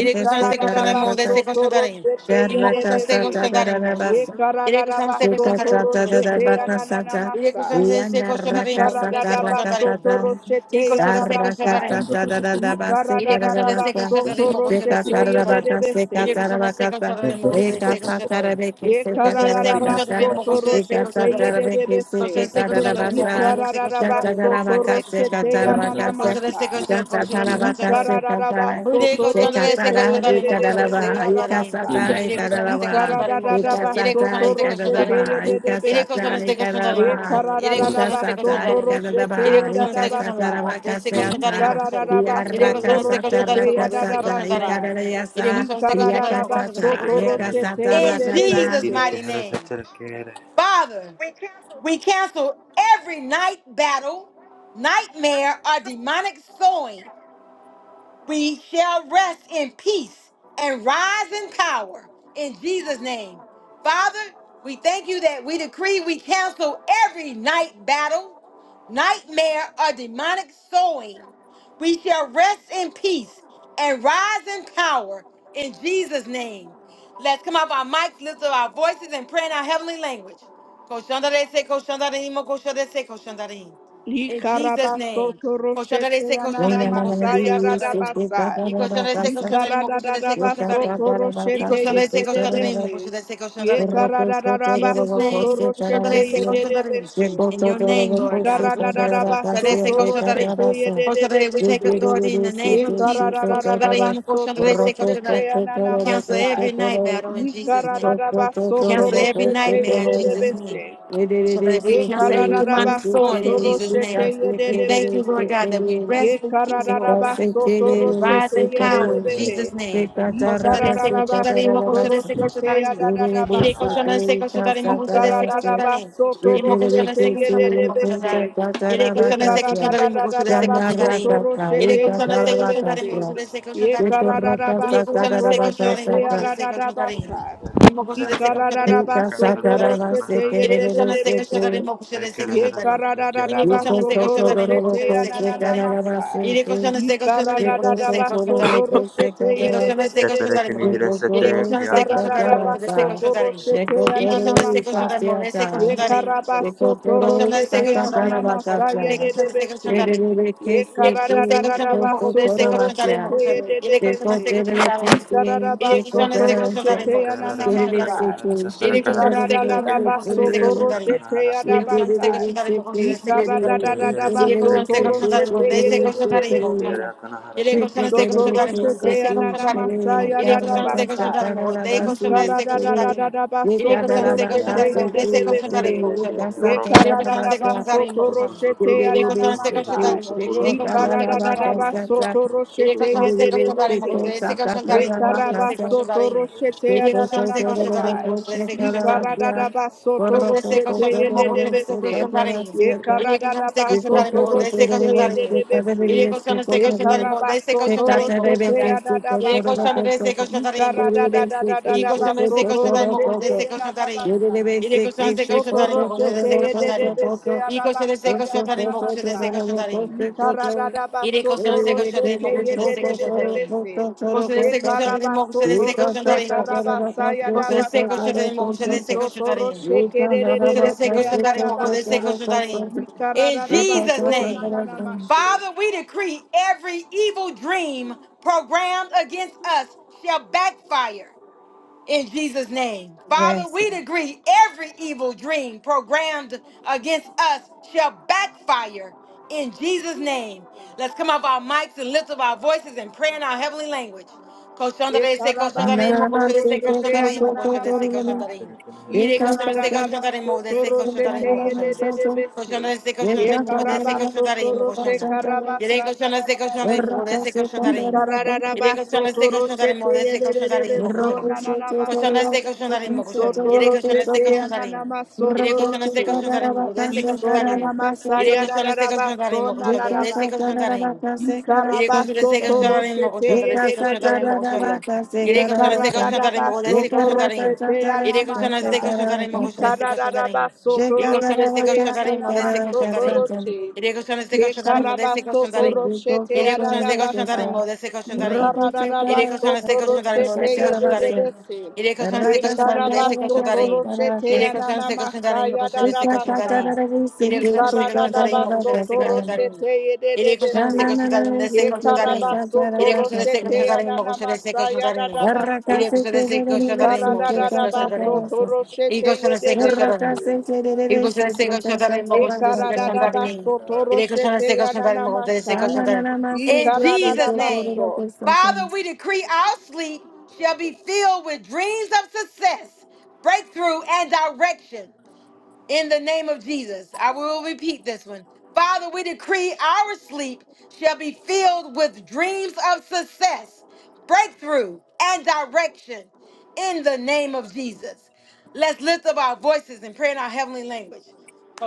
Speaker 1: Iré coxando este coxotarín, mo coxo este coxotarín. Imo coxando este coxotarín, mo coxando. Iré coxando este coxotarín, mo coxo este coxotarín. Iré coxando este coxotarín, mo coxo este coxotarín. Ele começou a descer, começou a dar em. Ele começou a descer, começou a dar em,
Speaker 3: sotoro
Speaker 1: começou a descer,
Speaker 3: sete
Speaker 1: começou a dar em. Ele
Speaker 3: yedebese.
Speaker 1: começou a descer, começou a dar em, começou a descer, começou a dar em.
Speaker 3: Ye
Speaker 1: Ele começou a descer,
Speaker 3: karararaba
Speaker 1: começou a dar em,
Speaker 3: soto roshete
Speaker 1: em.
Speaker 3: yede debese.
Speaker 1: em,
Speaker 3: Ye karararaba
Speaker 1: em,
Speaker 3: soto roshete
Speaker 1: em.
Speaker 3: yanana masai. Ye
Speaker 1: em.
Speaker 3: karararaba
Speaker 1: Yere
Speaker 3: soto
Speaker 1: koşanlara destek
Speaker 3: roshete yede
Speaker 1: koşanların mı koşanlara
Speaker 3: debehe
Speaker 1: destek koşanların?
Speaker 3: arabasai.
Speaker 1: Yere koşanlara
Speaker 3: Ye
Speaker 1: destek
Speaker 2: Shake
Speaker 1: koşanların mı koşanlara?
Speaker 3: karararaba
Speaker 1: Yere
Speaker 2: Ikasata
Speaker 1: koşanlara
Speaker 3: soto
Speaker 1: destek
Speaker 3: roshete
Speaker 1: koşanların.
Speaker 2: ikadadaba,
Speaker 3: yede
Speaker 1: Yere koşanlara
Speaker 2: ikasata
Speaker 3: debese.
Speaker 1: destek koşanların mı
Speaker 3: Ye
Speaker 2: ikadadaba,
Speaker 1: koşanlara? Yere
Speaker 5: you.
Speaker 1: koşanlara
Speaker 3: karararaba
Speaker 1: destek
Speaker 2: ikasata
Speaker 3: soto
Speaker 1: koşanların.
Speaker 3: roshete
Speaker 1: Yere
Speaker 2: ikadadaba,
Speaker 3: yede
Speaker 1: koşanlara destek
Speaker 2: ikasata
Speaker 1: koşanların mı
Speaker 3: dabasai.
Speaker 1: koşanlara? Destek
Speaker 3: Ye
Speaker 1: koşanların mı
Speaker 2: rabakasata,
Speaker 1: koşanlara?
Speaker 3: karararaba
Speaker 1: Yere
Speaker 3: soto
Speaker 1: koşanlara destek
Speaker 2: iarakasata
Speaker 1: koşanların
Speaker 3: roshete
Speaker 1: mı koşanlara?
Speaker 3: yede
Speaker 1: Destek
Speaker 2: rakasata,
Speaker 1: koşanların.
Speaker 3: dabasai.
Speaker 1: Yere
Speaker 2: ikadadayasa,
Speaker 3: Ye
Speaker 1: koşanlara destek
Speaker 3: karada da
Speaker 1: koşanların
Speaker 3: da
Speaker 1: mı
Speaker 3: ba
Speaker 1: koşanlara? Destek
Speaker 2: iakasata,
Speaker 3: soto
Speaker 1: koşanların.
Speaker 3: roshete
Speaker 2: iakasata
Speaker 3: ye
Speaker 1: In
Speaker 3: de
Speaker 2: rasata,
Speaker 1: Jesus' mighty name, Father,
Speaker 6: cancel.
Speaker 1: we cancel every night battle, nightmare, or demonic sowing we shall rest in peace and rise in power in Jesus' name. Father, we thank you that we decree we cancel every night battle, nightmare, or demonic sowing. We shall rest in peace and rise in power in Jesus' name. Let's come off our mics, lift up our voices, and pray in our heavenly language. In Jesus' name. Koshandarese, koshandarimo,
Speaker 2: inananadi,
Speaker 1: koshandarese, koshandarimo. I koshandarese,
Speaker 2: sikikadadabakasat,
Speaker 1: koshandarimo, koshandarese, koshandarimo. I koshandarese,
Speaker 3: de
Speaker 2: ikatadabakasat,
Speaker 1: koshandarimo, koshandarese,
Speaker 2: Thank
Speaker 1: koshandarimo. Jesus' name, koshandarese, koshandarimo.
Speaker 3: bese.
Speaker 1: In your name,
Speaker 3: Ye
Speaker 1: Lord God, we cancel. Koshandarese, koshandarimo. Koshandarese, We take authority in the name of Jesus. Koshandarimo, koshandarese, koshandarimo. We cancel every night battle in Jesus' name. Cancel every nightmare in Jesus' name. So we cancel every demonic sowing in Jesus' name. We thank you, Lord God, that we
Speaker 2: you.
Speaker 1: rest in peace, Lord God, and we rise in
Speaker 6: Hara
Speaker 1: power
Speaker 6: Satra
Speaker 1: in
Speaker 6: Kanahara
Speaker 1: Jesus'
Speaker 6: Satra
Speaker 1: name.
Speaker 3: Ikararabasotoroshete
Speaker 2: Shake
Speaker 3: yadadadabasa. Ye karada da da ba soto roshete ye de de de
Speaker 1: Imo koşu destek koşarım,
Speaker 6: Kahara
Speaker 1: destek koşarım. İle koşan destek koşarım, mo koşu destek koşarım. İle koşan destek koşarım, mo koşu destek koşarım. İle koşan destek koşarım, mo koşu destek koşarım. İle koşan destek
Speaker 3: de
Speaker 1: koşarım, mo
Speaker 3: besi.
Speaker 1: İle
Speaker 3: Ye
Speaker 1: koşan destek
Speaker 3: Ikarada da da da
Speaker 1: koşarım,
Speaker 3: da
Speaker 1: mo
Speaker 3: ba
Speaker 1: koşu destek
Speaker 3: soto
Speaker 1: koşarım.
Speaker 3: roshete
Speaker 2: Sheko
Speaker 1: İle koşan
Speaker 2: toro
Speaker 1: destek koşarım, mo
Speaker 2: ikasia
Speaker 1: destek
Speaker 2: ta.
Speaker 1: koşarım. Koşan
Speaker 2: Yekokoro
Speaker 1: destek
Speaker 2: sakatara
Speaker 1: koşarım, mo koşu.
Speaker 2: bakasha.
Speaker 1: İle koşan destek koşarım.
Speaker 2: Tererere
Speaker 1: Yine
Speaker 2: kesi ku
Speaker 1: koşan destek koşan tarım okul
Speaker 2: kokokoro
Speaker 1: destek koşan tarım
Speaker 2: basya.
Speaker 1: okul şöyle.
Speaker 3: ye de
Speaker 1: Yine koşan
Speaker 2: Yeko
Speaker 1: destek koşan
Speaker 2: tererere
Speaker 1: tarım.
Speaker 2: kesi
Speaker 1: Yine
Speaker 2: yeko
Speaker 1: koşan destek
Speaker 2: tererere
Speaker 1: koşan tarım okul şöyle destek koşan
Speaker 2: Tererere
Speaker 1: tarım.
Speaker 2: seki
Speaker 6: Satra
Speaker 1: Yine koşan
Speaker 2: shintererere
Speaker 1: destek koşan tarım
Speaker 6: Kahara
Speaker 1: okul şöyle destek koşan
Speaker 2: seki
Speaker 6: Satra
Speaker 1: tarım.
Speaker 6: Kanahara
Speaker 1: Yine koşan destek koşan
Speaker 2: Shintererere
Speaker 1: tarım okul şöyle
Speaker 2: seki
Speaker 1: destek koşan tarım.
Speaker 6: Ekere
Speaker 2: tererere
Speaker 6: here
Speaker 1: Yine koşan
Speaker 2: tererere
Speaker 6: setere
Speaker 1: destek
Speaker 6: kere here
Speaker 1: koşan
Speaker 2: seki
Speaker 1: tarım
Speaker 6: setere
Speaker 1: okul
Speaker 6: kere
Speaker 1: destek
Speaker 2: shintererere
Speaker 6: here
Speaker 3: de
Speaker 1: koşan
Speaker 3: de
Speaker 1: tarım
Speaker 6: setere
Speaker 1: okul
Speaker 2: seki
Speaker 3: bese.
Speaker 6: kere
Speaker 1: şöyle.
Speaker 6: akana hara
Speaker 2: Corro,
Speaker 1: Yine koşan
Speaker 6: satara
Speaker 1: destek
Speaker 6: kahara
Speaker 1: koşan tarım
Speaker 6: satara
Speaker 1: okul
Speaker 3: Sotoroshete
Speaker 6: kahara
Speaker 1: destek koşan
Speaker 6: satara kene
Speaker 1: tarım.
Speaker 6: here
Speaker 3: ananamasaya
Speaker 1: Yine
Speaker 6: setere
Speaker 1: koşan
Speaker 6: kya
Speaker 1: destek
Speaker 3: dadabasa.
Speaker 1: koşan
Speaker 6: kahara
Speaker 1: tarım okul destek koşan
Speaker 3: Ikara
Speaker 1: destek koşan tarım.
Speaker 3: dadadadadaba
Speaker 1: Yine koşan
Speaker 6: ekere
Speaker 1: destek koşan
Speaker 3: sotoroshete
Speaker 6: kya
Speaker 1: tarım okul
Speaker 6: satara
Speaker 1: destek
Speaker 6: kana
Speaker 1: koşan
Speaker 6: here
Speaker 3: yedebese.
Speaker 1: tarım okul
Speaker 6: setere
Speaker 1: şöyle.
Speaker 6: kere
Speaker 3: Ye
Speaker 6: oro
Speaker 1: Yine
Speaker 3: karada
Speaker 1: koşan
Speaker 3: da
Speaker 1: destek
Speaker 3: ba
Speaker 1: koşan tarım
Speaker 3: soto
Speaker 1: okul
Speaker 6: kuno horo
Speaker 1: şöyle.
Speaker 3: roshete
Speaker 6: sotoro
Speaker 1: Yedek
Speaker 6: poro
Speaker 3: anana
Speaker 1: koşan
Speaker 6: kuno
Speaker 1: istek koşan
Speaker 6: sotoro
Speaker 3: masai.
Speaker 1: tarım boşu.
Speaker 6: kuno
Speaker 1: Yedek
Speaker 3: Ye
Speaker 1: koşan
Speaker 6: sotoro
Speaker 1: istek
Speaker 6: poro
Speaker 3: karada
Speaker 1: koşan
Speaker 3: da
Speaker 6: kuno
Speaker 3: da
Speaker 6: horo
Speaker 3: ba
Speaker 1: tarım.
Speaker 6: sotoro kuno
Speaker 3: soto
Speaker 1: Yedek
Speaker 3: roshete
Speaker 6: sotoro
Speaker 1: koşan
Speaker 3: ye de
Speaker 1: istek
Speaker 3: de
Speaker 1: koşan
Speaker 3: de
Speaker 1: tarım
Speaker 3: se.
Speaker 1: boşu. se
Speaker 6: kere
Speaker 1: koşan
Speaker 3: Ye
Speaker 6: kana
Speaker 1: tarım boşu.
Speaker 3: karaba
Speaker 1: Istek koşan
Speaker 3: soto
Speaker 1: tarım.
Speaker 6: ekere
Speaker 3: roshete
Speaker 1: Yedek koşan
Speaker 3: anana
Speaker 1: istek koşan tarım
Speaker 3: masai.
Speaker 1: boşu. se
Speaker 3: Ye
Speaker 1: koşan
Speaker 6: kere
Speaker 1: tarım.
Speaker 3: karada da ba soto
Speaker 1: Koşuda se
Speaker 3: roshete
Speaker 1: koşuda
Speaker 3: ye
Speaker 1: da mo
Speaker 3: de de
Speaker 1: koşuda
Speaker 3: de
Speaker 1: se
Speaker 3: se.
Speaker 1: koşuda da reyim.
Speaker 3: Ye
Speaker 1: İri
Speaker 3: karada
Speaker 1: koşuda
Speaker 3: da
Speaker 1: se
Speaker 3: ba
Speaker 1: koşuda da
Speaker 3: soto
Speaker 1: mo de se
Speaker 3: roshete
Speaker 1: koşuda
Speaker 3: ye
Speaker 1: da
Speaker 3: de
Speaker 1: reyim.
Speaker 3: de de se.
Speaker 1: İri koşuda se
Speaker 3: Ye
Speaker 1: koşuda da mo
Speaker 3: karaba
Speaker 1: de se
Speaker 3: soto
Speaker 1: koşuda da reyim mo koşuda da.
Speaker 3: roshete anana
Speaker 1: İri
Speaker 3: masai.
Speaker 1: koşuda da se koşuda
Speaker 3: Ye
Speaker 1: da reyim mo
Speaker 3: karada
Speaker 1: koşuda
Speaker 3: da
Speaker 1: da.
Speaker 3: da da da
Speaker 1: İri
Speaker 3: da ba
Speaker 1: koşuda da se
Speaker 3: soto
Speaker 1: koşuda da mo koşuda
Speaker 3: roshete
Speaker 1: da se
Speaker 3: ye da
Speaker 1: koşuda da
Speaker 3: da
Speaker 1: reyim.
Speaker 3: basai.
Speaker 1: İri koşuda se koşuda da mo koşuda da
Speaker 3: Isotoroshete
Speaker 1: se koşuda da reyim.
Speaker 3: yedebese
Speaker 2: Shake
Speaker 1: İri koşuda da
Speaker 3: arabasa
Speaker 1: se koşuda da mo
Speaker 3: yadadabasa.
Speaker 2: Yes.
Speaker 3: Ikaradadabasotoroshete yedebese. Yekarabasotoroshe karabasa yadabasa. Isotoroshe
Speaker 1: In
Speaker 3: kedebese adadabasa.
Speaker 1: Jesus'
Speaker 3: Ikaradadabaso
Speaker 1: name.
Speaker 3: nananamashe.
Speaker 1: Father, we decree every evil dream programmed against us shall backfire in Jesus' name. Father,
Speaker 2: Yes.
Speaker 1: we decree every evil dream programmed against us shall backfire in Jesus' name. Let's come off our mics and lift up our voices and pray in our heavenly language.
Speaker 3: Ye
Speaker 6: kere kene here setere kya kere
Speaker 2: Rojo
Speaker 1: Koşan destek
Speaker 2: se
Speaker 1: koşan tarayın mı koşan? Yere koşan destek koşan tarayın. Yere koşan destek koşan tarayın mı? Destek koşan
Speaker 3: Isona
Speaker 1: tarayın. Yere
Speaker 3: namasaya
Speaker 1: koşan destek
Speaker 3: rararaba
Speaker 1: koşan tarayın mı
Speaker 3: sona
Speaker 1: koşan? Destek
Speaker 3: rarabashi.
Speaker 1: koşan tarayın.
Speaker 3: Ye
Speaker 1: Yere koşan se koşan tarayın mı
Speaker 3: Ikararabasotoroshete
Speaker 1: koşan tarayın se koşan tarayın mı koşan tarayın. Yere koşan se koşan tarayın mı koşan se koşan tarayın. Yere koşan se koşan tarayın mı koşan se koşan tarayın. Bir koşan se koşan tarayın mı se koşan tarayın. Yere koşan se koşan tarayın mı se koşan tarayın. Yere koşan se koşan tarayın mı se koşan tarayın. Yere koşan se koşan tarayın mı se koşan tarayın.
Speaker 3: yedededese.
Speaker 1: Yere
Speaker 2: Rakasa
Speaker 1: koşan se koşan tarayın mı se
Speaker 3: Ekarabaso
Speaker 1: koşan
Speaker 3: toro
Speaker 1: tarayın.
Speaker 3: shete
Speaker 1: Yere koşan
Speaker 3: anana
Speaker 1: se koşan tarayın mı
Speaker 3: masaya
Speaker 1: koşan se
Speaker 3: dada
Speaker 1: koşan
Speaker 3: basa.
Speaker 1: tarayın. Yere koşan se koşan
Speaker 3: Ikarada
Speaker 1: tarayın mı
Speaker 3: baso
Speaker 1: koşan se
Speaker 3: toro
Speaker 1: koşan tarayın.
Speaker 3: shete yedede
Speaker 1: Iré cochando
Speaker 3: bese.
Speaker 1: este coche cariño, de ese coche cariño.
Speaker 3: Ekarabaso
Speaker 1: Iré
Speaker 3: toro
Speaker 1: cochando este
Speaker 3: shete
Speaker 1: coche cariño,
Speaker 3: anana
Speaker 1: cochando este coche
Speaker 3: masaya
Speaker 1: cariño.
Speaker 3: dada basa.
Speaker 1: Iré cochando este coche cariño, cochando este
Speaker 3: Ikarada
Speaker 1: coche
Speaker 3: baso
Speaker 1: cariño.
Speaker 3: toro
Speaker 1: Y
Speaker 3: shete
Speaker 1: cochando este
Speaker 3: yedede
Speaker 1: coche cariño.
Speaker 3: bese.
Speaker 1: Y cochando este coche cariño, cochando este coche
Speaker 6: kere
Speaker 1: cariño.
Speaker 3: Ekarabaso
Speaker 6: kahara
Speaker 3: toro
Speaker 1: Iré cochando
Speaker 3: shete
Speaker 1: este coche cariño,
Speaker 3: anana
Speaker 1: cochando este
Speaker 3: masaya.
Speaker 1: coche cariño. In
Speaker 3: Ikarada
Speaker 1: Jesus' name,
Speaker 3: baso.
Speaker 1: Father, we decree
Speaker 6: setere
Speaker 1: our sleep
Speaker 6: kere
Speaker 1: shall be filled with dreams of success, breakthrough, and direction. In the name of Jesus, I will repeat this one. Father, we decree our sleep shall be filled with dreams of success, breakthrough, and direction. In the name of Jesus. Let's lift up our voices and pray in our heavenly language.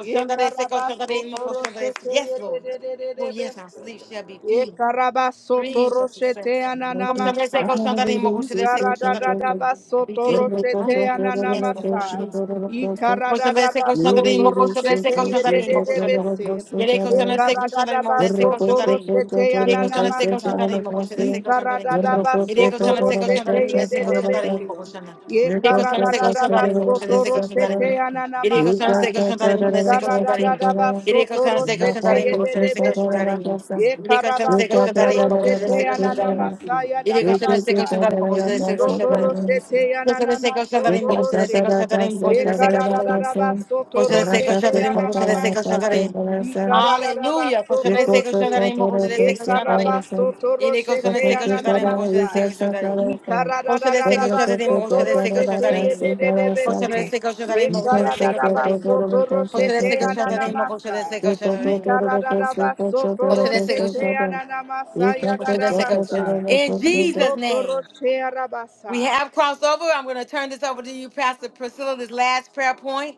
Speaker 3: Ye karabaso toro shete
Speaker 1: Yes,
Speaker 3: ye de
Speaker 1: Lord.
Speaker 3: de de de
Speaker 1: Well,
Speaker 3: de
Speaker 1: yes, our
Speaker 3: beste.
Speaker 6: setere
Speaker 1: sleep
Speaker 6: kene
Speaker 1: shall
Speaker 6: here
Speaker 1: be
Speaker 3: Ye
Speaker 6: setere
Speaker 1: filled.
Speaker 3: karabaso
Speaker 1: Reading of
Speaker 3: toro shete
Speaker 1: success. Question they say,
Speaker 3: ananamasa.
Speaker 1: question that in,
Speaker 3: Ye
Speaker 1: question they say, question
Speaker 3: karada
Speaker 1: that
Speaker 3: da
Speaker 1: in.
Speaker 3: da
Speaker 1: And
Speaker 3: baso
Speaker 1: be
Speaker 3: toro
Speaker 1: filled with
Speaker 3: shete
Speaker 1: thankfulness. Yes, Lord, I
Speaker 3: ananamasa.
Speaker 1: see.
Speaker 3: Ye
Speaker 1: Question
Speaker 3: karada
Speaker 1: they
Speaker 3: da
Speaker 1: say, question
Speaker 2: Thank
Speaker 1: that
Speaker 3: baso
Speaker 1: in,
Speaker 3: toro
Speaker 1: question they say,
Speaker 3: shete
Speaker 1: question
Speaker 3: ye
Speaker 1: that
Speaker 3: de
Speaker 1: in,
Speaker 3: de de
Speaker 1: question that.
Speaker 3: beste.
Speaker 1: Yere
Speaker 3: Ye
Speaker 1: question they say, question
Speaker 3: karada
Speaker 1: that
Speaker 3: da
Speaker 1: in, they say,
Speaker 3: baso
Speaker 1: question that
Speaker 3: toro
Speaker 1: in.
Speaker 3: shete
Speaker 1: Yere question they say, question
Speaker 3: ananamasa.
Speaker 1: that in,
Speaker 6: kere
Speaker 1: question they
Speaker 3: Ye
Speaker 1: say,
Speaker 6: kere
Speaker 1: question that in.
Speaker 3: karada da
Speaker 1: Yere
Speaker 3: baso
Speaker 1: question they
Speaker 3: toro
Speaker 1: say, question that
Speaker 3: shete
Speaker 1: in, they
Speaker 3: ye
Speaker 1: say,
Speaker 3: de de
Speaker 1: question that in,
Speaker 3: beste.
Speaker 1: question that.
Speaker 3: Ye
Speaker 1: Yere question they
Speaker 3: karada
Speaker 1: say,
Speaker 3: da da
Speaker 1: question that in,
Speaker 3: baso
Speaker 1: question they say,
Speaker 3: toro
Speaker 1: question that
Speaker 3: shete
Speaker 1: in.
Speaker 2: you.
Speaker 1: Yere question they say,
Speaker 3: ananamasa.
Speaker 1: question that in,
Speaker 3: Ye
Speaker 1: they say, question
Speaker 3: karada
Speaker 1: that
Speaker 3: da
Speaker 1: in.
Speaker 3: da ba
Speaker 1: Yere
Speaker 3: soto
Speaker 1: question they say, question that in, question they say, question that in. Yedi koşan se koşan tarayın, bu koşan se koşan tarayın. Yedi koşan se koşan tarayın, bu koşan se koşan tarayın. Koşan se koşan
Speaker 2: No,
Speaker 1: tarayın, bu koşan se koşan tarayın, bu koşan se koşan tarayın. Koşan se
Speaker 3: roshete
Speaker 1: koşan
Speaker 3: ya
Speaker 1: tarayın, bu
Speaker 3: na na
Speaker 1: koşan se koşan
Speaker 3: masai.
Speaker 1: tarayın. Aleluya. Koşan se koşan
Speaker 3: Ikararabasotoroshe.
Speaker 1: tarayın, bu koşan se koşan tarayın. Yedi
Speaker 3: Yekarabasotoroshe
Speaker 1: koşan se koşan tarayın, bu koşan
Speaker 3: teyananamasa.
Speaker 1: se koşan tarayın. Koşan se koşan tarayın, bu koşan se
Speaker 3: Ikarararabasotoroshe
Speaker 1: koşan tarayın. Koşan
Speaker 3: teyedededebese.
Speaker 1: se koşan tarayın, bu se koşan tarayın.
Speaker 3: Yekarararabasotoroshe
Speaker 1: se koşan tarayın, bu
Speaker 3: teyananamasa.
Speaker 1: se koşan tarayın. se
Speaker 3: Ikarararabasotoroshe
Speaker 1: koşan
Speaker 3: teyananamasa yadadabasa.
Speaker 1: In Jesus' name,
Speaker 3: Isotoroshe arabasa.
Speaker 1: we have crossed over. I'm going to turn this over to you, Pastor Priscilla, this last prayer point.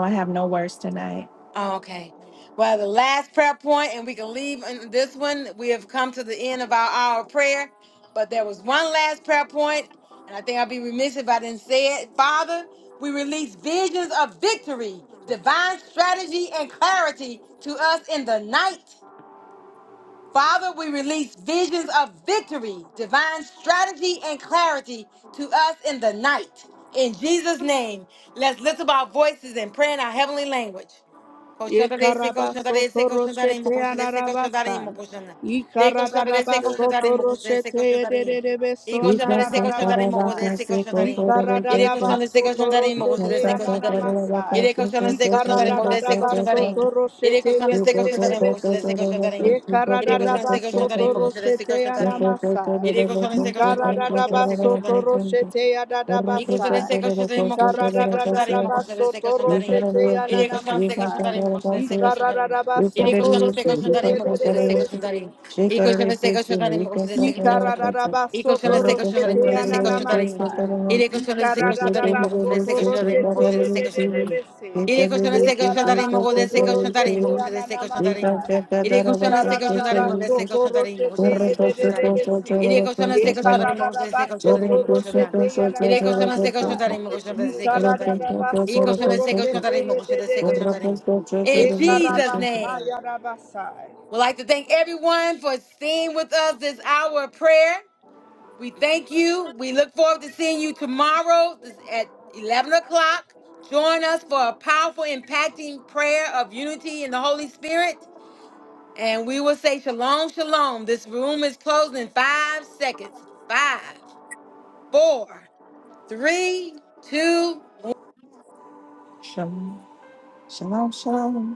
Speaker 2: I have no words tonight.
Speaker 1: Oh, okay. Well, the last prayer point, and we can leave in this one. We have come to the end of our hour of prayer, but there was one last prayer point, and I think I'd be remiss if I didn't say it. Father, we release visions of victory, divine strategy, and clarity to us in the night Father, we release visions of victory, divine strategy, and clarity to us in the night. In Jesus' name, let's lift up our voices and pray in our heavenly language.
Speaker 3: Ekarabasoto roshete ararabasa. Ikararabasoto roshete ederebeso
Speaker 2: Thank
Speaker 3: nararabasa. Ikararabasoto roshete
Speaker 6: kere
Speaker 3: ananamasa. Ikararabasoto roshete ederebese.
Speaker 1: iré con Yedek koşan istek koşan con su
Speaker 3: Ekararabasoto
Speaker 1: koşan destek
Speaker 3: roshete
Speaker 1: koşan tarayın.
Speaker 3: anamasa.
Speaker 1: Yedek koşan istek koşan tarayın mı koşan destek koşan
Speaker 3: Ikararabasoto
Speaker 1: tarayın.
Speaker 3: roshete
Speaker 1: Y
Speaker 3: adadabasa.
Speaker 1: cuestión de ser, cuestión de ritmo, cuestión de ser, cuestión de
Speaker 2: you.
Speaker 1: ritmo, cuestión de ser,
Speaker 3: Ikararabasoto
Speaker 1: cuestión de
Speaker 2: Thank you.
Speaker 1: ritmo.
Speaker 3: roshete
Speaker 2: got
Speaker 1: Y de cuestión de ser,
Speaker 3: ananamasa.
Speaker 2: that
Speaker 1: cuestión de ritmo,
Speaker 2: other
Speaker 1: cuestión de ser,
Speaker 2: concerts.
Speaker 1: cuestión de ritmo.
Speaker 3: Ikararaba
Speaker 2: You
Speaker 1: Y
Speaker 2: got
Speaker 1: de
Speaker 2: a
Speaker 1: cuestión
Speaker 3: sotoro
Speaker 1: de
Speaker 2: real
Speaker 1: ser,
Speaker 2: thing,
Speaker 1: cuestión
Speaker 3: sete
Speaker 2: you
Speaker 1: de
Speaker 6: kere
Speaker 2: got
Speaker 1: ritmo,
Speaker 6: kere
Speaker 2: that
Speaker 3: yedede
Speaker 1: cuestión de
Speaker 2: other
Speaker 1: ser, cuestión
Speaker 2: concerts.
Speaker 1: de
Speaker 3: bese.
Speaker 1: ritmo.
Speaker 2: She
Speaker 1: Y
Speaker 2: got a
Speaker 1: cuestión
Speaker 2: real
Speaker 1: de ser,
Speaker 2: thing,
Speaker 1: cuestión de
Speaker 2: you
Speaker 1: ritmo,
Speaker 2: got
Speaker 1: cuestión de
Speaker 2: that
Speaker 1: ser,
Speaker 3: Ye
Speaker 6: kere
Speaker 1: cuestión
Speaker 2: other
Speaker 1: de ritmo.
Speaker 2: concerts.
Speaker 1: Y cuestión
Speaker 2: But
Speaker 1: de
Speaker 2: no
Speaker 1: ser, cuestión de
Speaker 2: picture
Speaker 1: ritmo,
Speaker 2: to
Speaker 1: de
Speaker 2: the
Speaker 1: ser,
Speaker 2: little
Speaker 1: cuestión de
Speaker 2: girls
Speaker 1: ritmo.
Speaker 2: that are
Speaker 1: Y
Speaker 2: on.
Speaker 1: de cuestión de ser, cuestión
Speaker 2: You
Speaker 1: de
Speaker 2: get the
Speaker 1: ritmo, cuestión de ser,
Speaker 2: little
Speaker 1: cuestión de
Speaker 2: sister,
Speaker 1: ritmo,
Speaker 2: but I
Speaker 1: cuestión de ser,
Speaker 2: didn't see
Speaker 1: cuestión de
Speaker 2: you.
Speaker 1: ritmo.
Speaker 2: You
Speaker 1: Y de
Speaker 2: got the
Speaker 1: cuestión de
Speaker 2: little
Speaker 1: ser,
Speaker 2: kid,
Speaker 1: cuestión de
Speaker 2: you
Speaker 1: ritmo,
Speaker 2: got
Speaker 1: cuestión de
Speaker 2: that
Speaker 1: ser,
Speaker 2: other
Speaker 1: cuestión de ritmo,
Speaker 2: thing. You got
Speaker 1: cuestión de ser, cuestión de ritmo. Y
Speaker 2: that
Speaker 1: de cuestión
Speaker 2: other
Speaker 1: de ser,
Speaker 2: concerts,
Speaker 1: cuestión
Speaker 2: you
Speaker 1: de ritmo, de
Speaker 2: got
Speaker 1: ser,
Speaker 2: it.
Speaker 1: cuestión de ritmo, cuestión
Speaker 2: But
Speaker 1: de ser,
Speaker 2: no
Speaker 1: cuestión
Speaker 2: picture
Speaker 1: de
Speaker 2: to
Speaker 1: ritmo.
Speaker 2: the
Speaker 1: Y de
Speaker 2: little
Speaker 1: cuestión de ser,
Speaker 2: concert, but
Speaker 1: cuestión de
Speaker 2: no
Speaker 1: ritmo, cuestión de ser, cuestión de ritmo,
Speaker 2: picture to the little
Speaker 1: cuestión de Yere koşanı se koşan
Speaker 2: concert.
Speaker 1: tarayın mı koşan da se
Speaker 6: Thank
Speaker 2: But
Speaker 6: you.
Speaker 2: no
Speaker 1: koşan
Speaker 2: picture
Speaker 1: tarayın.
Speaker 2: to the
Speaker 1: İyi
Speaker 2: little
Speaker 1: koşanı se
Speaker 2: concert.
Speaker 1: koşan tarayın mı koşan da se koşan tarayın. In Jesus
Speaker 3: karabasa
Speaker 2: Shalom,
Speaker 1: name.
Speaker 3: yarabasa.
Speaker 1: We'd like to thank everyone for staying with us this hour of prayer. We thank you. We look forward to seeing you tomorrow this- at 11 o'clock. Join us for a powerful, impacting prayer of unity in the Holy Spirit. And we will say shalom, shalom. This room is closing in five seconds. Five, four, three, two,
Speaker 2: shalom.